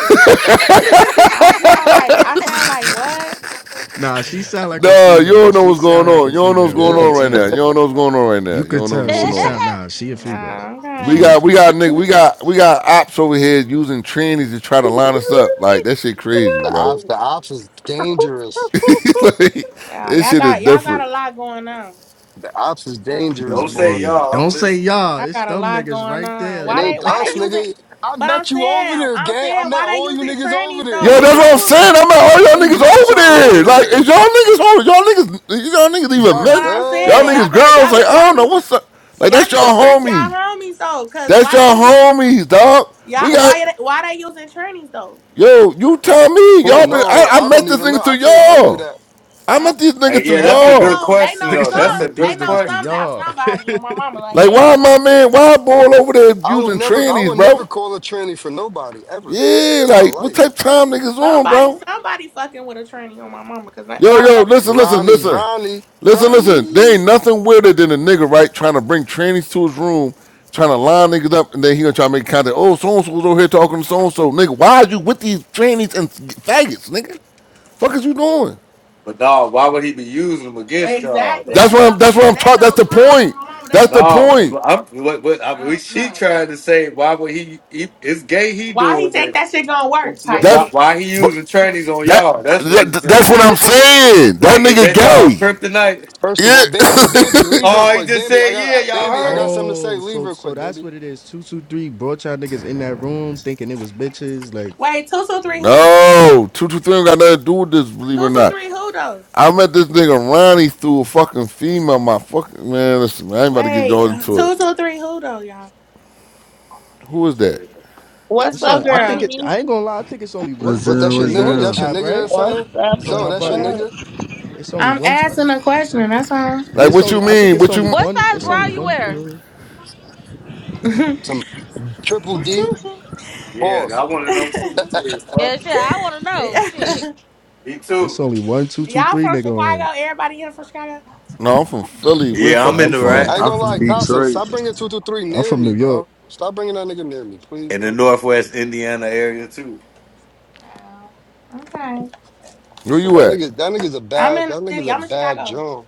[SPEAKER 18] I sound like I sound like what?
[SPEAKER 12] Nah, she sound like a
[SPEAKER 6] duh, you
[SPEAKER 12] female.
[SPEAKER 6] don't know
[SPEAKER 12] She
[SPEAKER 6] what's going
[SPEAKER 12] sound like
[SPEAKER 6] on.
[SPEAKER 12] a
[SPEAKER 6] You don't know what's
[SPEAKER 12] female. You
[SPEAKER 6] going
[SPEAKER 5] Yeah,
[SPEAKER 12] could
[SPEAKER 6] on right now. You
[SPEAKER 12] tell.
[SPEAKER 6] don't know what's going on right now.
[SPEAKER 12] You
[SPEAKER 6] You
[SPEAKER 12] could
[SPEAKER 6] don't know what's
[SPEAKER 12] tell she
[SPEAKER 6] going on.
[SPEAKER 12] sound nah, she a female.
[SPEAKER 18] Nah,
[SPEAKER 12] She
[SPEAKER 6] We
[SPEAKER 12] a
[SPEAKER 18] okay.
[SPEAKER 12] female.
[SPEAKER 6] got we got nigga we got we got ops over here using trannies to try to line us up. Like that shit crazy,
[SPEAKER 5] the
[SPEAKER 6] bro.
[SPEAKER 5] ops, the ops is dangerous.
[SPEAKER 6] like,
[SPEAKER 18] Wow,
[SPEAKER 6] this
[SPEAKER 18] y'all
[SPEAKER 6] shit is
[SPEAKER 18] got y'all got a
[SPEAKER 6] different.
[SPEAKER 18] lot going on.
[SPEAKER 5] The ops is dangerous,
[SPEAKER 10] Don't
[SPEAKER 5] boy.
[SPEAKER 10] say
[SPEAKER 12] Hey,
[SPEAKER 10] y'all.
[SPEAKER 12] don't
[SPEAKER 10] I'm
[SPEAKER 12] say
[SPEAKER 10] listening.
[SPEAKER 12] y'all.
[SPEAKER 18] I
[SPEAKER 12] It's
[SPEAKER 18] got a
[SPEAKER 12] them
[SPEAKER 18] lot
[SPEAKER 12] niggas
[SPEAKER 18] going
[SPEAKER 12] right
[SPEAKER 18] on.
[SPEAKER 12] there.
[SPEAKER 5] It
[SPEAKER 18] Why
[SPEAKER 12] Look,
[SPEAKER 18] they
[SPEAKER 5] ain't
[SPEAKER 18] why
[SPEAKER 5] us,
[SPEAKER 18] they using
[SPEAKER 5] nigga. I
[SPEAKER 18] but I'm
[SPEAKER 5] met you over
[SPEAKER 18] saying
[SPEAKER 5] there,
[SPEAKER 18] I'm
[SPEAKER 5] gang. I
[SPEAKER 18] saying
[SPEAKER 5] met
[SPEAKER 18] why they
[SPEAKER 5] all you
[SPEAKER 18] using
[SPEAKER 5] niggas over
[SPEAKER 18] trannies
[SPEAKER 6] Yo,
[SPEAKER 5] there. What
[SPEAKER 18] though?
[SPEAKER 6] that's
[SPEAKER 5] the
[SPEAKER 6] what I'm
[SPEAKER 18] Like
[SPEAKER 5] fuck?
[SPEAKER 6] saying. I'm like, all y'all
[SPEAKER 5] We
[SPEAKER 6] niggas
[SPEAKER 5] met
[SPEAKER 6] over
[SPEAKER 5] y'all over
[SPEAKER 6] there. Like,
[SPEAKER 5] there.
[SPEAKER 6] is y'all niggas over? Y'all niggas, y'all niggas even
[SPEAKER 5] Y'all
[SPEAKER 18] but
[SPEAKER 6] men?
[SPEAKER 18] I'm
[SPEAKER 5] good?
[SPEAKER 6] Y'all
[SPEAKER 18] saying
[SPEAKER 5] Like,
[SPEAKER 18] y'all
[SPEAKER 6] niggas
[SPEAKER 18] better
[SPEAKER 6] grounds.
[SPEAKER 18] y'all
[SPEAKER 6] Like,
[SPEAKER 18] better
[SPEAKER 6] I
[SPEAKER 18] y'all
[SPEAKER 6] don't know
[SPEAKER 18] need
[SPEAKER 6] what's up. Like,
[SPEAKER 18] y'all
[SPEAKER 6] that's
[SPEAKER 18] need to
[SPEAKER 6] y'all
[SPEAKER 18] check y'all
[SPEAKER 6] homie.
[SPEAKER 18] homies though, cause
[SPEAKER 6] That's your
[SPEAKER 18] why they using
[SPEAKER 6] homies, dog. We
[SPEAKER 18] Yeah,
[SPEAKER 6] got
[SPEAKER 18] why are they- why they using trannies though?
[SPEAKER 6] yo. You tell me,
[SPEAKER 5] who
[SPEAKER 6] y'all. Been, I,
[SPEAKER 5] knows?
[SPEAKER 6] I
[SPEAKER 5] I
[SPEAKER 6] met
[SPEAKER 5] don't
[SPEAKER 6] this
[SPEAKER 5] even
[SPEAKER 6] nigga
[SPEAKER 5] know.
[SPEAKER 6] through
[SPEAKER 5] I can't tell you
[SPEAKER 6] y'all.
[SPEAKER 5] that.
[SPEAKER 6] I
[SPEAKER 18] I don't-
[SPEAKER 6] met these
[SPEAKER 10] Hey,
[SPEAKER 6] niggas through
[SPEAKER 10] yeah,
[SPEAKER 18] They
[SPEAKER 10] that's a
[SPEAKER 18] they
[SPEAKER 10] good
[SPEAKER 6] y'all.
[SPEAKER 18] know they
[SPEAKER 10] question
[SPEAKER 18] know
[SPEAKER 12] niggas
[SPEAKER 10] though.
[SPEAKER 12] said I
[SPEAKER 10] That's a
[SPEAKER 12] met
[SPEAKER 18] some
[SPEAKER 12] these
[SPEAKER 18] they
[SPEAKER 10] good
[SPEAKER 18] know
[SPEAKER 12] niggas through
[SPEAKER 18] some
[SPEAKER 10] question.
[SPEAKER 18] about
[SPEAKER 12] y'all.
[SPEAKER 18] somebody on my mama like
[SPEAKER 6] Like,
[SPEAKER 18] they ain't
[SPEAKER 6] why
[SPEAKER 18] gonna
[SPEAKER 6] my
[SPEAKER 18] just
[SPEAKER 6] man? Why boy over there
[SPEAKER 5] I will
[SPEAKER 6] using
[SPEAKER 5] never, I
[SPEAKER 6] trannies,
[SPEAKER 5] will
[SPEAKER 6] bro?
[SPEAKER 5] never call a tranny for nobody ever
[SPEAKER 6] Yeah,
[SPEAKER 5] in my
[SPEAKER 6] like what
[SPEAKER 5] life.
[SPEAKER 6] type of time niggas on,
[SPEAKER 18] somebody
[SPEAKER 6] bro?
[SPEAKER 18] somebody fucking with a tranny on my mama because
[SPEAKER 6] Yo,
[SPEAKER 18] why the
[SPEAKER 6] yo,
[SPEAKER 18] fuck
[SPEAKER 6] listen, listen,
[SPEAKER 5] Ronnie,
[SPEAKER 6] listen,
[SPEAKER 5] Ronnie,
[SPEAKER 6] listen, listen. There
[SPEAKER 5] Ronnie.
[SPEAKER 6] ain't nothing weirder than a nigga right trying to bring trannies to his room, trying to line niggas up, and then he gonna try to make contact. Oh, so and so's over here talking to so and so, nigga. Why are you with these trannies and faggots, nigga? Fuck is you doing?
[SPEAKER 10] But dog, why would he be using them against y'all?
[SPEAKER 18] exactly
[SPEAKER 10] though?
[SPEAKER 6] That's
[SPEAKER 18] that's what
[SPEAKER 6] what I'm.
[SPEAKER 18] I'm
[SPEAKER 6] That's what
[SPEAKER 18] saying
[SPEAKER 6] I'm
[SPEAKER 18] they
[SPEAKER 6] taught. That's
[SPEAKER 18] know
[SPEAKER 6] the
[SPEAKER 18] some on
[SPEAKER 6] point.
[SPEAKER 18] my mama they
[SPEAKER 6] That's the
[SPEAKER 18] knew
[SPEAKER 10] No,
[SPEAKER 6] point.
[SPEAKER 10] I'm. What, what, I
[SPEAKER 18] I
[SPEAKER 10] mean,
[SPEAKER 18] don't
[SPEAKER 10] she
[SPEAKER 18] know
[SPEAKER 10] tried to say? Why would he? he it's gay. He
[SPEAKER 18] why he
[SPEAKER 10] doing it.
[SPEAKER 18] think that shit gonna work type
[SPEAKER 10] Why,
[SPEAKER 18] shit
[SPEAKER 10] why he
[SPEAKER 6] That's but
[SPEAKER 10] using trannies on
[SPEAKER 6] that,
[SPEAKER 10] y'all? That's what he's
[SPEAKER 6] that that's
[SPEAKER 10] saying.
[SPEAKER 6] what I'm saying. That
[SPEAKER 10] Like, is
[SPEAKER 6] nigga
[SPEAKER 10] that
[SPEAKER 11] I
[SPEAKER 10] y'all
[SPEAKER 6] gay.
[SPEAKER 10] kryptonite?
[SPEAKER 5] First of all,
[SPEAKER 6] Yeah.
[SPEAKER 5] Bambi, Bambi, leave real
[SPEAKER 10] Oh, he
[SPEAKER 5] quick.
[SPEAKER 10] just
[SPEAKER 5] Bambi, I
[SPEAKER 10] said, yeah,
[SPEAKER 5] got
[SPEAKER 10] y'all
[SPEAKER 5] Bambi, I
[SPEAKER 10] heard
[SPEAKER 5] got
[SPEAKER 10] him.
[SPEAKER 5] something to say.
[SPEAKER 12] oh,
[SPEAKER 5] Leave
[SPEAKER 12] so
[SPEAKER 5] real
[SPEAKER 12] so
[SPEAKER 5] quick,
[SPEAKER 12] that's
[SPEAKER 5] Bambi.
[SPEAKER 12] what it is. Two two three brought y'all niggas in that room thinking it was bitches. Like,
[SPEAKER 18] wait two two three who
[SPEAKER 6] no, two two three got nothing to do with this. Believe it or
[SPEAKER 18] two two
[SPEAKER 6] not,
[SPEAKER 18] three who though
[SPEAKER 6] I met this nigga Ronnie through a fucking female. My fucking man. Listen, man, I ain't about to get
[SPEAKER 18] wait
[SPEAKER 6] all into it.
[SPEAKER 18] two two three who though y'all
[SPEAKER 6] Who is that?
[SPEAKER 10] Shit.
[SPEAKER 18] this
[SPEAKER 1] What's
[SPEAKER 18] go
[SPEAKER 1] up,
[SPEAKER 12] so I
[SPEAKER 1] One
[SPEAKER 12] think
[SPEAKER 18] girl
[SPEAKER 12] it.
[SPEAKER 1] P?
[SPEAKER 12] I ain't gonna lie. I think it's only one
[SPEAKER 19] What's
[SPEAKER 12] two
[SPEAKER 5] What?
[SPEAKER 12] two
[SPEAKER 19] up?
[SPEAKER 5] That's your
[SPEAKER 19] What's
[SPEAKER 12] three on
[SPEAKER 5] nigga.
[SPEAKER 12] this
[SPEAKER 5] That's
[SPEAKER 19] up?
[SPEAKER 5] your
[SPEAKER 12] app,
[SPEAKER 5] nigga or
[SPEAKER 12] right?
[SPEAKER 1] What's
[SPEAKER 5] something.
[SPEAKER 1] up?
[SPEAKER 12] Or am
[SPEAKER 1] What's
[SPEAKER 5] Zo,
[SPEAKER 12] I
[SPEAKER 5] that's your
[SPEAKER 12] bugging?
[SPEAKER 1] up?
[SPEAKER 5] nigga.
[SPEAKER 12] It's only
[SPEAKER 18] I'm
[SPEAKER 12] one.
[SPEAKER 18] asking a question that's all.
[SPEAKER 12] Yeah,
[SPEAKER 6] Like,
[SPEAKER 12] it's
[SPEAKER 6] what you
[SPEAKER 12] only. I think
[SPEAKER 6] mean?
[SPEAKER 12] it's
[SPEAKER 6] What you?
[SPEAKER 12] only
[SPEAKER 6] mean?
[SPEAKER 2] what
[SPEAKER 12] one.
[SPEAKER 2] size
[SPEAKER 12] It's
[SPEAKER 2] bra
[SPEAKER 12] only
[SPEAKER 2] you
[SPEAKER 19] Mm-mm.
[SPEAKER 12] one.
[SPEAKER 2] wearing?
[SPEAKER 12] Uh,
[SPEAKER 5] Some triple D.
[SPEAKER 10] Yeah,
[SPEAKER 5] Pause.
[SPEAKER 10] I want to know too. Serious
[SPEAKER 2] Yeah, shit,
[SPEAKER 10] fuckers.
[SPEAKER 2] I want to know.
[SPEAKER 18] yeah.
[SPEAKER 2] Shit.
[SPEAKER 10] Me
[SPEAKER 12] it's
[SPEAKER 10] too.
[SPEAKER 12] only one two two
[SPEAKER 18] Y'all
[SPEAKER 12] three
[SPEAKER 18] from
[SPEAKER 12] nigga on here.
[SPEAKER 18] Chicago? Everybody here from Chicago?
[SPEAKER 6] No, I'm from Philly. Where the
[SPEAKER 10] Yeah, I'm
[SPEAKER 6] fuck
[SPEAKER 12] Nah, I'm
[SPEAKER 10] in
[SPEAKER 6] you
[SPEAKER 10] the
[SPEAKER 12] from.
[SPEAKER 5] I
[SPEAKER 6] from?
[SPEAKER 5] ain't
[SPEAKER 10] right
[SPEAKER 20] I'm
[SPEAKER 5] gonna
[SPEAKER 20] from
[SPEAKER 5] lie,
[SPEAKER 12] yeah,
[SPEAKER 5] Casa. Stop
[SPEAKER 20] Detroit.
[SPEAKER 5] bringing two two three
[SPEAKER 12] I'm
[SPEAKER 5] near
[SPEAKER 12] from
[SPEAKER 5] me,
[SPEAKER 12] New York.
[SPEAKER 5] bro. Stop bringing that nigga near me, please,
[SPEAKER 10] in the
[SPEAKER 5] bro.
[SPEAKER 10] Northwest Indiana area too.
[SPEAKER 18] Oh, okay.
[SPEAKER 6] Where
[SPEAKER 5] Cause
[SPEAKER 6] you
[SPEAKER 5] that
[SPEAKER 6] at?
[SPEAKER 5] nigga, that nigga's a
[SPEAKER 18] I'm
[SPEAKER 5] bad,
[SPEAKER 18] in the
[SPEAKER 5] that nigga's
[SPEAKER 18] city.
[SPEAKER 5] a
[SPEAKER 18] I'm in
[SPEAKER 5] bad
[SPEAKER 18] Chicago.
[SPEAKER 5] Joan.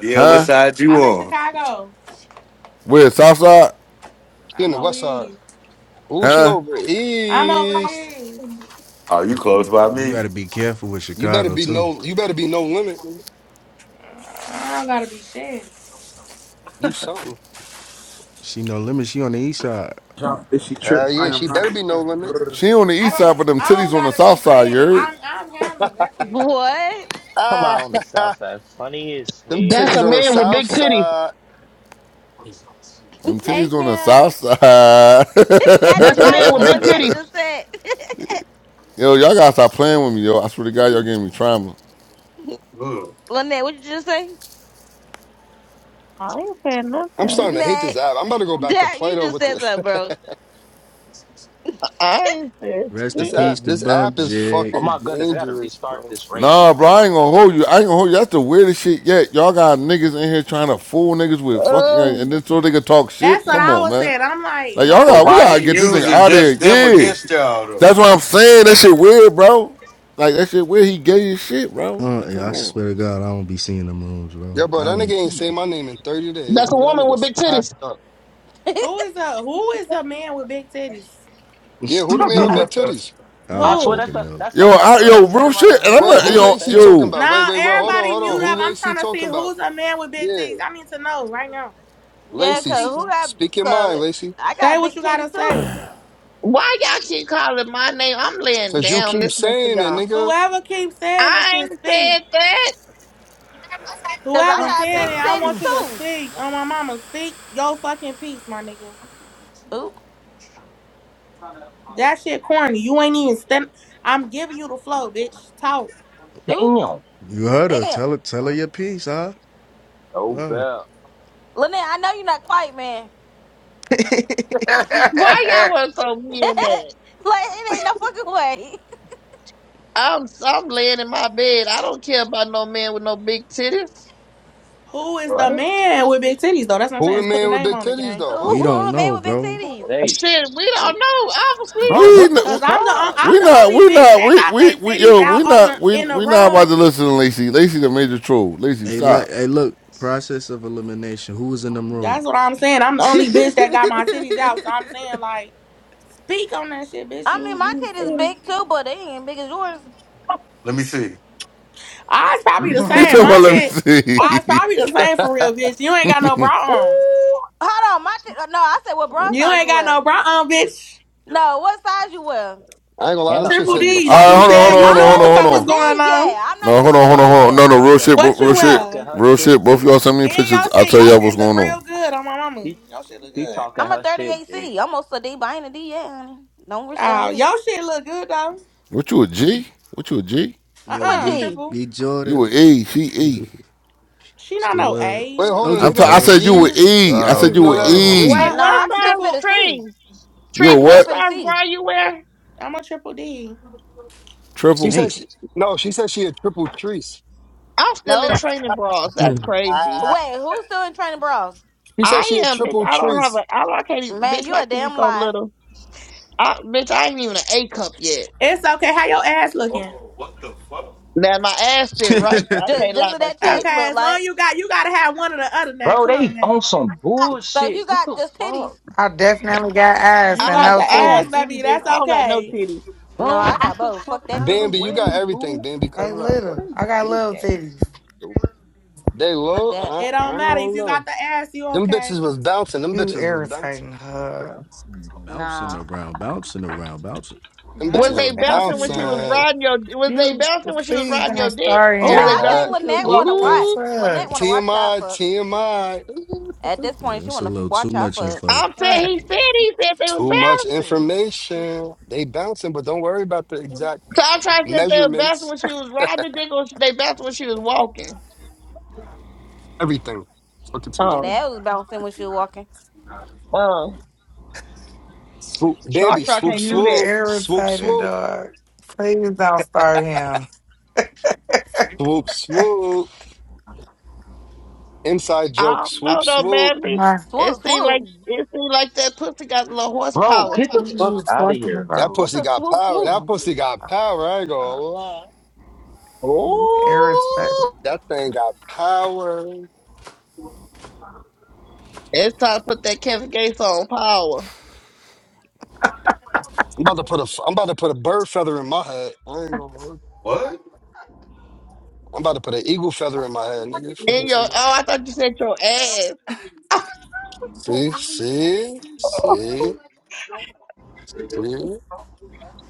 [SPEAKER 10] Yeah, what
[SPEAKER 6] Huh?
[SPEAKER 10] side you
[SPEAKER 18] I'm in
[SPEAKER 10] on?
[SPEAKER 18] Chicago.
[SPEAKER 6] Where South Side?
[SPEAKER 5] She in
[SPEAKER 18] I'm
[SPEAKER 5] the
[SPEAKER 18] over
[SPEAKER 5] West Side.
[SPEAKER 18] here.
[SPEAKER 5] Ooh, she
[SPEAKER 6] Huh?
[SPEAKER 5] over
[SPEAKER 18] I'm over
[SPEAKER 5] east.
[SPEAKER 18] here.
[SPEAKER 10] Oh, you
[SPEAKER 12] You,
[SPEAKER 10] close by
[SPEAKER 12] you
[SPEAKER 10] me.
[SPEAKER 12] got to be careful with
[SPEAKER 5] You better
[SPEAKER 12] Chicago
[SPEAKER 5] be
[SPEAKER 12] too.
[SPEAKER 5] no. You better be no limit.
[SPEAKER 18] I don't gotta be shit.
[SPEAKER 5] You something.
[SPEAKER 12] She no limit. She on the east side.
[SPEAKER 20] Drop this she trip.
[SPEAKER 5] Hell
[SPEAKER 20] I
[SPEAKER 5] yeah, she
[SPEAKER 20] am not.
[SPEAKER 5] better be no limit.
[SPEAKER 20] a
[SPEAKER 6] She on the
[SPEAKER 18] I
[SPEAKER 6] east side,
[SPEAKER 18] don't.
[SPEAKER 6] but them
[SPEAKER 18] I
[SPEAKER 6] titties
[SPEAKER 18] don't
[SPEAKER 6] on the
[SPEAKER 18] gotta be
[SPEAKER 6] south side. You
[SPEAKER 18] shit.
[SPEAKER 6] heard?
[SPEAKER 18] I'm. I'm Hannah. That's it.
[SPEAKER 2] What?
[SPEAKER 21] Come
[SPEAKER 5] Ah,
[SPEAKER 21] on, the South Side. Funny as
[SPEAKER 5] them
[SPEAKER 1] That's a
[SPEAKER 5] titties
[SPEAKER 21] hell.
[SPEAKER 5] on the
[SPEAKER 1] man with
[SPEAKER 5] south
[SPEAKER 1] big titties.
[SPEAKER 5] side.
[SPEAKER 6] Them
[SPEAKER 18] Hey
[SPEAKER 6] titties on the
[SPEAKER 18] Kim.
[SPEAKER 6] south side.
[SPEAKER 2] Y'all
[SPEAKER 1] That's a
[SPEAKER 21] What's
[SPEAKER 2] deny
[SPEAKER 1] man
[SPEAKER 2] it
[SPEAKER 21] up,
[SPEAKER 1] with
[SPEAKER 2] what
[SPEAKER 1] big
[SPEAKER 21] Hannah?
[SPEAKER 2] Lynette
[SPEAKER 1] titties.
[SPEAKER 2] just said.
[SPEAKER 6] yo, y'all gotta stop playing with me, yo. I swear to God, y'all giving me trauma.
[SPEAKER 2] Lynette, what you just say?
[SPEAKER 1] I ain't saying
[SPEAKER 5] I'm
[SPEAKER 1] nothing.
[SPEAKER 5] starting to hate this
[SPEAKER 2] Lynette,
[SPEAKER 5] app. I'm about to go back to
[SPEAKER 2] that, you
[SPEAKER 5] Plato
[SPEAKER 2] just
[SPEAKER 5] with
[SPEAKER 2] said
[SPEAKER 5] this.
[SPEAKER 2] something, bro.
[SPEAKER 1] I ain't saying
[SPEAKER 12] Rest in
[SPEAKER 5] This
[SPEAKER 1] shit.
[SPEAKER 5] app.
[SPEAKER 12] peace to
[SPEAKER 5] This app
[SPEAKER 12] Bump
[SPEAKER 5] is
[SPEAKER 12] Jig.
[SPEAKER 21] Oh
[SPEAKER 5] fucking
[SPEAKER 21] my goodness, I gotta
[SPEAKER 5] dangerous,
[SPEAKER 21] restart
[SPEAKER 5] bro.
[SPEAKER 21] this race.
[SPEAKER 6] Nah, bro,
[SPEAKER 21] Hold
[SPEAKER 6] I
[SPEAKER 21] on.
[SPEAKER 6] ain't gonna hold you. I ain't gonna hold you. That's the weirdest shit yet. Y'all got niggas in here trying to fool niggas with fucking, uh,
[SPEAKER 1] Oh.
[SPEAKER 6] and then so they can talk
[SPEAKER 18] That's
[SPEAKER 6] shit.
[SPEAKER 18] what
[SPEAKER 6] Come
[SPEAKER 18] I
[SPEAKER 6] on,
[SPEAKER 18] was
[SPEAKER 6] man.
[SPEAKER 18] saying. I'm like,
[SPEAKER 6] Like
[SPEAKER 18] why
[SPEAKER 6] y'all
[SPEAKER 18] the
[SPEAKER 10] But
[SPEAKER 6] got, we
[SPEAKER 18] fuck?
[SPEAKER 10] why
[SPEAKER 6] gotta
[SPEAKER 10] he
[SPEAKER 6] get this thing
[SPEAKER 10] using
[SPEAKER 6] out of here.
[SPEAKER 10] just them
[SPEAKER 6] Yeah,
[SPEAKER 10] against y'all though?
[SPEAKER 6] that's what I'm saying. That shit weird, bro. Like that shit weird. He gay as shit, bro.
[SPEAKER 12] Uh,
[SPEAKER 6] Like
[SPEAKER 12] yeah,
[SPEAKER 6] come
[SPEAKER 12] I
[SPEAKER 6] on,
[SPEAKER 12] swear to God, I don't be seeing them rooms, bro.
[SPEAKER 5] Yo, bro,
[SPEAKER 12] I
[SPEAKER 5] that nigga
[SPEAKER 12] don't.
[SPEAKER 5] ain't say my name in 30 days,
[SPEAKER 1] That's a
[SPEAKER 5] nigga. That
[SPEAKER 1] woman with
[SPEAKER 5] nigga's
[SPEAKER 1] big
[SPEAKER 5] packed
[SPEAKER 1] titties.
[SPEAKER 5] up.
[SPEAKER 18] Who is a Who is a man with big titties?
[SPEAKER 5] Yeah, who the man with
[SPEAKER 2] Uh,
[SPEAKER 5] big titties?
[SPEAKER 12] I
[SPEAKER 21] I
[SPEAKER 12] don't
[SPEAKER 21] swear
[SPEAKER 18] Who?
[SPEAKER 21] that's
[SPEAKER 12] fucking
[SPEAKER 21] the,
[SPEAKER 12] know.
[SPEAKER 21] that's
[SPEAKER 6] yo,
[SPEAKER 21] like the
[SPEAKER 6] I, yo,
[SPEAKER 21] third
[SPEAKER 6] real
[SPEAKER 21] time I done
[SPEAKER 6] shit. And I'm
[SPEAKER 21] heard
[SPEAKER 5] Wait,
[SPEAKER 6] a,
[SPEAKER 5] who
[SPEAKER 21] somebody
[SPEAKER 6] yo,
[SPEAKER 21] say
[SPEAKER 5] Lacey
[SPEAKER 21] that.
[SPEAKER 5] talking
[SPEAKER 6] yo.
[SPEAKER 5] about? Wait,
[SPEAKER 18] No,
[SPEAKER 5] wait, wait. Hold
[SPEAKER 21] Hey,
[SPEAKER 5] on,
[SPEAKER 18] everybody
[SPEAKER 5] hold on.
[SPEAKER 18] mute
[SPEAKER 5] Who
[SPEAKER 21] sweet.
[SPEAKER 18] up. I'm
[SPEAKER 5] Lacey
[SPEAKER 18] trying to see
[SPEAKER 5] talking about?
[SPEAKER 18] who's a man with big
[SPEAKER 5] Yeah,
[SPEAKER 18] titties. I need to know right now.
[SPEAKER 2] yeah,
[SPEAKER 18] Who's
[SPEAKER 5] Lacey,
[SPEAKER 2] because
[SPEAKER 5] s-
[SPEAKER 2] who
[SPEAKER 18] speaking?
[SPEAKER 2] got,
[SPEAKER 5] speak your mind,
[SPEAKER 2] because
[SPEAKER 5] Lacey.
[SPEAKER 2] I
[SPEAKER 18] Say
[SPEAKER 2] got
[SPEAKER 18] what
[SPEAKER 2] big
[SPEAKER 18] you gotta
[SPEAKER 2] titties too.
[SPEAKER 18] say.
[SPEAKER 1] Why y'all keep calling my name? I'm laying
[SPEAKER 5] Cause you
[SPEAKER 1] down
[SPEAKER 5] keep
[SPEAKER 1] listening to
[SPEAKER 5] saying it,
[SPEAKER 1] y'all.
[SPEAKER 5] nigga.
[SPEAKER 18] Whoever keeps saying this
[SPEAKER 1] I
[SPEAKER 18] shit,
[SPEAKER 1] ain't
[SPEAKER 18] speak.
[SPEAKER 1] said that.
[SPEAKER 2] Because I
[SPEAKER 18] Whoever
[SPEAKER 2] got big
[SPEAKER 18] saying it, I
[SPEAKER 2] titties
[SPEAKER 18] want you to
[SPEAKER 2] too.
[SPEAKER 18] speak. On my mama, speak your fucking piece, my nigga.
[SPEAKER 2] Ooh,
[SPEAKER 18] That shit corny. You ain't even stand. I'm giving you the flow, bitch. Talk.
[SPEAKER 2] ooh,
[SPEAKER 21] Damn.
[SPEAKER 12] You heard her.
[SPEAKER 2] damn.
[SPEAKER 12] Tell her. Tell her your piece, huh?
[SPEAKER 21] No
[SPEAKER 12] Wow.
[SPEAKER 21] bell.
[SPEAKER 2] Lynette, I know you're not quiet, man.
[SPEAKER 1] Why y'all want to throw
[SPEAKER 2] like,
[SPEAKER 1] me in that?
[SPEAKER 2] it ain't no fucking way.
[SPEAKER 1] I'm I'm laying in my bed. I don't care about no man with no big titties.
[SPEAKER 18] Who is the
[SPEAKER 21] What?
[SPEAKER 18] man with big titties though? That's what I'm
[SPEAKER 5] Who
[SPEAKER 18] saying.
[SPEAKER 5] the
[SPEAKER 18] Just put a
[SPEAKER 5] man with
[SPEAKER 18] name
[SPEAKER 5] big
[SPEAKER 18] on the
[SPEAKER 5] titties
[SPEAKER 18] game.
[SPEAKER 5] though?
[SPEAKER 12] we
[SPEAKER 5] Who?
[SPEAKER 2] Ooh,
[SPEAKER 12] don't
[SPEAKER 2] a man
[SPEAKER 12] know,
[SPEAKER 2] with big
[SPEAKER 12] bro.
[SPEAKER 2] titties.
[SPEAKER 21] Hey,
[SPEAKER 1] Shit, we don't
[SPEAKER 21] hey.
[SPEAKER 1] know. Obviously.
[SPEAKER 21] Bro,
[SPEAKER 6] We
[SPEAKER 21] what the
[SPEAKER 18] Cause
[SPEAKER 6] n-
[SPEAKER 18] I'm the on-
[SPEAKER 21] fuck,
[SPEAKER 18] I'm
[SPEAKER 6] we
[SPEAKER 18] the
[SPEAKER 6] not
[SPEAKER 18] only
[SPEAKER 6] we
[SPEAKER 18] bitch
[SPEAKER 6] not
[SPEAKER 18] that
[SPEAKER 6] we
[SPEAKER 18] got
[SPEAKER 6] we,
[SPEAKER 18] they
[SPEAKER 6] we
[SPEAKER 18] titties
[SPEAKER 6] yo
[SPEAKER 18] out
[SPEAKER 6] we
[SPEAKER 18] on
[SPEAKER 6] not
[SPEAKER 18] the
[SPEAKER 6] we
[SPEAKER 18] in the
[SPEAKER 6] we not about
[SPEAKER 18] room.
[SPEAKER 6] to listen to Lacey. Lacey the major troll. Lacey,
[SPEAKER 12] Hey, like,
[SPEAKER 6] stop.
[SPEAKER 12] hey, look. Process of elimination. Who was in them
[SPEAKER 18] That's
[SPEAKER 12] rooms?
[SPEAKER 18] what I'm saying. I'm the only bitch that got my titties out. So I'm saying like, speak on that shit, bitch.
[SPEAKER 2] I mean,
[SPEAKER 18] You
[SPEAKER 2] my
[SPEAKER 18] you
[SPEAKER 2] titties
[SPEAKER 18] feel
[SPEAKER 2] big
[SPEAKER 18] me?
[SPEAKER 2] too, but they ain't big as yours.
[SPEAKER 10] Let me see.
[SPEAKER 18] Ours probably the
[SPEAKER 6] He
[SPEAKER 21] man?
[SPEAKER 18] same.
[SPEAKER 6] talking
[SPEAKER 18] My
[SPEAKER 6] about let me
[SPEAKER 18] shit,
[SPEAKER 6] see.
[SPEAKER 18] ours probably the same for real,
[SPEAKER 5] I
[SPEAKER 18] bitch. You ain't got no bra
[SPEAKER 21] Ooh.
[SPEAKER 2] Hold on, my tit No, I said what bra
[SPEAKER 18] on. You
[SPEAKER 2] size
[SPEAKER 18] ain't
[SPEAKER 2] you
[SPEAKER 18] got no
[SPEAKER 2] wear.
[SPEAKER 18] bra on, bitch.
[SPEAKER 2] No, what size you wear?
[SPEAKER 5] ain't gonna lie, them
[SPEAKER 21] Hannah
[SPEAKER 5] shits
[SPEAKER 18] Triple
[SPEAKER 5] hit
[SPEAKER 21] funny
[SPEAKER 5] the
[SPEAKER 21] as
[SPEAKER 18] D,
[SPEAKER 5] f-
[SPEAKER 18] like
[SPEAKER 21] hell.
[SPEAKER 5] them
[SPEAKER 18] you
[SPEAKER 6] All right,
[SPEAKER 5] shits
[SPEAKER 6] hold on, hold
[SPEAKER 18] said,
[SPEAKER 5] hit the
[SPEAKER 18] you
[SPEAKER 6] on, hold on,
[SPEAKER 2] I'm
[SPEAKER 18] knew
[SPEAKER 6] hold
[SPEAKER 2] not
[SPEAKER 18] what the
[SPEAKER 6] on,
[SPEAKER 5] flow.
[SPEAKER 6] hold
[SPEAKER 18] fuck
[SPEAKER 2] even in
[SPEAKER 18] was
[SPEAKER 2] the
[SPEAKER 6] on.
[SPEAKER 18] going
[SPEAKER 2] D's yet.
[SPEAKER 18] on.
[SPEAKER 2] I'm not
[SPEAKER 6] No,
[SPEAKER 2] even
[SPEAKER 6] hold
[SPEAKER 2] in
[SPEAKER 6] on,
[SPEAKER 2] the
[SPEAKER 6] hold on,
[SPEAKER 21] Dang,
[SPEAKER 2] D's
[SPEAKER 6] hold on.
[SPEAKER 21] Hannah
[SPEAKER 6] No,
[SPEAKER 2] yet.
[SPEAKER 6] no, real
[SPEAKER 21] talking.
[SPEAKER 6] shit,
[SPEAKER 18] What
[SPEAKER 6] real
[SPEAKER 18] you
[SPEAKER 21] She's
[SPEAKER 6] shit,
[SPEAKER 21] talking
[SPEAKER 18] wear?
[SPEAKER 21] her
[SPEAKER 6] real
[SPEAKER 21] shit,
[SPEAKER 6] shit. Both of
[SPEAKER 21] G.
[SPEAKER 6] y'all send me
[SPEAKER 18] And
[SPEAKER 6] pictures.
[SPEAKER 18] y'all
[SPEAKER 6] I'll
[SPEAKER 18] shit,
[SPEAKER 6] tell
[SPEAKER 18] y'all
[SPEAKER 6] y'all
[SPEAKER 18] shit
[SPEAKER 6] what's going
[SPEAKER 18] look
[SPEAKER 6] on.
[SPEAKER 18] real good on my mama.
[SPEAKER 21] She,
[SPEAKER 18] Y'all shit look
[SPEAKER 21] she
[SPEAKER 18] good.
[SPEAKER 21] talking
[SPEAKER 2] I'm a
[SPEAKER 21] her shit, G.
[SPEAKER 2] 38C. Almost a D, but I ain't a D yet, honey. Don't wish that
[SPEAKER 18] Oh,
[SPEAKER 2] on me.
[SPEAKER 18] y'all shit look good though.
[SPEAKER 6] What you a G? What you a G?
[SPEAKER 18] Uh
[SPEAKER 2] Who
[SPEAKER 12] Yo,
[SPEAKER 2] a
[SPEAKER 18] uh
[SPEAKER 12] B
[SPEAKER 2] G?
[SPEAKER 18] triple.
[SPEAKER 12] B Jordan.
[SPEAKER 6] You a E? She E?
[SPEAKER 12] it's
[SPEAKER 18] She don't
[SPEAKER 12] the
[SPEAKER 18] know
[SPEAKER 12] word.
[SPEAKER 18] A.
[SPEAKER 5] Wait,
[SPEAKER 18] What
[SPEAKER 5] hold
[SPEAKER 18] the?
[SPEAKER 5] on,
[SPEAKER 12] Soldier
[SPEAKER 5] they
[SPEAKER 6] I'm. T-
[SPEAKER 5] got
[SPEAKER 6] I
[SPEAKER 12] boy,
[SPEAKER 6] said you a
[SPEAKER 12] so
[SPEAKER 5] G's?
[SPEAKER 6] E. I
[SPEAKER 5] I didn't
[SPEAKER 22] Wow,
[SPEAKER 6] said
[SPEAKER 5] even
[SPEAKER 6] you
[SPEAKER 5] know
[SPEAKER 6] a
[SPEAKER 5] that
[SPEAKER 22] wow.
[SPEAKER 18] Uh
[SPEAKER 1] Wait,
[SPEAKER 6] E.
[SPEAKER 5] existed.
[SPEAKER 18] uh
[SPEAKER 2] No,
[SPEAKER 1] what
[SPEAKER 2] I
[SPEAKER 18] I'm
[SPEAKER 2] can still
[SPEAKER 1] size
[SPEAKER 2] fit
[SPEAKER 18] triple.
[SPEAKER 2] a C.
[SPEAKER 1] trees?
[SPEAKER 6] You
[SPEAKER 2] I
[SPEAKER 1] Trees,
[SPEAKER 6] a
[SPEAKER 2] can still
[SPEAKER 1] what
[SPEAKER 6] what?
[SPEAKER 2] fit a
[SPEAKER 1] size
[SPEAKER 2] C.
[SPEAKER 1] bra you wear?
[SPEAKER 18] I'm a triple D.
[SPEAKER 5] She
[SPEAKER 6] Triple.
[SPEAKER 12] damn.
[SPEAKER 5] said she no, she said she had triple trees.
[SPEAKER 1] I'm still in
[SPEAKER 2] Nope.
[SPEAKER 1] training bras. That's crazy.
[SPEAKER 5] Ah.
[SPEAKER 2] Wait, who's still in training bras?
[SPEAKER 5] She said she
[SPEAKER 1] I
[SPEAKER 5] had
[SPEAKER 1] am, bitch.
[SPEAKER 5] triple
[SPEAKER 1] I don't have
[SPEAKER 5] trees.
[SPEAKER 1] a. I, I can't. even-
[SPEAKER 2] Man,
[SPEAKER 1] Bitch,
[SPEAKER 2] you
[SPEAKER 1] my
[SPEAKER 2] a
[SPEAKER 1] titties
[SPEAKER 2] damn
[SPEAKER 1] so
[SPEAKER 2] lie.
[SPEAKER 1] little. I, bitch, I ain't even an A cup yet.
[SPEAKER 18] It's okay. How your ass looking?
[SPEAKER 1] Now my ass sit right. I
[SPEAKER 2] Just
[SPEAKER 1] can't
[SPEAKER 2] just
[SPEAKER 1] lie
[SPEAKER 2] what
[SPEAKER 1] about
[SPEAKER 2] that
[SPEAKER 1] that.
[SPEAKER 18] Okay,
[SPEAKER 2] chest look
[SPEAKER 18] as long
[SPEAKER 2] like.
[SPEAKER 18] you got, you gotta have one or the other now.
[SPEAKER 21] Bro,
[SPEAKER 18] Come on
[SPEAKER 21] they
[SPEAKER 18] now.
[SPEAKER 21] on some
[SPEAKER 2] So
[SPEAKER 21] bullshit.
[SPEAKER 2] you
[SPEAKER 21] What
[SPEAKER 2] got
[SPEAKER 21] the
[SPEAKER 2] just titties.
[SPEAKER 21] fuck?
[SPEAKER 11] definitely got
[SPEAKER 18] You
[SPEAKER 11] ass
[SPEAKER 1] I
[SPEAKER 11] and
[SPEAKER 18] got
[SPEAKER 1] have
[SPEAKER 18] the
[SPEAKER 11] no
[SPEAKER 1] I
[SPEAKER 11] titty.
[SPEAKER 1] have
[SPEAKER 18] ass,
[SPEAKER 1] any
[SPEAKER 18] baby.
[SPEAKER 1] baby.
[SPEAKER 18] That's
[SPEAKER 1] I don't got no
[SPEAKER 18] okay.
[SPEAKER 1] titties.
[SPEAKER 2] No,
[SPEAKER 21] Bro,
[SPEAKER 2] I got
[SPEAKER 21] get the
[SPEAKER 2] both.
[SPEAKER 21] fuck
[SPEAKER 2] Fuck that
[SPEAKER 21] out of the
[SPEAKER 2] shit.
[SPEAKER 5] Bambi, you got
[SPEAKER 21] way, dude.
[SPEAKER 5] everything, Bambi, cut
[SPEAKER 11] I
[SPEAKER 5] it out.
[SPEAKER 21] Bro,
[SPEAKER 11] little.
[SPEAKER 21] this
[SPEAKER 11] I got
[SPEAKER 21] this
[SPEAKER 11] little
[SPEAKER 21] gas.
[SPEAKER 11] titties.
[SPEAKER 21] dude.
[SPEAKER 5] They
[SPEAKER 2] Fuck
[SPEAKER 5] low?
[SPEAKER 2] that.
[SPEAKER 18] It
[SPEAKER 5] I,
[SPEAKER 18] don't
[SPEAKER 5] I
[SPEAKER 18] matter if
[SPEAKER 5] don't
[SPEAKER 18] you
[SPEAKER 5] know.
[SPEAKER 18] got the ass. You
[SPEAKER 5] Them bitches
[SPEAKER 18] okay?
[SPEAKER 5] was bouncing. Them
[SPEAKER 11] You
[SPEAKER 5] bitches was bouncing.
[SPEAKER 11] irritating her.
[SPEAKER 12] bouncing
[SPEAKER 2] Nah.
[SPEAKER 12] around, bouncing around, bouncing.
[SPEAKER 5] Them
[SPEAKER 18] Not
[SPEAKER 1] Was
[SPEAKER 18] it
[SPEAKER 5] bitches
[SPEAKER 18] was
[SPEAKER 1] they
[SPEAKER 5] was
[SPEAKER 18] bouncing
[SPEAKER 1] bouncing when she
[SPEAKER 18] around.
[SPEAKER 1] was
[SPEAKER 5] bouncing.
[SPEAKER 1] riding your? Was they
[SPEAKER 11] You
[SPEAKER 1] bouncing when she was
[SPEAKER 11] please
[SPEAKER 1] riding your
[SPEAKER 11] don't
[SPEAKER 1] dick,
[SPEAKER 11] start
[SPEAKER 1] or
[SPEAKER 2] Man,
[SPEAKER 1] was they
[SPEAKER 2] I
[SPEAKER 11] him.
[SPEAKER 1] bouncing
[SPEAKER 18] Oh.
[SPEAKER 5] Uh,
[SPEAKER 2] think
[SPEAKER 1] when she was
[SPEAKER 2] Lynette wanna
[SPEAKER 11] The
[SPEAKER 1] walking?
[SPEAKER 2] watch.
[SPEAKER 5] ooh,
[SPEAKER 2] Lynette wanna
[SPEAKER 11] fuck?
[SPEAKER 2] watch y'all
[SPEAKER 5] TMI,
[SPEAKER 2] fuck.
[SPEAKER 5] TMI.
[SPEAKER 2] At this
[SPEAKER 12] Yeah,
[SPEAKER 2] point, she
[SPEAKER 12] that's a
[SPEAKER 2] wanna f-
[SPEAKER 12] little too
[SPEAKER 2] watch y'all
[SPEAKER 12] much
[SPEAKER 2] fuck.
[SPEAKER 12] info.
[SPEAKER 1] I'm saying
[SPEAKER 11] Start.
[SPEAKER 1] he said he said they was
[SPEAKER 5] Too much
[SPEAKER 1] bouncing.
[SPEAKER 5] information. They bouncing, but don't worry about the exact
[SPEAKER 1] So I'm trying to see if they were bouncing
[SPEAKER 5] measurements.
[SPEAKER 1] when she was riding the dick, or if they bouncing when she was walking.
[SPEAKER 5] Everything. Look at
[SPEAKER 2] Now
[SPEAKER 5] somebody.
[SPEAKER 1] Oh,
[SPEAKER 2] that was bouncing when she was walking.
[SPEAKER 1] um,
[SPEAKER 5] Swoop,
[SPEAKER 1] Shark
[SPEAKER 5] baby.
[SPEAKER 1] Shark
[SPEAKER 5] Swoop,
[SPEAKER 1] can't do
[SPEAKER 11] You
[SPEAKER 1] that.
[SPEAKER 5] swoop. Swoop,
[SPEAKER 11] irritating
[SPEAKER 5] swoop.
[SPEAKER 11] dog. Please don't start him.
[SPEAKER 5] Swoop, swoop. Inside
[SPEAKER 1] I
[SPEAKER 5] joke.
[SPEAKER 1] don't know
[SPEAKER 5] Swoop,
[SPEAKER 1] though,
[SPEAKER 5] swoop.
[SPEAKER 1] baby.
[SPEAKER 11] My,
[SPEAKER 1] It
[SPEAKER 2] Swoop,
[SPEAKER 1] seemed like
[SPEAKER 2] swoop.
[SPEAKER 1] it seemed like that pussy got a little
[SPEAKER 21] Bro,
[SPEAKER 1] horsepower
[SPEAKER 21] get
[SPEAKER 1] to
[SPEAKER 21] the
[SPEAKER 11] what
[SPEAKER 1] it.
[SPEAKER 21] fuck
[SPEAKER 11] you
[SPEAKER 21] out of
[SPEAKER 11] talking
[SPEAKER 21] here,
[SPEAKER 11] about?
[SPEAKER 5] That
[SPEAKER 21] dude.
[SPEAKER 2] What's
[SPEAKER 5] pussy
[SPEAKER 2] a
[SPEAKER 5] got
[SPEAKER 2] swoop
[SPEAKER 5] power.
[SPEAKER 2] swoop?
[SPEAKER 5] That pussy got power. I ain't gonna lie.
[SPEAKER 11] You
[SPEAKER 1] Ooh.
[SPEAKER 11] irritating.
[SPEAKER 5] That thing got power. I'm
[SPEAKER 1] It's time to put that Kevin Gates on power.
[SPEAKER 5] about to put a. I'm about to put a bird feather in my head. I ain't gonna. lie.
[SPEAKER 10] What?
[SPEAKER 5] I'm about to put an eagle feather in my head, nigga.
[SPEAKER 1] In
[SPEAKER 5] Fucking
[SPEAKER 1] your oh,
[SPEAKER 5] somebody.
[SPEAKER 1] I thought you said your ass.
[SPEAKER 5] See, see, see, see.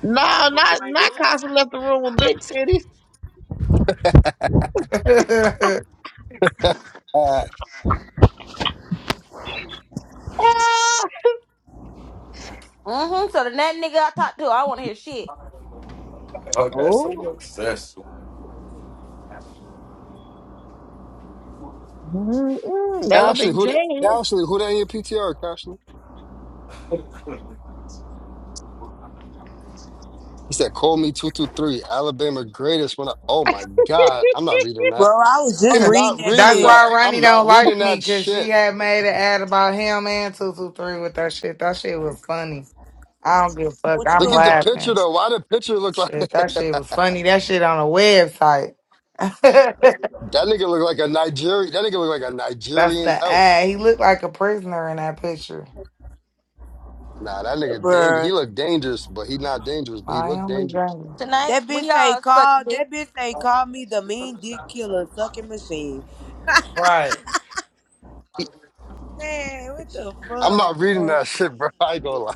[SPEAKER 1] No, not not Casa left the room with big titties. Ah!
[SPEAKER 2] Mm-hmm. So the that nigga I talked to, I wanna hear shit.
[SPEAKER 10] I got so
[SPEAKER 1] Oh,
[SPEAKER 10] obsessed.
[SPEAKER 1] mm-mm. that gonna
[SPEAKER 5] Ashley,
[SPEAKER 1] be
[SPEAKER 5] who the,
[SPEAKER 1] Jane.
[SPEAKER 5] Ashley, who that in your PTR, Ashley? He said, call me 223, Alabama greatest when I, oh my God, I'm not reading
[SPEAKER 23] Bro,
[SPEAKER 5] that.
[SPEAKER 23] I was just
[SPEAKER 5] I'm
[SPEAKER 11] Yeah.
[SPEAKER 23] reading
[SPEAKER 5] not
[SPEAKER 23] that
[SPEAKER 11] That's
[SPEAKER 5] reading
[SPEAKER 23] shit.
[SPEAKER 5] that.
[SPEAKER 11] why Ronnie
[SPEAKER 5] I'm
[SPEAKER 11] don't
[SPEAKER 5] not reading
[SPEAKER 11] like me
[SPEAKER 5] that
[SPEAKER 11] because she
[SPEAKER 5] shit.
[SPEAKER 11] had made an ad about him and two two three with that shit. That shit was funny. I don't give a fuck.
[SPEAKER 23] What you
[SPEAKER 11] I'm
[SPEAKER 5] Look at
[SPEAKER 23] doing,
[SPEAKER 5] the picture
[SPEAKER 11] laughing.
[SPEAKER 23] there?
[SPEAKER 5] though. Why the picture look like
[SPEAKER 11] Shit,
[SPEAKER 5] that
[SPEAKER 11] that shit was funny. That shit on a website.
[SPEAKER 5] nigga look like a Nigerian, that nigga look like a
[SPEAKER 11] That's
[SPEAKER 5] Nigerian
[SPEAKER 11] the
[SPEAKER 5] elf.
[SPEAKER 11] ad. He looked like a prisoner in that picture.
[SPEAKER 5] Nah, that nigga dangerous. He
[SPEAKER 23] bro?
[SPEAKER 5] look dangerous, but he not dangerous, but he
[SPEAKER 11] I
[SPEAKER 5] look
[SPEAKER 11] am
[SPEAKER 5] dangerous.
[SPEAKER 11] regretting.
[SPEAKER 2] Tonight
[SPEAKER 23] That
[SPEAKER 2] we
[SPEAKER 23] bitch say
[SPEAKER 2] all suck
[SPEAKER 23] call.
[SPEAKER 2] dick.
[SPEAKER 23] That bitch say call me the mean dick killer sucking machine.
[SPEAKER 11] Right.
[SPEAKER 5] He-
[SPEAKER 23] Man, what the
[SPEAKER 5] I'm
[SPEAKER 23] fuck?
[SPEAKER 5] not reading
[SPEAKER 23] bruh?
[SPEAKER 5] that shit, bro. I ain't gonna lie.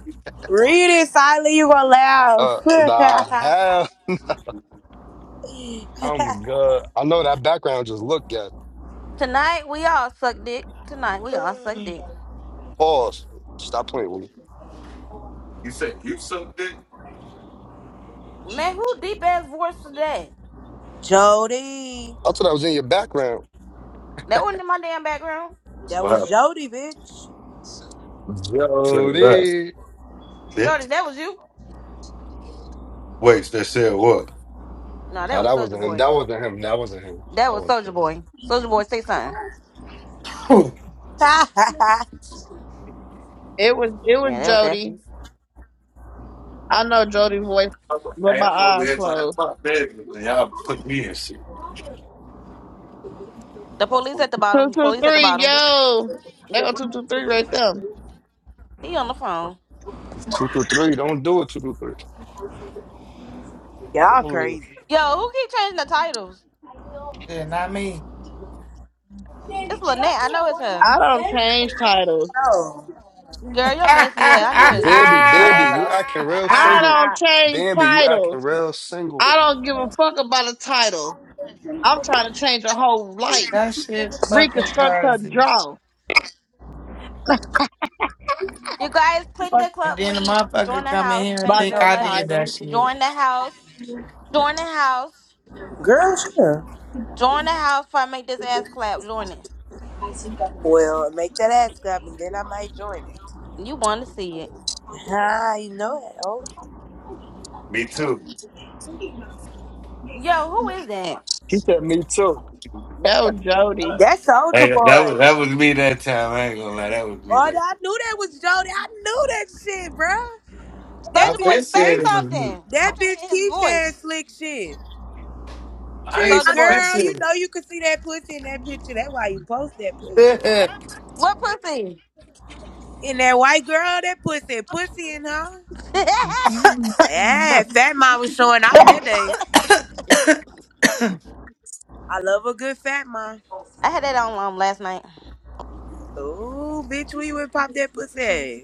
[SPEAKER 23] Read it silently. You gonna laugh?
[SPEAKER 5] Uh, nah, hell, I'm good. I know that background just looked good.
[SPEAKER 2] Tonight we all suck dick. Tonight we all suck dick.
[SPEAKER 5] Pause. Stop playing with me.
[SPEAKER 10] You say you suck dick?
[SPEAKER 2] Man, who deep ass voice today?
[SPEAKER 23] Jody,
[SPEAKER 5] I thought I was in your background.
[SPEAKER 2] That That wasn't in my damn background.
[SPEAKER 23] that
[SPEAKER 10] What
[SPEAKER 23] was
[SPEAKER 10] happened?
[SPEAKER 23] Jody, bitch.
[SPEAKER 10] Said what?
[SPEAKER 5] Jody.
[SPEAKER 10] Bitch.
[SPEAKER 2] Jordan, that was you?
[SPEAKER 10] Wait, they said what?
[SPEAKER 2] No, that
[SPEAKER 5] Nah,
[SPEAKER 2] was
[SPEAKER 5] that
[SPEAKER 2] Soldier
[SPEAKER 5] wasn't him.
[SPEAKER 2] Boy.
[SPEAKER 5] That wasn't him. That wasn't him.
[SPEAKER 2] That
[SPEAKER 5] That
[SPEAKER 2] was
[SPEAKER 5] wasn't
[SPEAKER 2] Soldier
[SPEAKER 5] him.
[SPEAKER 2] Boy. Soldier Boy, say something.
[SPEAKER 1] It was it was
[SPEAKER 2] Yeah, that was
[SPEAKER 1] Jody.
[SPEAKER 2] definitely
[SPEAKER 1] I know Jody's voice with
[SPEAKER 10] Hey,
[SPEAKER 1] my
[SPEAKER 10] I'm over
[SPEAKER 1] eyes
[SPEAKER 10] here buying
[SPEAKER 1] closed.
[SPEAKER 10] my business. man. Y'all put me in shit.
[SPEAKER 2] the police at the
[SPEAKER 1] Two
[SPEAKER 2] bottom. The
[SPEAKER 1] two
[SPEAKER 2] police at the
[SPEAKER 1] three,
[SPEAKER 2] bottom.
[SPEAKER 1] yo. They go two two three right there.
[SPEAKER 2] He on the phone.
[SPEAKER 5] Two through three. Don't do it. Two through three.
[SPEAKER 23] Y'all
[SPEAKER 5] Only-
[SPEAKER 23] crazy.
[SPEAKER 2] Yo, who keep changing the titles?
[SPEAKER 23] No,
[SPEAKER 11] yeah, not me.
[SPEAKER 2] It's Lynette. I know it's her.
[SPEAKER 1] I don't change titles.
[SPEAKER 2] Girl, you're messy. Yeah, I know it's you.
[SPEAKER 5] Bambi,
[SPEAKER 23] I
[SPEAKER 5] Bambi,
[SPEAKER 23] don't
[SPEAKER 5] you
[SPEAKER 23] know.
[SPEAKER 5] acting real
[SPEAKER 1] I don't
[SPEAKER 5] single.
[SPEAKER 11] that
[SPEAKER 1] change
[SPEAKER 5] Bambi, you acting
[SPEAKER 1] titles.
[SPEAKER 5] real single.
[SPEAKER 1] I don't give a fuck about a title. I'm trying to change a whole life.
[SPEAKER 11] shit's fucking
[SPEAKER 1] Reconstruct her
[SPEAKER 11] crazy.
[SPEAKER 1] jaw
[SPEAKER 2] You guys, click
[SPEAKER 1] Fuck
[SPEAKER 2] the
[SPEAKER 11] And
[SPEAKER 2] club
[SPEAKER 11] then the
[SPEAKER 2] link. Join
[SPEAKER 11] motherfucker
[SPEAKER 2] the
[SPEAKER 11] come in
[SPEAKER 2] house.
[SPEAKER 11] here and
[SPEAKER 2] Thank
[SPEAKER 1] by
[SPEAKER 2] you
[SPEAKER 11] think
[SPEAKER 2] very
[SPEAKER 1] no
[SPEAKER 11] I
[SPEAKER 2] much.
[SPEAKER 11] did
[SPEAKER 1] title.
[SPEAKER 11] that shit.
[SPEAKER 2] Join the house. Join the house.
[SPEAKER 23] Girl, sure.
[SPEAKER 2] Join the house before I make this ass clap. Join it.
[SPEAKER 23] Well, make that ass clap and then I might join it.
[SPEAKER 2] You want to see it.
[SPEAKER 23] Ah, you know it. Oh,
[SPEAKER 10] Me too.
[SPEAKER 2] Yo, who is that?
[SPEAKER 5] He said me too.
[SPEAKER 1] No, Jody.
[SPEAKER 23] that's Soldier
[SPEAKER 10] Hey, that that
[SPEAKER 23] Boy.
[SPEAKER 10] was that was me that time. I ain't gonna lie, that was me
[SPEAKER 23] Oh,
[SPEAKER 10] that
[SPEAKER 23] I
[SPEAKER 10] time.
[SPEAKER 23] knew that was Jody. I knew that shit, bruh. That
[SPEAKER 2] Soldier
[SPEAKER 10] I've
[SPEAKER 2] Boy,
[SPEAKER 10] been
[SPEAKER 23] bitch
[SPEAKER 2] say
[SPEAKER 10] saying
[SPEAKER 23] keep
[SPEAKER 10] it was me.
[SPEAKER 2] something.
[SPEAKER 23] that
[SPEAKER 2] I'm trying to
[SPEAKER 23] bitch
[SPEAKER 2] hear his
[SPEAKER 23] keeps saying
[SPEAKER 2] voice.
[SPEAKER 23] slick shit.
[SPEAKER 10] I ain't
[SPEAKER 23] Trees,
[SPEAKER 2] Soldier
[SPEAKER 10] even been
[SPEAKER 2] Boy.
[SPEAKER 23] girl, you
[SPEAKER 10] saying it.
[SPEAKER 23] know you could see that pussy in that picture. That's why you post that picture.
[SPEAKER 2] What pussy?
[SPEAKER 23] And that white girl, that pussy, pussy in her.
[SPEAKER 2] I
[SPEAKER 23] Yeah, fat mom was showing out that day. I love a good fat mom.
[SPEAKER 2] had that on um, last night.
[SPEAKER 23] Ooh, bitch, we would pop that pussy.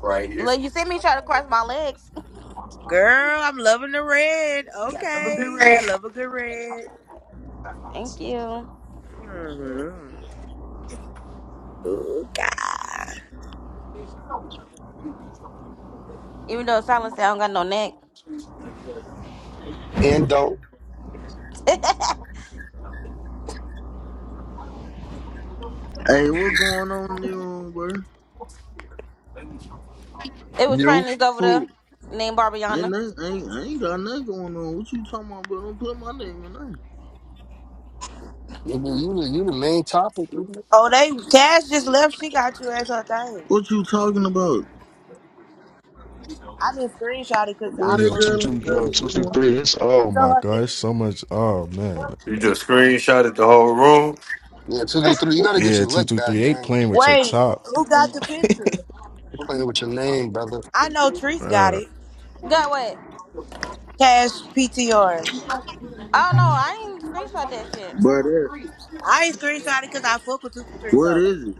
[SPEAKER 10] Right here.
[SPEAKER 2] Look, you see me try to cross my legs.
[SPEAKER 23] Girl, I'm loving the red.
[SPEAKER 11] Number two,
[SPEAKER 23] Okay, I
[SPEAKER 11] Red.
[SPEAKER 23] love a good red.
[SPEAKER 2] Thank you.
[SPEAKER 23] Mm-hmm. Oh God.
[SPEAKER 2] Even though Silence said I don't got no neck.
[SPEAKER 5] And don't
[SPEAKER 2] it
[SPEAKER 24] Hey, what going on in your room, bro?
[SPEAKER 2] was
[SPEAKER 5] you?
[SPEAKER 2] trainees over
[SPEAKER 24] Who?
[SPEAKER 2] there named
[SPEAKER 24] Ain't
[SPEAKER 2] Barbiana.
[SPEAKER 24] nothing, ain't, I ain't got nothing going on. What you talking about, bro? Don't put my name in there.
[SPEAKER 5] You, You, the- you the main topic. nigga.
[SPEAKER 23] Oh, they Cash just left. She got you as her thing.
[SPEAKER 24] What you talking about?
[SPEAKER 23] I didn't screenshot it because
[SPEAKER 24] Bro,
[SPEAKER 23] I
[SPEAKER 24] that
[SPEAKER 12] Yo,
[SPEAKER 23] fuck
[SPEAKER 12] two
[SPEAKER 23] with
[SPEAKER 24] girl
[SPEAKER 12] two
[SPEAKER 23] you,
[SPEAKER 24] ain't
[SPEAKER 23] but
[SPEAKER 24] got
[SPEAKER 12] yo,
[SPEAKER 23] it's
[SPEAKER 24] me
[SPEAKER 12] two two
[SPEAKER 23] it's
[SPEAKER 24] doing
[SPEAKER 12] three.
[SPEAKER 24] nothing.
[SPEAKER 12] It's oh
[SPEAKER 23] on
[SPEAKER 12] my
[SPEAKER 23] her
[SPEAKER 12] god, it's
[SPEAKER 23] thing.
[SPEAKER 12] so much oh man.
[SPEAKER 10] You just screenshotted the whole room.
[SPEAKER 5] Yeah, two through three. You gotta get
[SPEAKER 12] Yeah,
[SPEAKER 5] your
[SPEAKER 12] two,
[SPEAKER 5] lick
[SPEAKER 12] two, three. two two
[SPEAKER 5] back,
[SPEAKER 12] three eight
[SPEAKER 5] gang.
[SPEAKER 12] playing with your
[SPEAKER 23] Wait,
[SPEAKER 12] top.
[SPEAKER 23] who got the picture?
[SPEAKER 5] You're playing with your name, brother.
[SPEAKER 23] I know Treese got
[SPEAKER 12] Uh
[SPEAKER 23] it.
[SPEAKER 2] Got what?
[SPEAKER 23] Cash PTR.
[SPEAKER 2] I don't know. I ain't screenshot that shit.
[SPEAKER 24] Bro, that,
[SPEAKER 23] I ain't screenshot it because I fuck with two two three.
[SPEAKER 24] what
[SPEAKER 23] So
[SPEAKER 24] is it?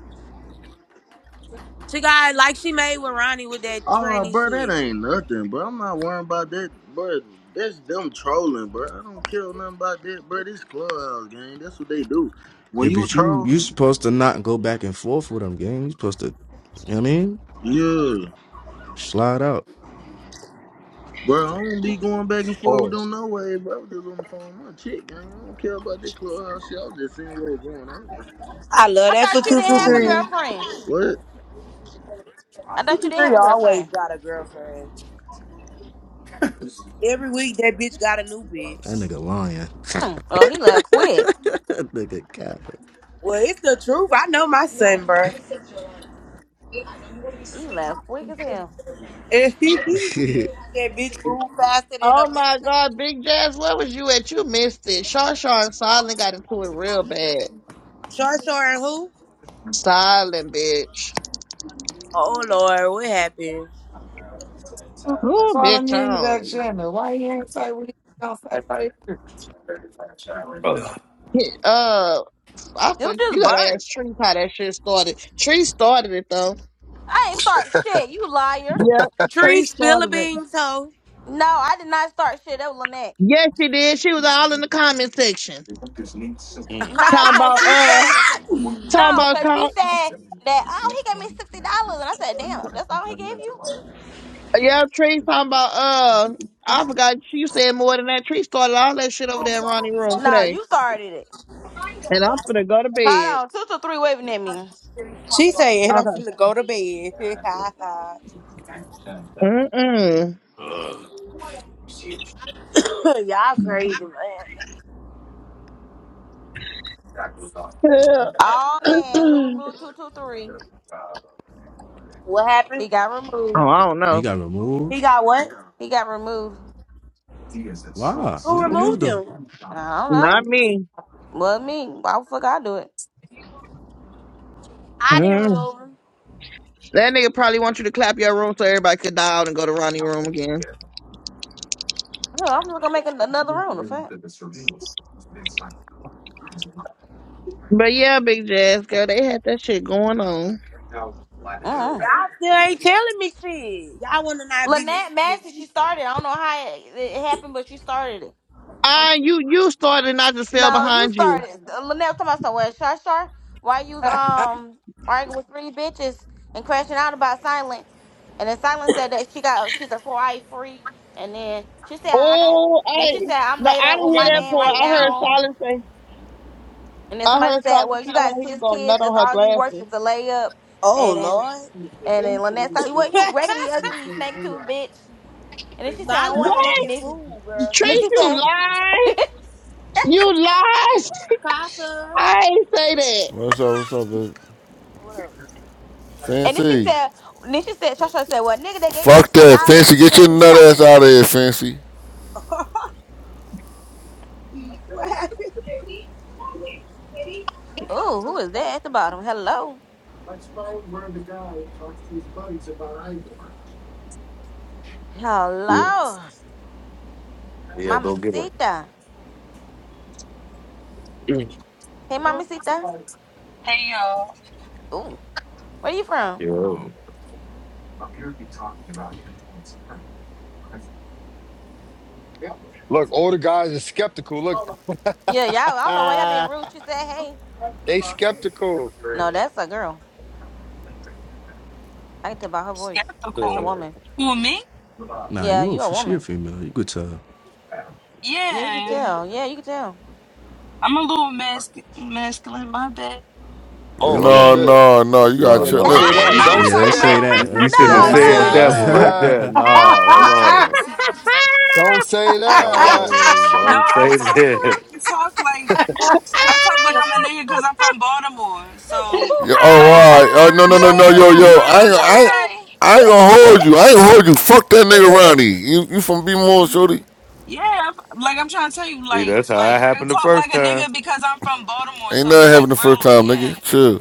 [SPEAKER 23] she got it like she made with Ronnie with that
[SPEAKER 24] Oh,
[SPEAKER 23] tranny
[SPEAKER 24] bro, that
[SPEAKER 23] shit.
[SPEAKER 24] ain't nothing, bro. I'm not worrying about that, bro. That's them trolling, bro. I don't care nothing about that, bro. This clubhouse game, that's what they do. When
[SPEAKER 12] yeah,
[SPEAKER 24] you
[SPEAKER 12] but you
[SPEAKER 24] troll,
[SPEAKER 12] you supposed to not go back and forth with them game. You supposed to you know what I mean?
[SPEAKER 24] yeah.
[SPEAKER 12] Slide out.
[SPEAKER 24] Bro, I don't be going back and forth with them
[SPEAKER 5] Pause.
[SPEAKER 24] no way, bro. I was just on the phone with my chick, man. I don't care about this clubhouse shit. I was just seeing what was going on.
[SPEAKER 23] I love
[SPEAKER 2] I
[SPEAKER 23] that for
[SPEAKER 2] thought you
[SPEAKER 23] two
[SPEAKER 2] didn't
[SPEAKER 23] two
[SPEAKER 2] have a
[SPEAKER 24] Dude,
[SPEAKER 23] three.
[SPEAKER 2] girlfriend.
[SPEAKER 24] what?
[SPEAKER 2] I
[SPEAKER 23] Two
[SPEAKER 2] thought you
[SPEAKER 23] two
[SPEAKER 2] didn't have
[SPEAKER 23] three
[SPEAKER 2] a
[SPEAKER 23] always
[SPEAKER 2] girlfriend.
[SPEAKER 23] got a girlfriend. Every week that bitch got a new
[SPEAKER 12] That
[SPEAKER 23] bitch.
[SPEAKER 12] nigga lying.
[SPEAKER 2] Mm. Oh, he left quick.
[SPEAKER 12] That nigga capping.
[SPEAKER 23] Well, it's the truth. I know my son, bro.
[SPEAKER 2] He left quick as hell.
[SPEAKER 23] And he that bitch move faster than a
[SPEAKER 1] Oh my
[SPEAKER 23] bitch.
[SPEAKER 1] God, Big Jazz, where was you at? You missed it. Shaw Shaw and Silent got into it real bad.
[SPEAKER 23] Short, short, and who?
[SPEAKER 1] Silent, bitch.
[SPEAKER 23] Oh Lord, what happened?
[SPEAKER 1] Ooh,
[SPEAKER 11] Follow
[SPEAKER 1] bitch,
[SPEAKER 11] me in the back
[SPEAKER 1] on.
[SPEAKER 11] channel. Why you ain't say what you gonna say
[SPEAKER 10] Oh.
[SPEAKER 1] Uh, I
[SPEAKER 2] You
[SPEAKER 1] for,
[SPEAKER 2] just
[SPEAKER 1] you gotta
[SPEAKER 2] burnt.
[SPEAKER 1] ask Tree how that shit started. Tree started it though.
[SPEAKER 2] I ain't start shit. You liar.
[SPEAKER 1] Yep,
[SPEAKER 23] Tree
[SPEAKER 1] Tree
[SPEAKER 23] spill a
[SPEAKER 1] started it.
[SPEAKER 23] beans, hoe.
[SPEAKER 2] No, I did not start shit. That was Lynette.
[SPEAKER 1] Yes, she did. She was all in the comment section.
[SPEAKER 10] Mm.
[SPEAKER 2] Nah,
[SPEAKER 1] Talking
[SPEAKER 2] cause
[SPEAKER 1] about
[SPEAKER 2] she
[SPEAKER 1] uh,
[SPEAKER 2] said.
[SPEAKER 1] talking
[SPEAKER 2] No, because she
[SPEAKER 1] about
[SPEAKER 2] said that, oh, he gave me $60. And I said, damn, that's all he gave you?
[SPEAKER 1] Yeah, Tree talking about uh I forgot she said more than that. Tree started all that shit over there in Ronnie room
[SPEAKER 2] No,
[SPEAKER 1] today.
[SPEAKER 2] you started it.
[SPEAKER 1] And I'm finna go to bed.
[SPEAKER 2] Hold on. 223 waving at me.
[SPEAKER 23] she saying I'm
[SPEAKER 1] Okay.
[SPEAKER 23] finna go to bed.
[SPEAKER 1] Mm-mm.
[SPEAKER 23] Y'all crazy, man.
[SPEAKER 1] Yeah.
[SPEAKER 2] Oh, man. Who
[SPEAKER 1] oh,
[SPEAKER 2] removed 223?
[SPEAKER 23] What
[SPEAKER 2] He
[SPEAKER 23] happened?
[SPEAKER 2] got removed.
[SPEAKER 1] I don't
[SPEAKER 12] he
[SPEAKER 1] know.
[SPEAKER 12] got removed.
[SPEAKER 23] He got what?
[SPEAKER 2] He got removed.
[SPEAKER 12] Why? Who
[SPEAKER 23] Who
[SPEAKER 12] removed
[SPEAKER 23] removed
[SPEAKER 12] him?
[SPEAKER 23] him?
[SPEAKER 2] I don't know.
[SPEAKER 1] Not me.
[SPEAKER 2] Well, me. Why the fuck I do it?
[SPEAKER 23] I didn't
[SPEAKER 1] Mm.
[SPEAKER 23] remove him.
[SPEAKER 1] That nigga probably want you to clap your room so everybody could dial and go to Ronnie room again.
[SPEAKER 2] Hell, I'm just going to make an- another room. The fuck?
[SPEAKER 1] But yeah, big jazz girl, they had that shit going on.
[SPEAKER 2] Uh-uh.
[SPEAKER 23] Y'all still ain't telling me shit. Y'all wanna not be messy
[SPEAKER 2] Lynette
[SPEAKER 23] with
[SPEAKER 2] Massey, she
[SPEAKER 23] me?
[SPEAKER 2] started. I don't know how it, it happened, but she started it.
[SPEAKER 1] Ah, you you started and I just fell
[SPEAKER 2] No, you
[SPEAKER 1] behind you.
[SPEAKER 2] started. Lynette was talking about somewhere. Shar Shar, why you
[SPEAKER 11] right
[SPEAKER 2] um arguing with three bitches and crashing out about Silence? And then Silence said that she got she's a four eye freak. And then she said I got.
[SPEAKER 1] Oh,
[SPEAKER 2] Then she
[SPEAKER 1] hey.
[SPEAKER 2] said I'm
[SPEAKER 1] No,
[SPEAKER 2] laid
[SPEAKER 1] I
[SPEAKER 2] up
[SPEAKER 1] didn't
[SPEAKER 2] with
[SPEAKER 1] hear
[SPEAKER 2] my
[SPEAKER 1] that
[SPEAKER 2] man
[SPEAKER 1] part.
[SPEAKER 2] right
[SPEAKER 1] I heard
[SPEAKER 2] now.
[SPEAKER 1] silence say.
[SPEAKER 2] And then
[SPEAKER 1] I
[SPEAKER 2] somebody
[SPEAKER 1] heard
[SPEAKER 2] said,
[SPEAKER 1] Tyler
[SPEAKER 2] well, you
[SPEAKER 1] tell her
[SPEAKER 2] got
[SPEAKER 1] he was
[SPEAKER 2] six
[SPEAKER 1] gonna
[SPEAKER 2] kids.
[SPEAKER 1] nut
[SPEAKER 2] That's
[SPEAKER 1] on her
[SPEAKER 2] all you worth
[SPEAKER 1] glasses.
[SPEAKER 2] is a layup.
[SPEAKER 23] Oh
[SPEAKER 2] And
[SPEAKER 23] Lord.
[SPEAKER 2] and then Lynette said, well, you raggedy, ugly, snake tooth bitch. And then she said, I
[SPEAKER 23] Silent a
[SPEAKER 2] want. And
[SPEAKER 1] What?
[SPEAKER 23] fucking
[SPEAKER 2] then,
[SPEAKER 23] fool, bro.
[SPEAKER 2] and then
[SPEAKER 1] Trish,
[SPEAKER 2] she
[SPEAKER 1] you
[SPEAKER 2] said.
[SPEAKER 1] lied? You lied?
[SPEAKER 23] Casa.
[SPEAKER 1] I ain't say that.
[SPEAKER 6] What's up? What's up, baby?
[SPEAKER 23] What up?
[SPEAKER 2] And then she
[SPEAKER 6] Fancy.
[SPEAKER 2] said, and then she said, Shasha said, well, nigga, they gave me
[SPEAKER 6] Fuck
[SPEAKER 2] sixty
[SPEAKER 6] that, Fancy.
[SPEAKER 2] dollars.
[SPEAKER 6] Get your
[SPEAKER 2] Shouldn't be
[SPEAKER 6] nut ass
[SPEAKER 2] talking.
[SPEAKER 6] out of here, Fancy.
[SPEAKER 23] what happened?
[SPEAKER 2] Oh, who is that at the bottom? Hello, hello, Mommy Sita. Hey, Mommy Sita.
[SPEAKER 25] Hey y'all,
[SPEAKER 2] Ooh, where you from?
[SPEAKER 5] Look, all the guys are skeptical. Look,
[SPEAKER 2] Yeah, y'all. I don't know why y'all being
[SPEAKER 5] ah,
[SPEAKER 2] rude. She said, hey.
[SPEAKER 5] they skeptical.
[SPEAKER 2] No, that's a girl. I can tell by her voice. That's a
[SPEAKER 25] skeptical.
[SPEAKER 5] Yeah.
[SPEAKER 2] woman.
[SPEAKER 25] Who me?
[SPEAKER 12] Nah,
[SPEAKER 2] Yeah,
[SPEAKER 12] you
[SPEAKER 2] you a
[SPEAKER 12] a she a
[SPEAKER 2] woman.
[SPEAKER 12] female. You could tell.
[SPEAKER 2] Yeah, you can
[SPEAKER 25] Yeah,
[SPEAKER 2] tell. Yeah, you can tell.
[SPEAKER 25] I'm a little mas- masculine. My bad.
[SPEAKER 10] Wait,
[SPEAKER 5] Oh
[SPEAKER 10] hold
[SPEAKER 6] No,
[SPEAKER 10] on.
[SPEAKER 5] shit.
[SPEAKER 6] no, no. You got
[SPEAKER 10] No,
[SPEAKER 5] Yeah,
[SPEAKER 6] tri-
[SPEAKER 5] don't
[SPEAKER 10] no,
[SPEAKER 6] look.
[SPEAKER 5] say
[SPEAKER 10] no.
[SPEAKER 5] that.
[SPEAKER 25] No,
[SPEAKER 10] Look at
[SPEAKER 25] I'm
[SPEAKER 5] Don't
[SPEAKER 12] Yeah,
[SPEAKER 10] this.
[SPEAKER 5] say
[SPEAKER 12] don't
[SPEAKER 25] talking
[SPEAKER 12] say
[SPEAKER 5] that.
[SPEAKER 25] about
[SPEAKER 10] You,
[SPEAKER 12] that. Don't
[SPEAKER 10] you shouldn't
[SPEAKER 12] say
[SPEAKER 10] have
[SPEAKER 2] no,
[SPEAKER 5] Don't
[SPEAKER 25] my
[SPEAKER 5] say
[SPEAKER 10] said
[SPEAKER 2] no.
[SPEAKER 10] that one
[SPEAKER 25] accent.
[SPEAKER 10] right
[SPEAKER 12] that.
[SPEAKER 5] that.
[SPEAKER 10] there. No,
[SPEAKER 25] My
[SPEAKER 10] hold
[SPEAKER 11] here?
[SPEAKER 25] accent.
[SPEAKER 5] Don't say that.
[SPEAKER 10] on. Um,
[SPEAKER 25] No,
[SPEAKER 10] don't
[SPEAKER 25] I
[SPEAKER 10] say
[SPEAKER 25] talk.
[SPEAKER 10] that.
[SPEAKER 25] I talk like I talk like I'm a nigga because I'm from Baltimore. So,
[SPEAKER 6] Yeah, oh,
[SPEAKER 25] like,
[SPEAKER 6] all right. Oh, no, no, no, no. Yo,
[SPEAKER 25] yeah, you know
[SPEAKER 6] yo. I
[SPEAKER 25] what
[SPEAKER 6] ain't,
[SPEAKER 25] I'm trying
[SPEAKER 6] I,
[SPEAKER 25] to
[SPEAKER 6] ain't-
[SPEAKER 25] say.
[SPEAKER 6] I ain't gonna hold you. I ain't gonna hold you. Fuck that nigga Ronnie. You, you from B More,
[SPEAKER 25] Yeah,
[SPEAKER 6] shorty?
[SPEAKER 25] Yeah, I'm- like I'm trying to tell you,
[SPEAKER 10] See,
[SPEAKER 25] like,
[SPEAKER 10] that's how it
[SPEAKER 25] like I
[SPEAKER 10] happened the
[SPEAKER 25] talk
[SPEAKER 10] first
[SPEAKER 25] like a
[SPEAKER 10] time.
[SPEAKER 25] nigga because I'm from Baltimore.
[SPEAKER 6] Ain't
[SPEAKER 25] So we
[SPEAKER 6] nothing happened
[SPEAKER 25] like
[SPEAKER 6] the first
[SPEAKER 25] real.
[SPEAKER 6] time,
[SPEAKER 25] Yeah.
[SPEAKER 6] nigga. Chill.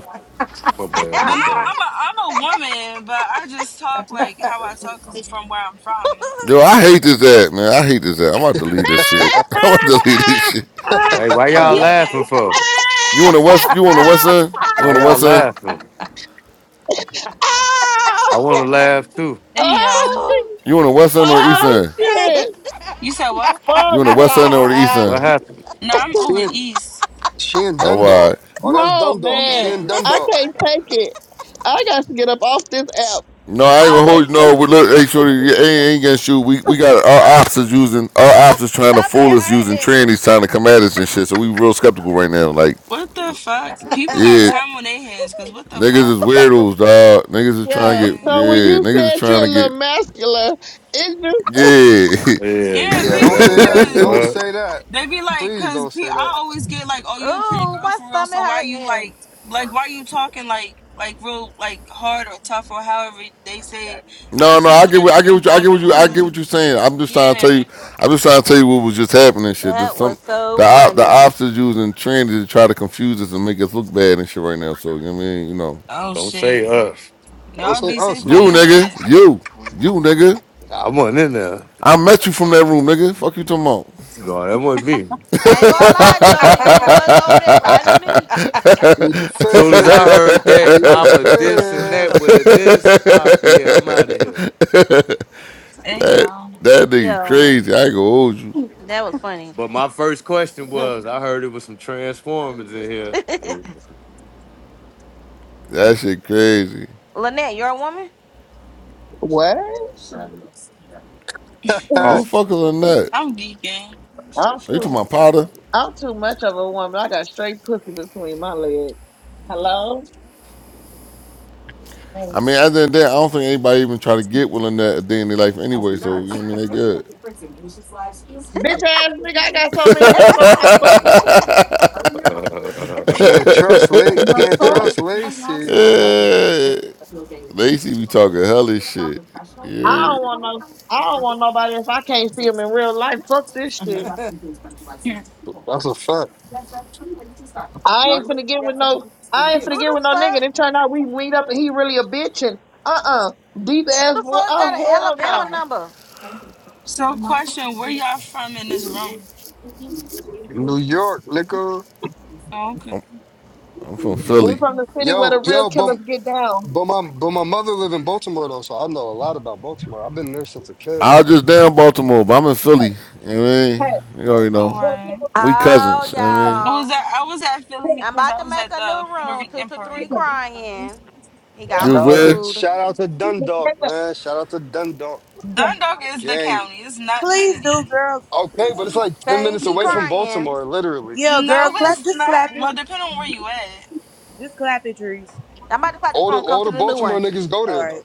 [SPEAKER 10] My bad,
[SPEAKER 25] But
[SPEAKER 10] my
[SPEAKER 25] no,
[SPEAKER 10] bad.
[SPEAKER 25] I'm a I'm a woman, but I just talk like how I talk 'cause from where I'm from.
[SPEAKER 6] Yo, I hate this ad, man. I hate this ad. I'm about to delete this shit. I'm about to delete this shit.
[SPEAKER 10] Hey, why
[SPEAKER 25] I'm
[SPEAKER 10] y'all
[SPEAKER 5] Uh
[SPEAKER 10] laughing
[SPEAKER 25] geeking.
[SPEAKER 10] for?
[SPEAKER 6] You on the west? You on the west end? You on
[SPEAKER 10] Why
[SPEAKER 6] the
[SPEAKER 10] y'all
[SPEAKER 6] west end?
[SPEAKER 10] laughing? I want to laugh too.
[SPEAKER 25] There you
[SPEAKER 1] Oh,
[SPEAKER 25] go.
[SPEAKER 6] You on the west end or the east
[SPEAKER 2] oh
[SPEAKER 1] oh
[SPEAKER 6] end?
[SPEAKER 2] shit.
[SPEAKER 1] shit!
[SPEAKER 25] you said what?
[SPEAKER 6] You
[SPEAKER 1] Fuck
[SPEAKER 6] on the west end or the
[SPEAKER 1] no!
[SPEAKER 6] east
[SPEAKER 10] What
[SPEAKER 6] end?
[SPEAKER 10] happened?
[SPEAKER 25] No, I'm over
[SPEAKER 5] Shane
[SPEAKER 25] east.
[SPEAKER 5] Shane
[SPEAKER 6] Oh, all
[SPEAKER 5] Dundalk.
[SPEAKER 6] right.
[SPEAKER 5] Oh, that's
[SPEAKER 1] Oh
[SPEAKER 5] Dundalk.
[SPEAKER 1] man,
[SPEAKER 5] Shane
[SPEAKER 25] Yeah.
[SPEAKER 1] I
[SPEAKER 5] Dundalk.
[SPEAKER 1] can't take it. I got to get up off this app.
[SPEAKER 6] No, I ain't
[SPEAKER 1] I
[SPEAKER 2] Oh.
[SPEAKER 6] gonna
[SPEAKER 1] can't
[SPEAKER 6] hold you. No,
[SPEAKER 1] take.
[SPEAKER 6] we look, hey, shorty, you ain't, ain't gonna shoot. We we got
[SPEAKER 2] My,
[SPEAKER 6] our ops is using our
[SPEAKER 2] my
[SPEAKER 6] ops is trying to
[SPEAKER 2] stomach
[SPEAKER 6] fool us using
[SPEAKER 2] hurting.
[SPEAKER 6] trannies trying to come at us and shit. So we real skeptical right now. Like,
[SPEAKER 25] What the fuck? People got
[SPEAKER 6] yeah,
[SPEAKER 25] time on their hands 'cause what the
[SPEAKER 6] niggas
[SPEAKER 25] fuck?
[SPEAKER 6] is weirdos, dog. Niggas is trying
[SPEAKER 2] Yo.
[SPEAKER 6] to get
[SPEAKER 25] Yeah.
[SPEAKER 1] So when you
[SPEAKER 6] yeah. Niggas is
[SPEAKER 1] said you're
[SPEAKER 6] trying
[SPEAKER 1] a
[SPEAKER 6] to get
[SPEAKER 1] little masculine, it's just
[SPEAKER 6] yeah.
[SPEAKER 10] Yeah,
[SPEAKER 25] Yeah,
[SPEAKER 10] you
[SPEAKER 5] Yeah,
[SPEAKER 10] know,
[SPEAKER 5] don't
[SPEAKER 10] that
[SPEAKER 25] people
[SPEAKER 5] say
[SPEAKER 10] was like,
[SPEAKER 5] that.
[SPEAKER 25] 'cause
[SPEAKER 5] Don't
[SPEAKER 10] what?
[SPEAKER 5] say that.
[SPEAKER 25] they be like,
[SPEAKER 5] Please
[SPEAKER 25] 'cause
[SPEAKER 5] don't
[SPEAKER 25] pe-
[SPEAKER 5] say
[SPEAKER 25] I
[SPEAKER 5] that.
[SPEAKER 25] always get like, oh, you a pretty
[SPEAKER 2] Oh,
[SPEAKER 25] girl
[SPEAKER 2] my
[SPEAKER 25] for real,
[SPEAKER 2] stomach
[SPEAKER 25] so why you like, like why you talking like, like real, like hard or tough or however they say it. I
[SPEAKER 6] no, no,
[SPEAKER 25] just be
[SPEAKER 6] I get
[SPEAKER 25] like,
[SPEAKER 6] what I get
[SPEAKER 25] I'm from
[SPEAKER 6] what you I get what you
[SPEAKER 25] Baltimore,
[SPEAKER 6] I get
[SPEAKER 25] like,
[SPEAKER 6] what you're
[SPEAKER 2] hurting.
[SPEAKER 6] saying. I'm just trying to tell
[SPEAKER 25] yeah.
[SPEAKER 6] you. I'm just trying to tell you what was just happening. and Shit, There's
[SPEAKER 2] That
[SPEAKER 6] some
[SPEAKER 2] was so
[SPEAKER 6] the op, the
[SPEAKER 2] funny.
[SPEAKER 6] ops is using trannies to try to confuse us and make us look bad and shit right now. So you know what I mean, you know,
[SPEAKER 25] Oh
[SPEAKER 10] Don't say
[SPEAKER 25] shit.
[SPEAKER 10] us.
[SPEAKER 5] Don't
[SPEAKER 25] Y'all
[SPEAKER 5] say
[SPEAKER 25] be
[SPEAKER 5] us,
[SPEAKER 25] safe
[SPEAKER 6] you
[SPEAKER 25] on
[SPEAKER 5] nigga.
[SPEAKER 25] this
[SPEAKER 6] nigga,
[SPEAKER 25] app.
[SPEAKER 6] you. You nigga,
[SPEAKER 10] I wasn't in there.
[SPEAKER 6] I met you from that room, nigga. Fuck you talking about.
[SPEAKER 10] No, that wasn't me.
[SPEAKER 2] I ain't gonna lie, Jody. You was over there riding me.
[SPEAKER 5] Plead the fifth,
[SPEAKER 10] Soon as I
[SPEAKER 5] nigga.
[SPEAKER 10] heard that,
[SPEAKER 5] Plead the
[SPEAKER 10] I'm a this and that
[SPEAKER 5] fifth.
[SPEAKER 10] with a this. Uh, yeah, I'm out of here.
[SPEAKER 25] Hey y'all.
[SPEAKER 6] That nigga
[SPEAKER 2] Yo,
[SPEAKER 6] crazy. I ain't gonna hold you.
[SPEAKER 2] that was funny.
[SPEAKER 10] But my first question was, I heard it was some Transformers in
[SPEAKER 6] That shit crazy.
[SPEAKER 2] Lynette, you're a woman?
[SPEAKER 1] what?
[SPEAKER 10] here.
[SPEAKER 6] Who the
[SPEAKER 1] I'm
[SPEAKER 6] fuck is Lynette?
[SPEAKER 25] I'm geeking.
[SPEAKER 6] Are you talking
[SPEAKER 1] too.
[SPEAKER 6] about Potter?
[SPEAKER 1] I'm too much of a woman. I got straight pussy between my legs. Hello,
[SPEAKER 6] I mean, at the end of the I don't think anybody even try to get with Lynette a day in their life anyway, so, you know what I mean? They good.
[SPEAKER 1] bitch ass nigga. I got so many niggas on my bus.
[SPEAKER 5] Can't trust Lake.
[SPEAKER 1] The
[SPEAKER 5] Can't
[SPEAKER 2] Who
[SPEAKER 1] fuck?
[SPEAKER 5] trust Lacey. Uh-uh.
[SPEAKER 6] Yeah. Lacey be talking hellish shit.
[SPEAKER 1] I
[SPEAKER 6] Yeah.
[SPEAKER 1] don't want no. I don't want nobody if I can't see them in real life. Fuck this shit.
[SPEAKER 11] Amen.
[SPEAKER 5] That's a fact.
[SPEAKER 1] I ain't finna get with no. I ain't finna get
[SPEAKER 2] the
[SPEAKER 1] with no nigga. And
[SPEAKER 2] fuck?
[SPEAKER 1] it turned out we meet up and he really a bitch and uh uh deep ass
[SPEAKER 2] Who the
[SPEAKER 1] boy.
[SPEAKER 2] fuck
[SPEAKER 1] Oh
[SPEAKER 2] got an
[SPEAKER 1] hell
[SPEAKER 2] Alabama
[SPEAKER 1] no.
[SPEAKER 2] number?
[SPEAKER 25] So question, where y'all from in this room?
[SPEAKER 5] New York, nigga.
[SPEAKER 25] Oh, okay.
[SPEAKER 6] I'm from
[SPEAKER 1] We
[SPEAKER 6] Philly.
[SPEAKER 1] from the city where
[SPEAKER 5] Yo,
[SPEAKER 1] the real
[SPEAKER 5] yo, but
[SPEAKER 1] killers get down.
[SPEAKER 5] But my but my mother live in Baltimore though, so I know a lot about Baltimore. I've been there since a kid.
[SPEAKER 6] I was just down Baltimore, but I'm in Philly. You know what I mean?
[SPEAKER 1] Hey,
[SPEAKER 6] You already
[SPEAKER 25] All
[SPEAKER 6] know.
[SPEAKER 1] real
[SPEAKER 25] right.
[SPEAKER 6] We
[SPEAKER 2] Oh,
[SPEAKER 6] cousins. You know what I
[SPEAKER 25] I
[SPEAKER 6] mean?
[SPEAKER 25] was
[SPEAKER 2] y'all.
[SPEAKER 25] at I was at Philly
[SPEAKER 2] I'm
[SPEAKER 25] because I
[SPEAKER 2] about to
[SPEAKER 25] was
[SPEAKER 2] make
[SPEAKER 25] at
[SPEAKER 2] a
[SPEAKER 25] the
[SPEAKER 2] new
[SPEAKER 25] Puerto
[SPEAKER 2] room. Two
[SPEAKER 25] Rican
[SPEAKER 2] to three
[SPEAKER 25] parade.
[SPEAKER 2] crying. He got
[SPEAKER 6] You was
[SPEAKER 5] Shout out to
[SPEAKER 6] where?
[SPEAKER 2] removed.
[SPEAKER 5] shout out to Dundalk,
[SPEAKER 1] killers,
[SPEAKER 5] man. Shout out to Dundalk
[SPEAKER 25] Dundalk is the
[SPEAKER 5] gang.
[SPEAKER 25] county, it's not the
[SPEAKER 23] Please do,
[SPEAKER 25] city.
[SPEAKER 23] girl.
[SPEAKER 5] Okay,
[SPEAKER 23] Cause
[SPEAKER 5] but it's
[SPEAKER 23] he,
[SPEAKER 5] like ten
[SPEAKER 2] Okay, he
[SPEAKER 5] minutes
[SPEAKER 2] keep
[SPEAKER 5] away
[SPEAKER 23] yeah.
[SPEAKER 5] from
[SPEAKER 2] crying.
[SPEAKER 5] Baltimore, literally.
[SPEAKER 23] yeah, girl,
[SPEAKER 25] No,
[SPEAKER 23] clap.
[SPEAKER 25] it's
[SPEAKER 23] Just
[SPEAKER 25] not.
[SPEAKER 23] clap it.
[SPEAKER 25] Well, depending on where you at.
[SPEAKER 23] Just clap it, Trees.
[SPEAKER 2] I'm about to clock this
[SPEAKER 5] All the
[SPEAKER 2] phone. Come
[SPEAKER 5] all
[SPEAKER 2] to
[SPEAKER 5] the
[SPEAKER 2] the new
[SPEAKER 5] Baltimore
[SPEAKER 2] one.
[SPEAKER 5] niggas go
[SPEAKER 23] All
[SPEAKER 5] there though.
[SPEAKER 23] right.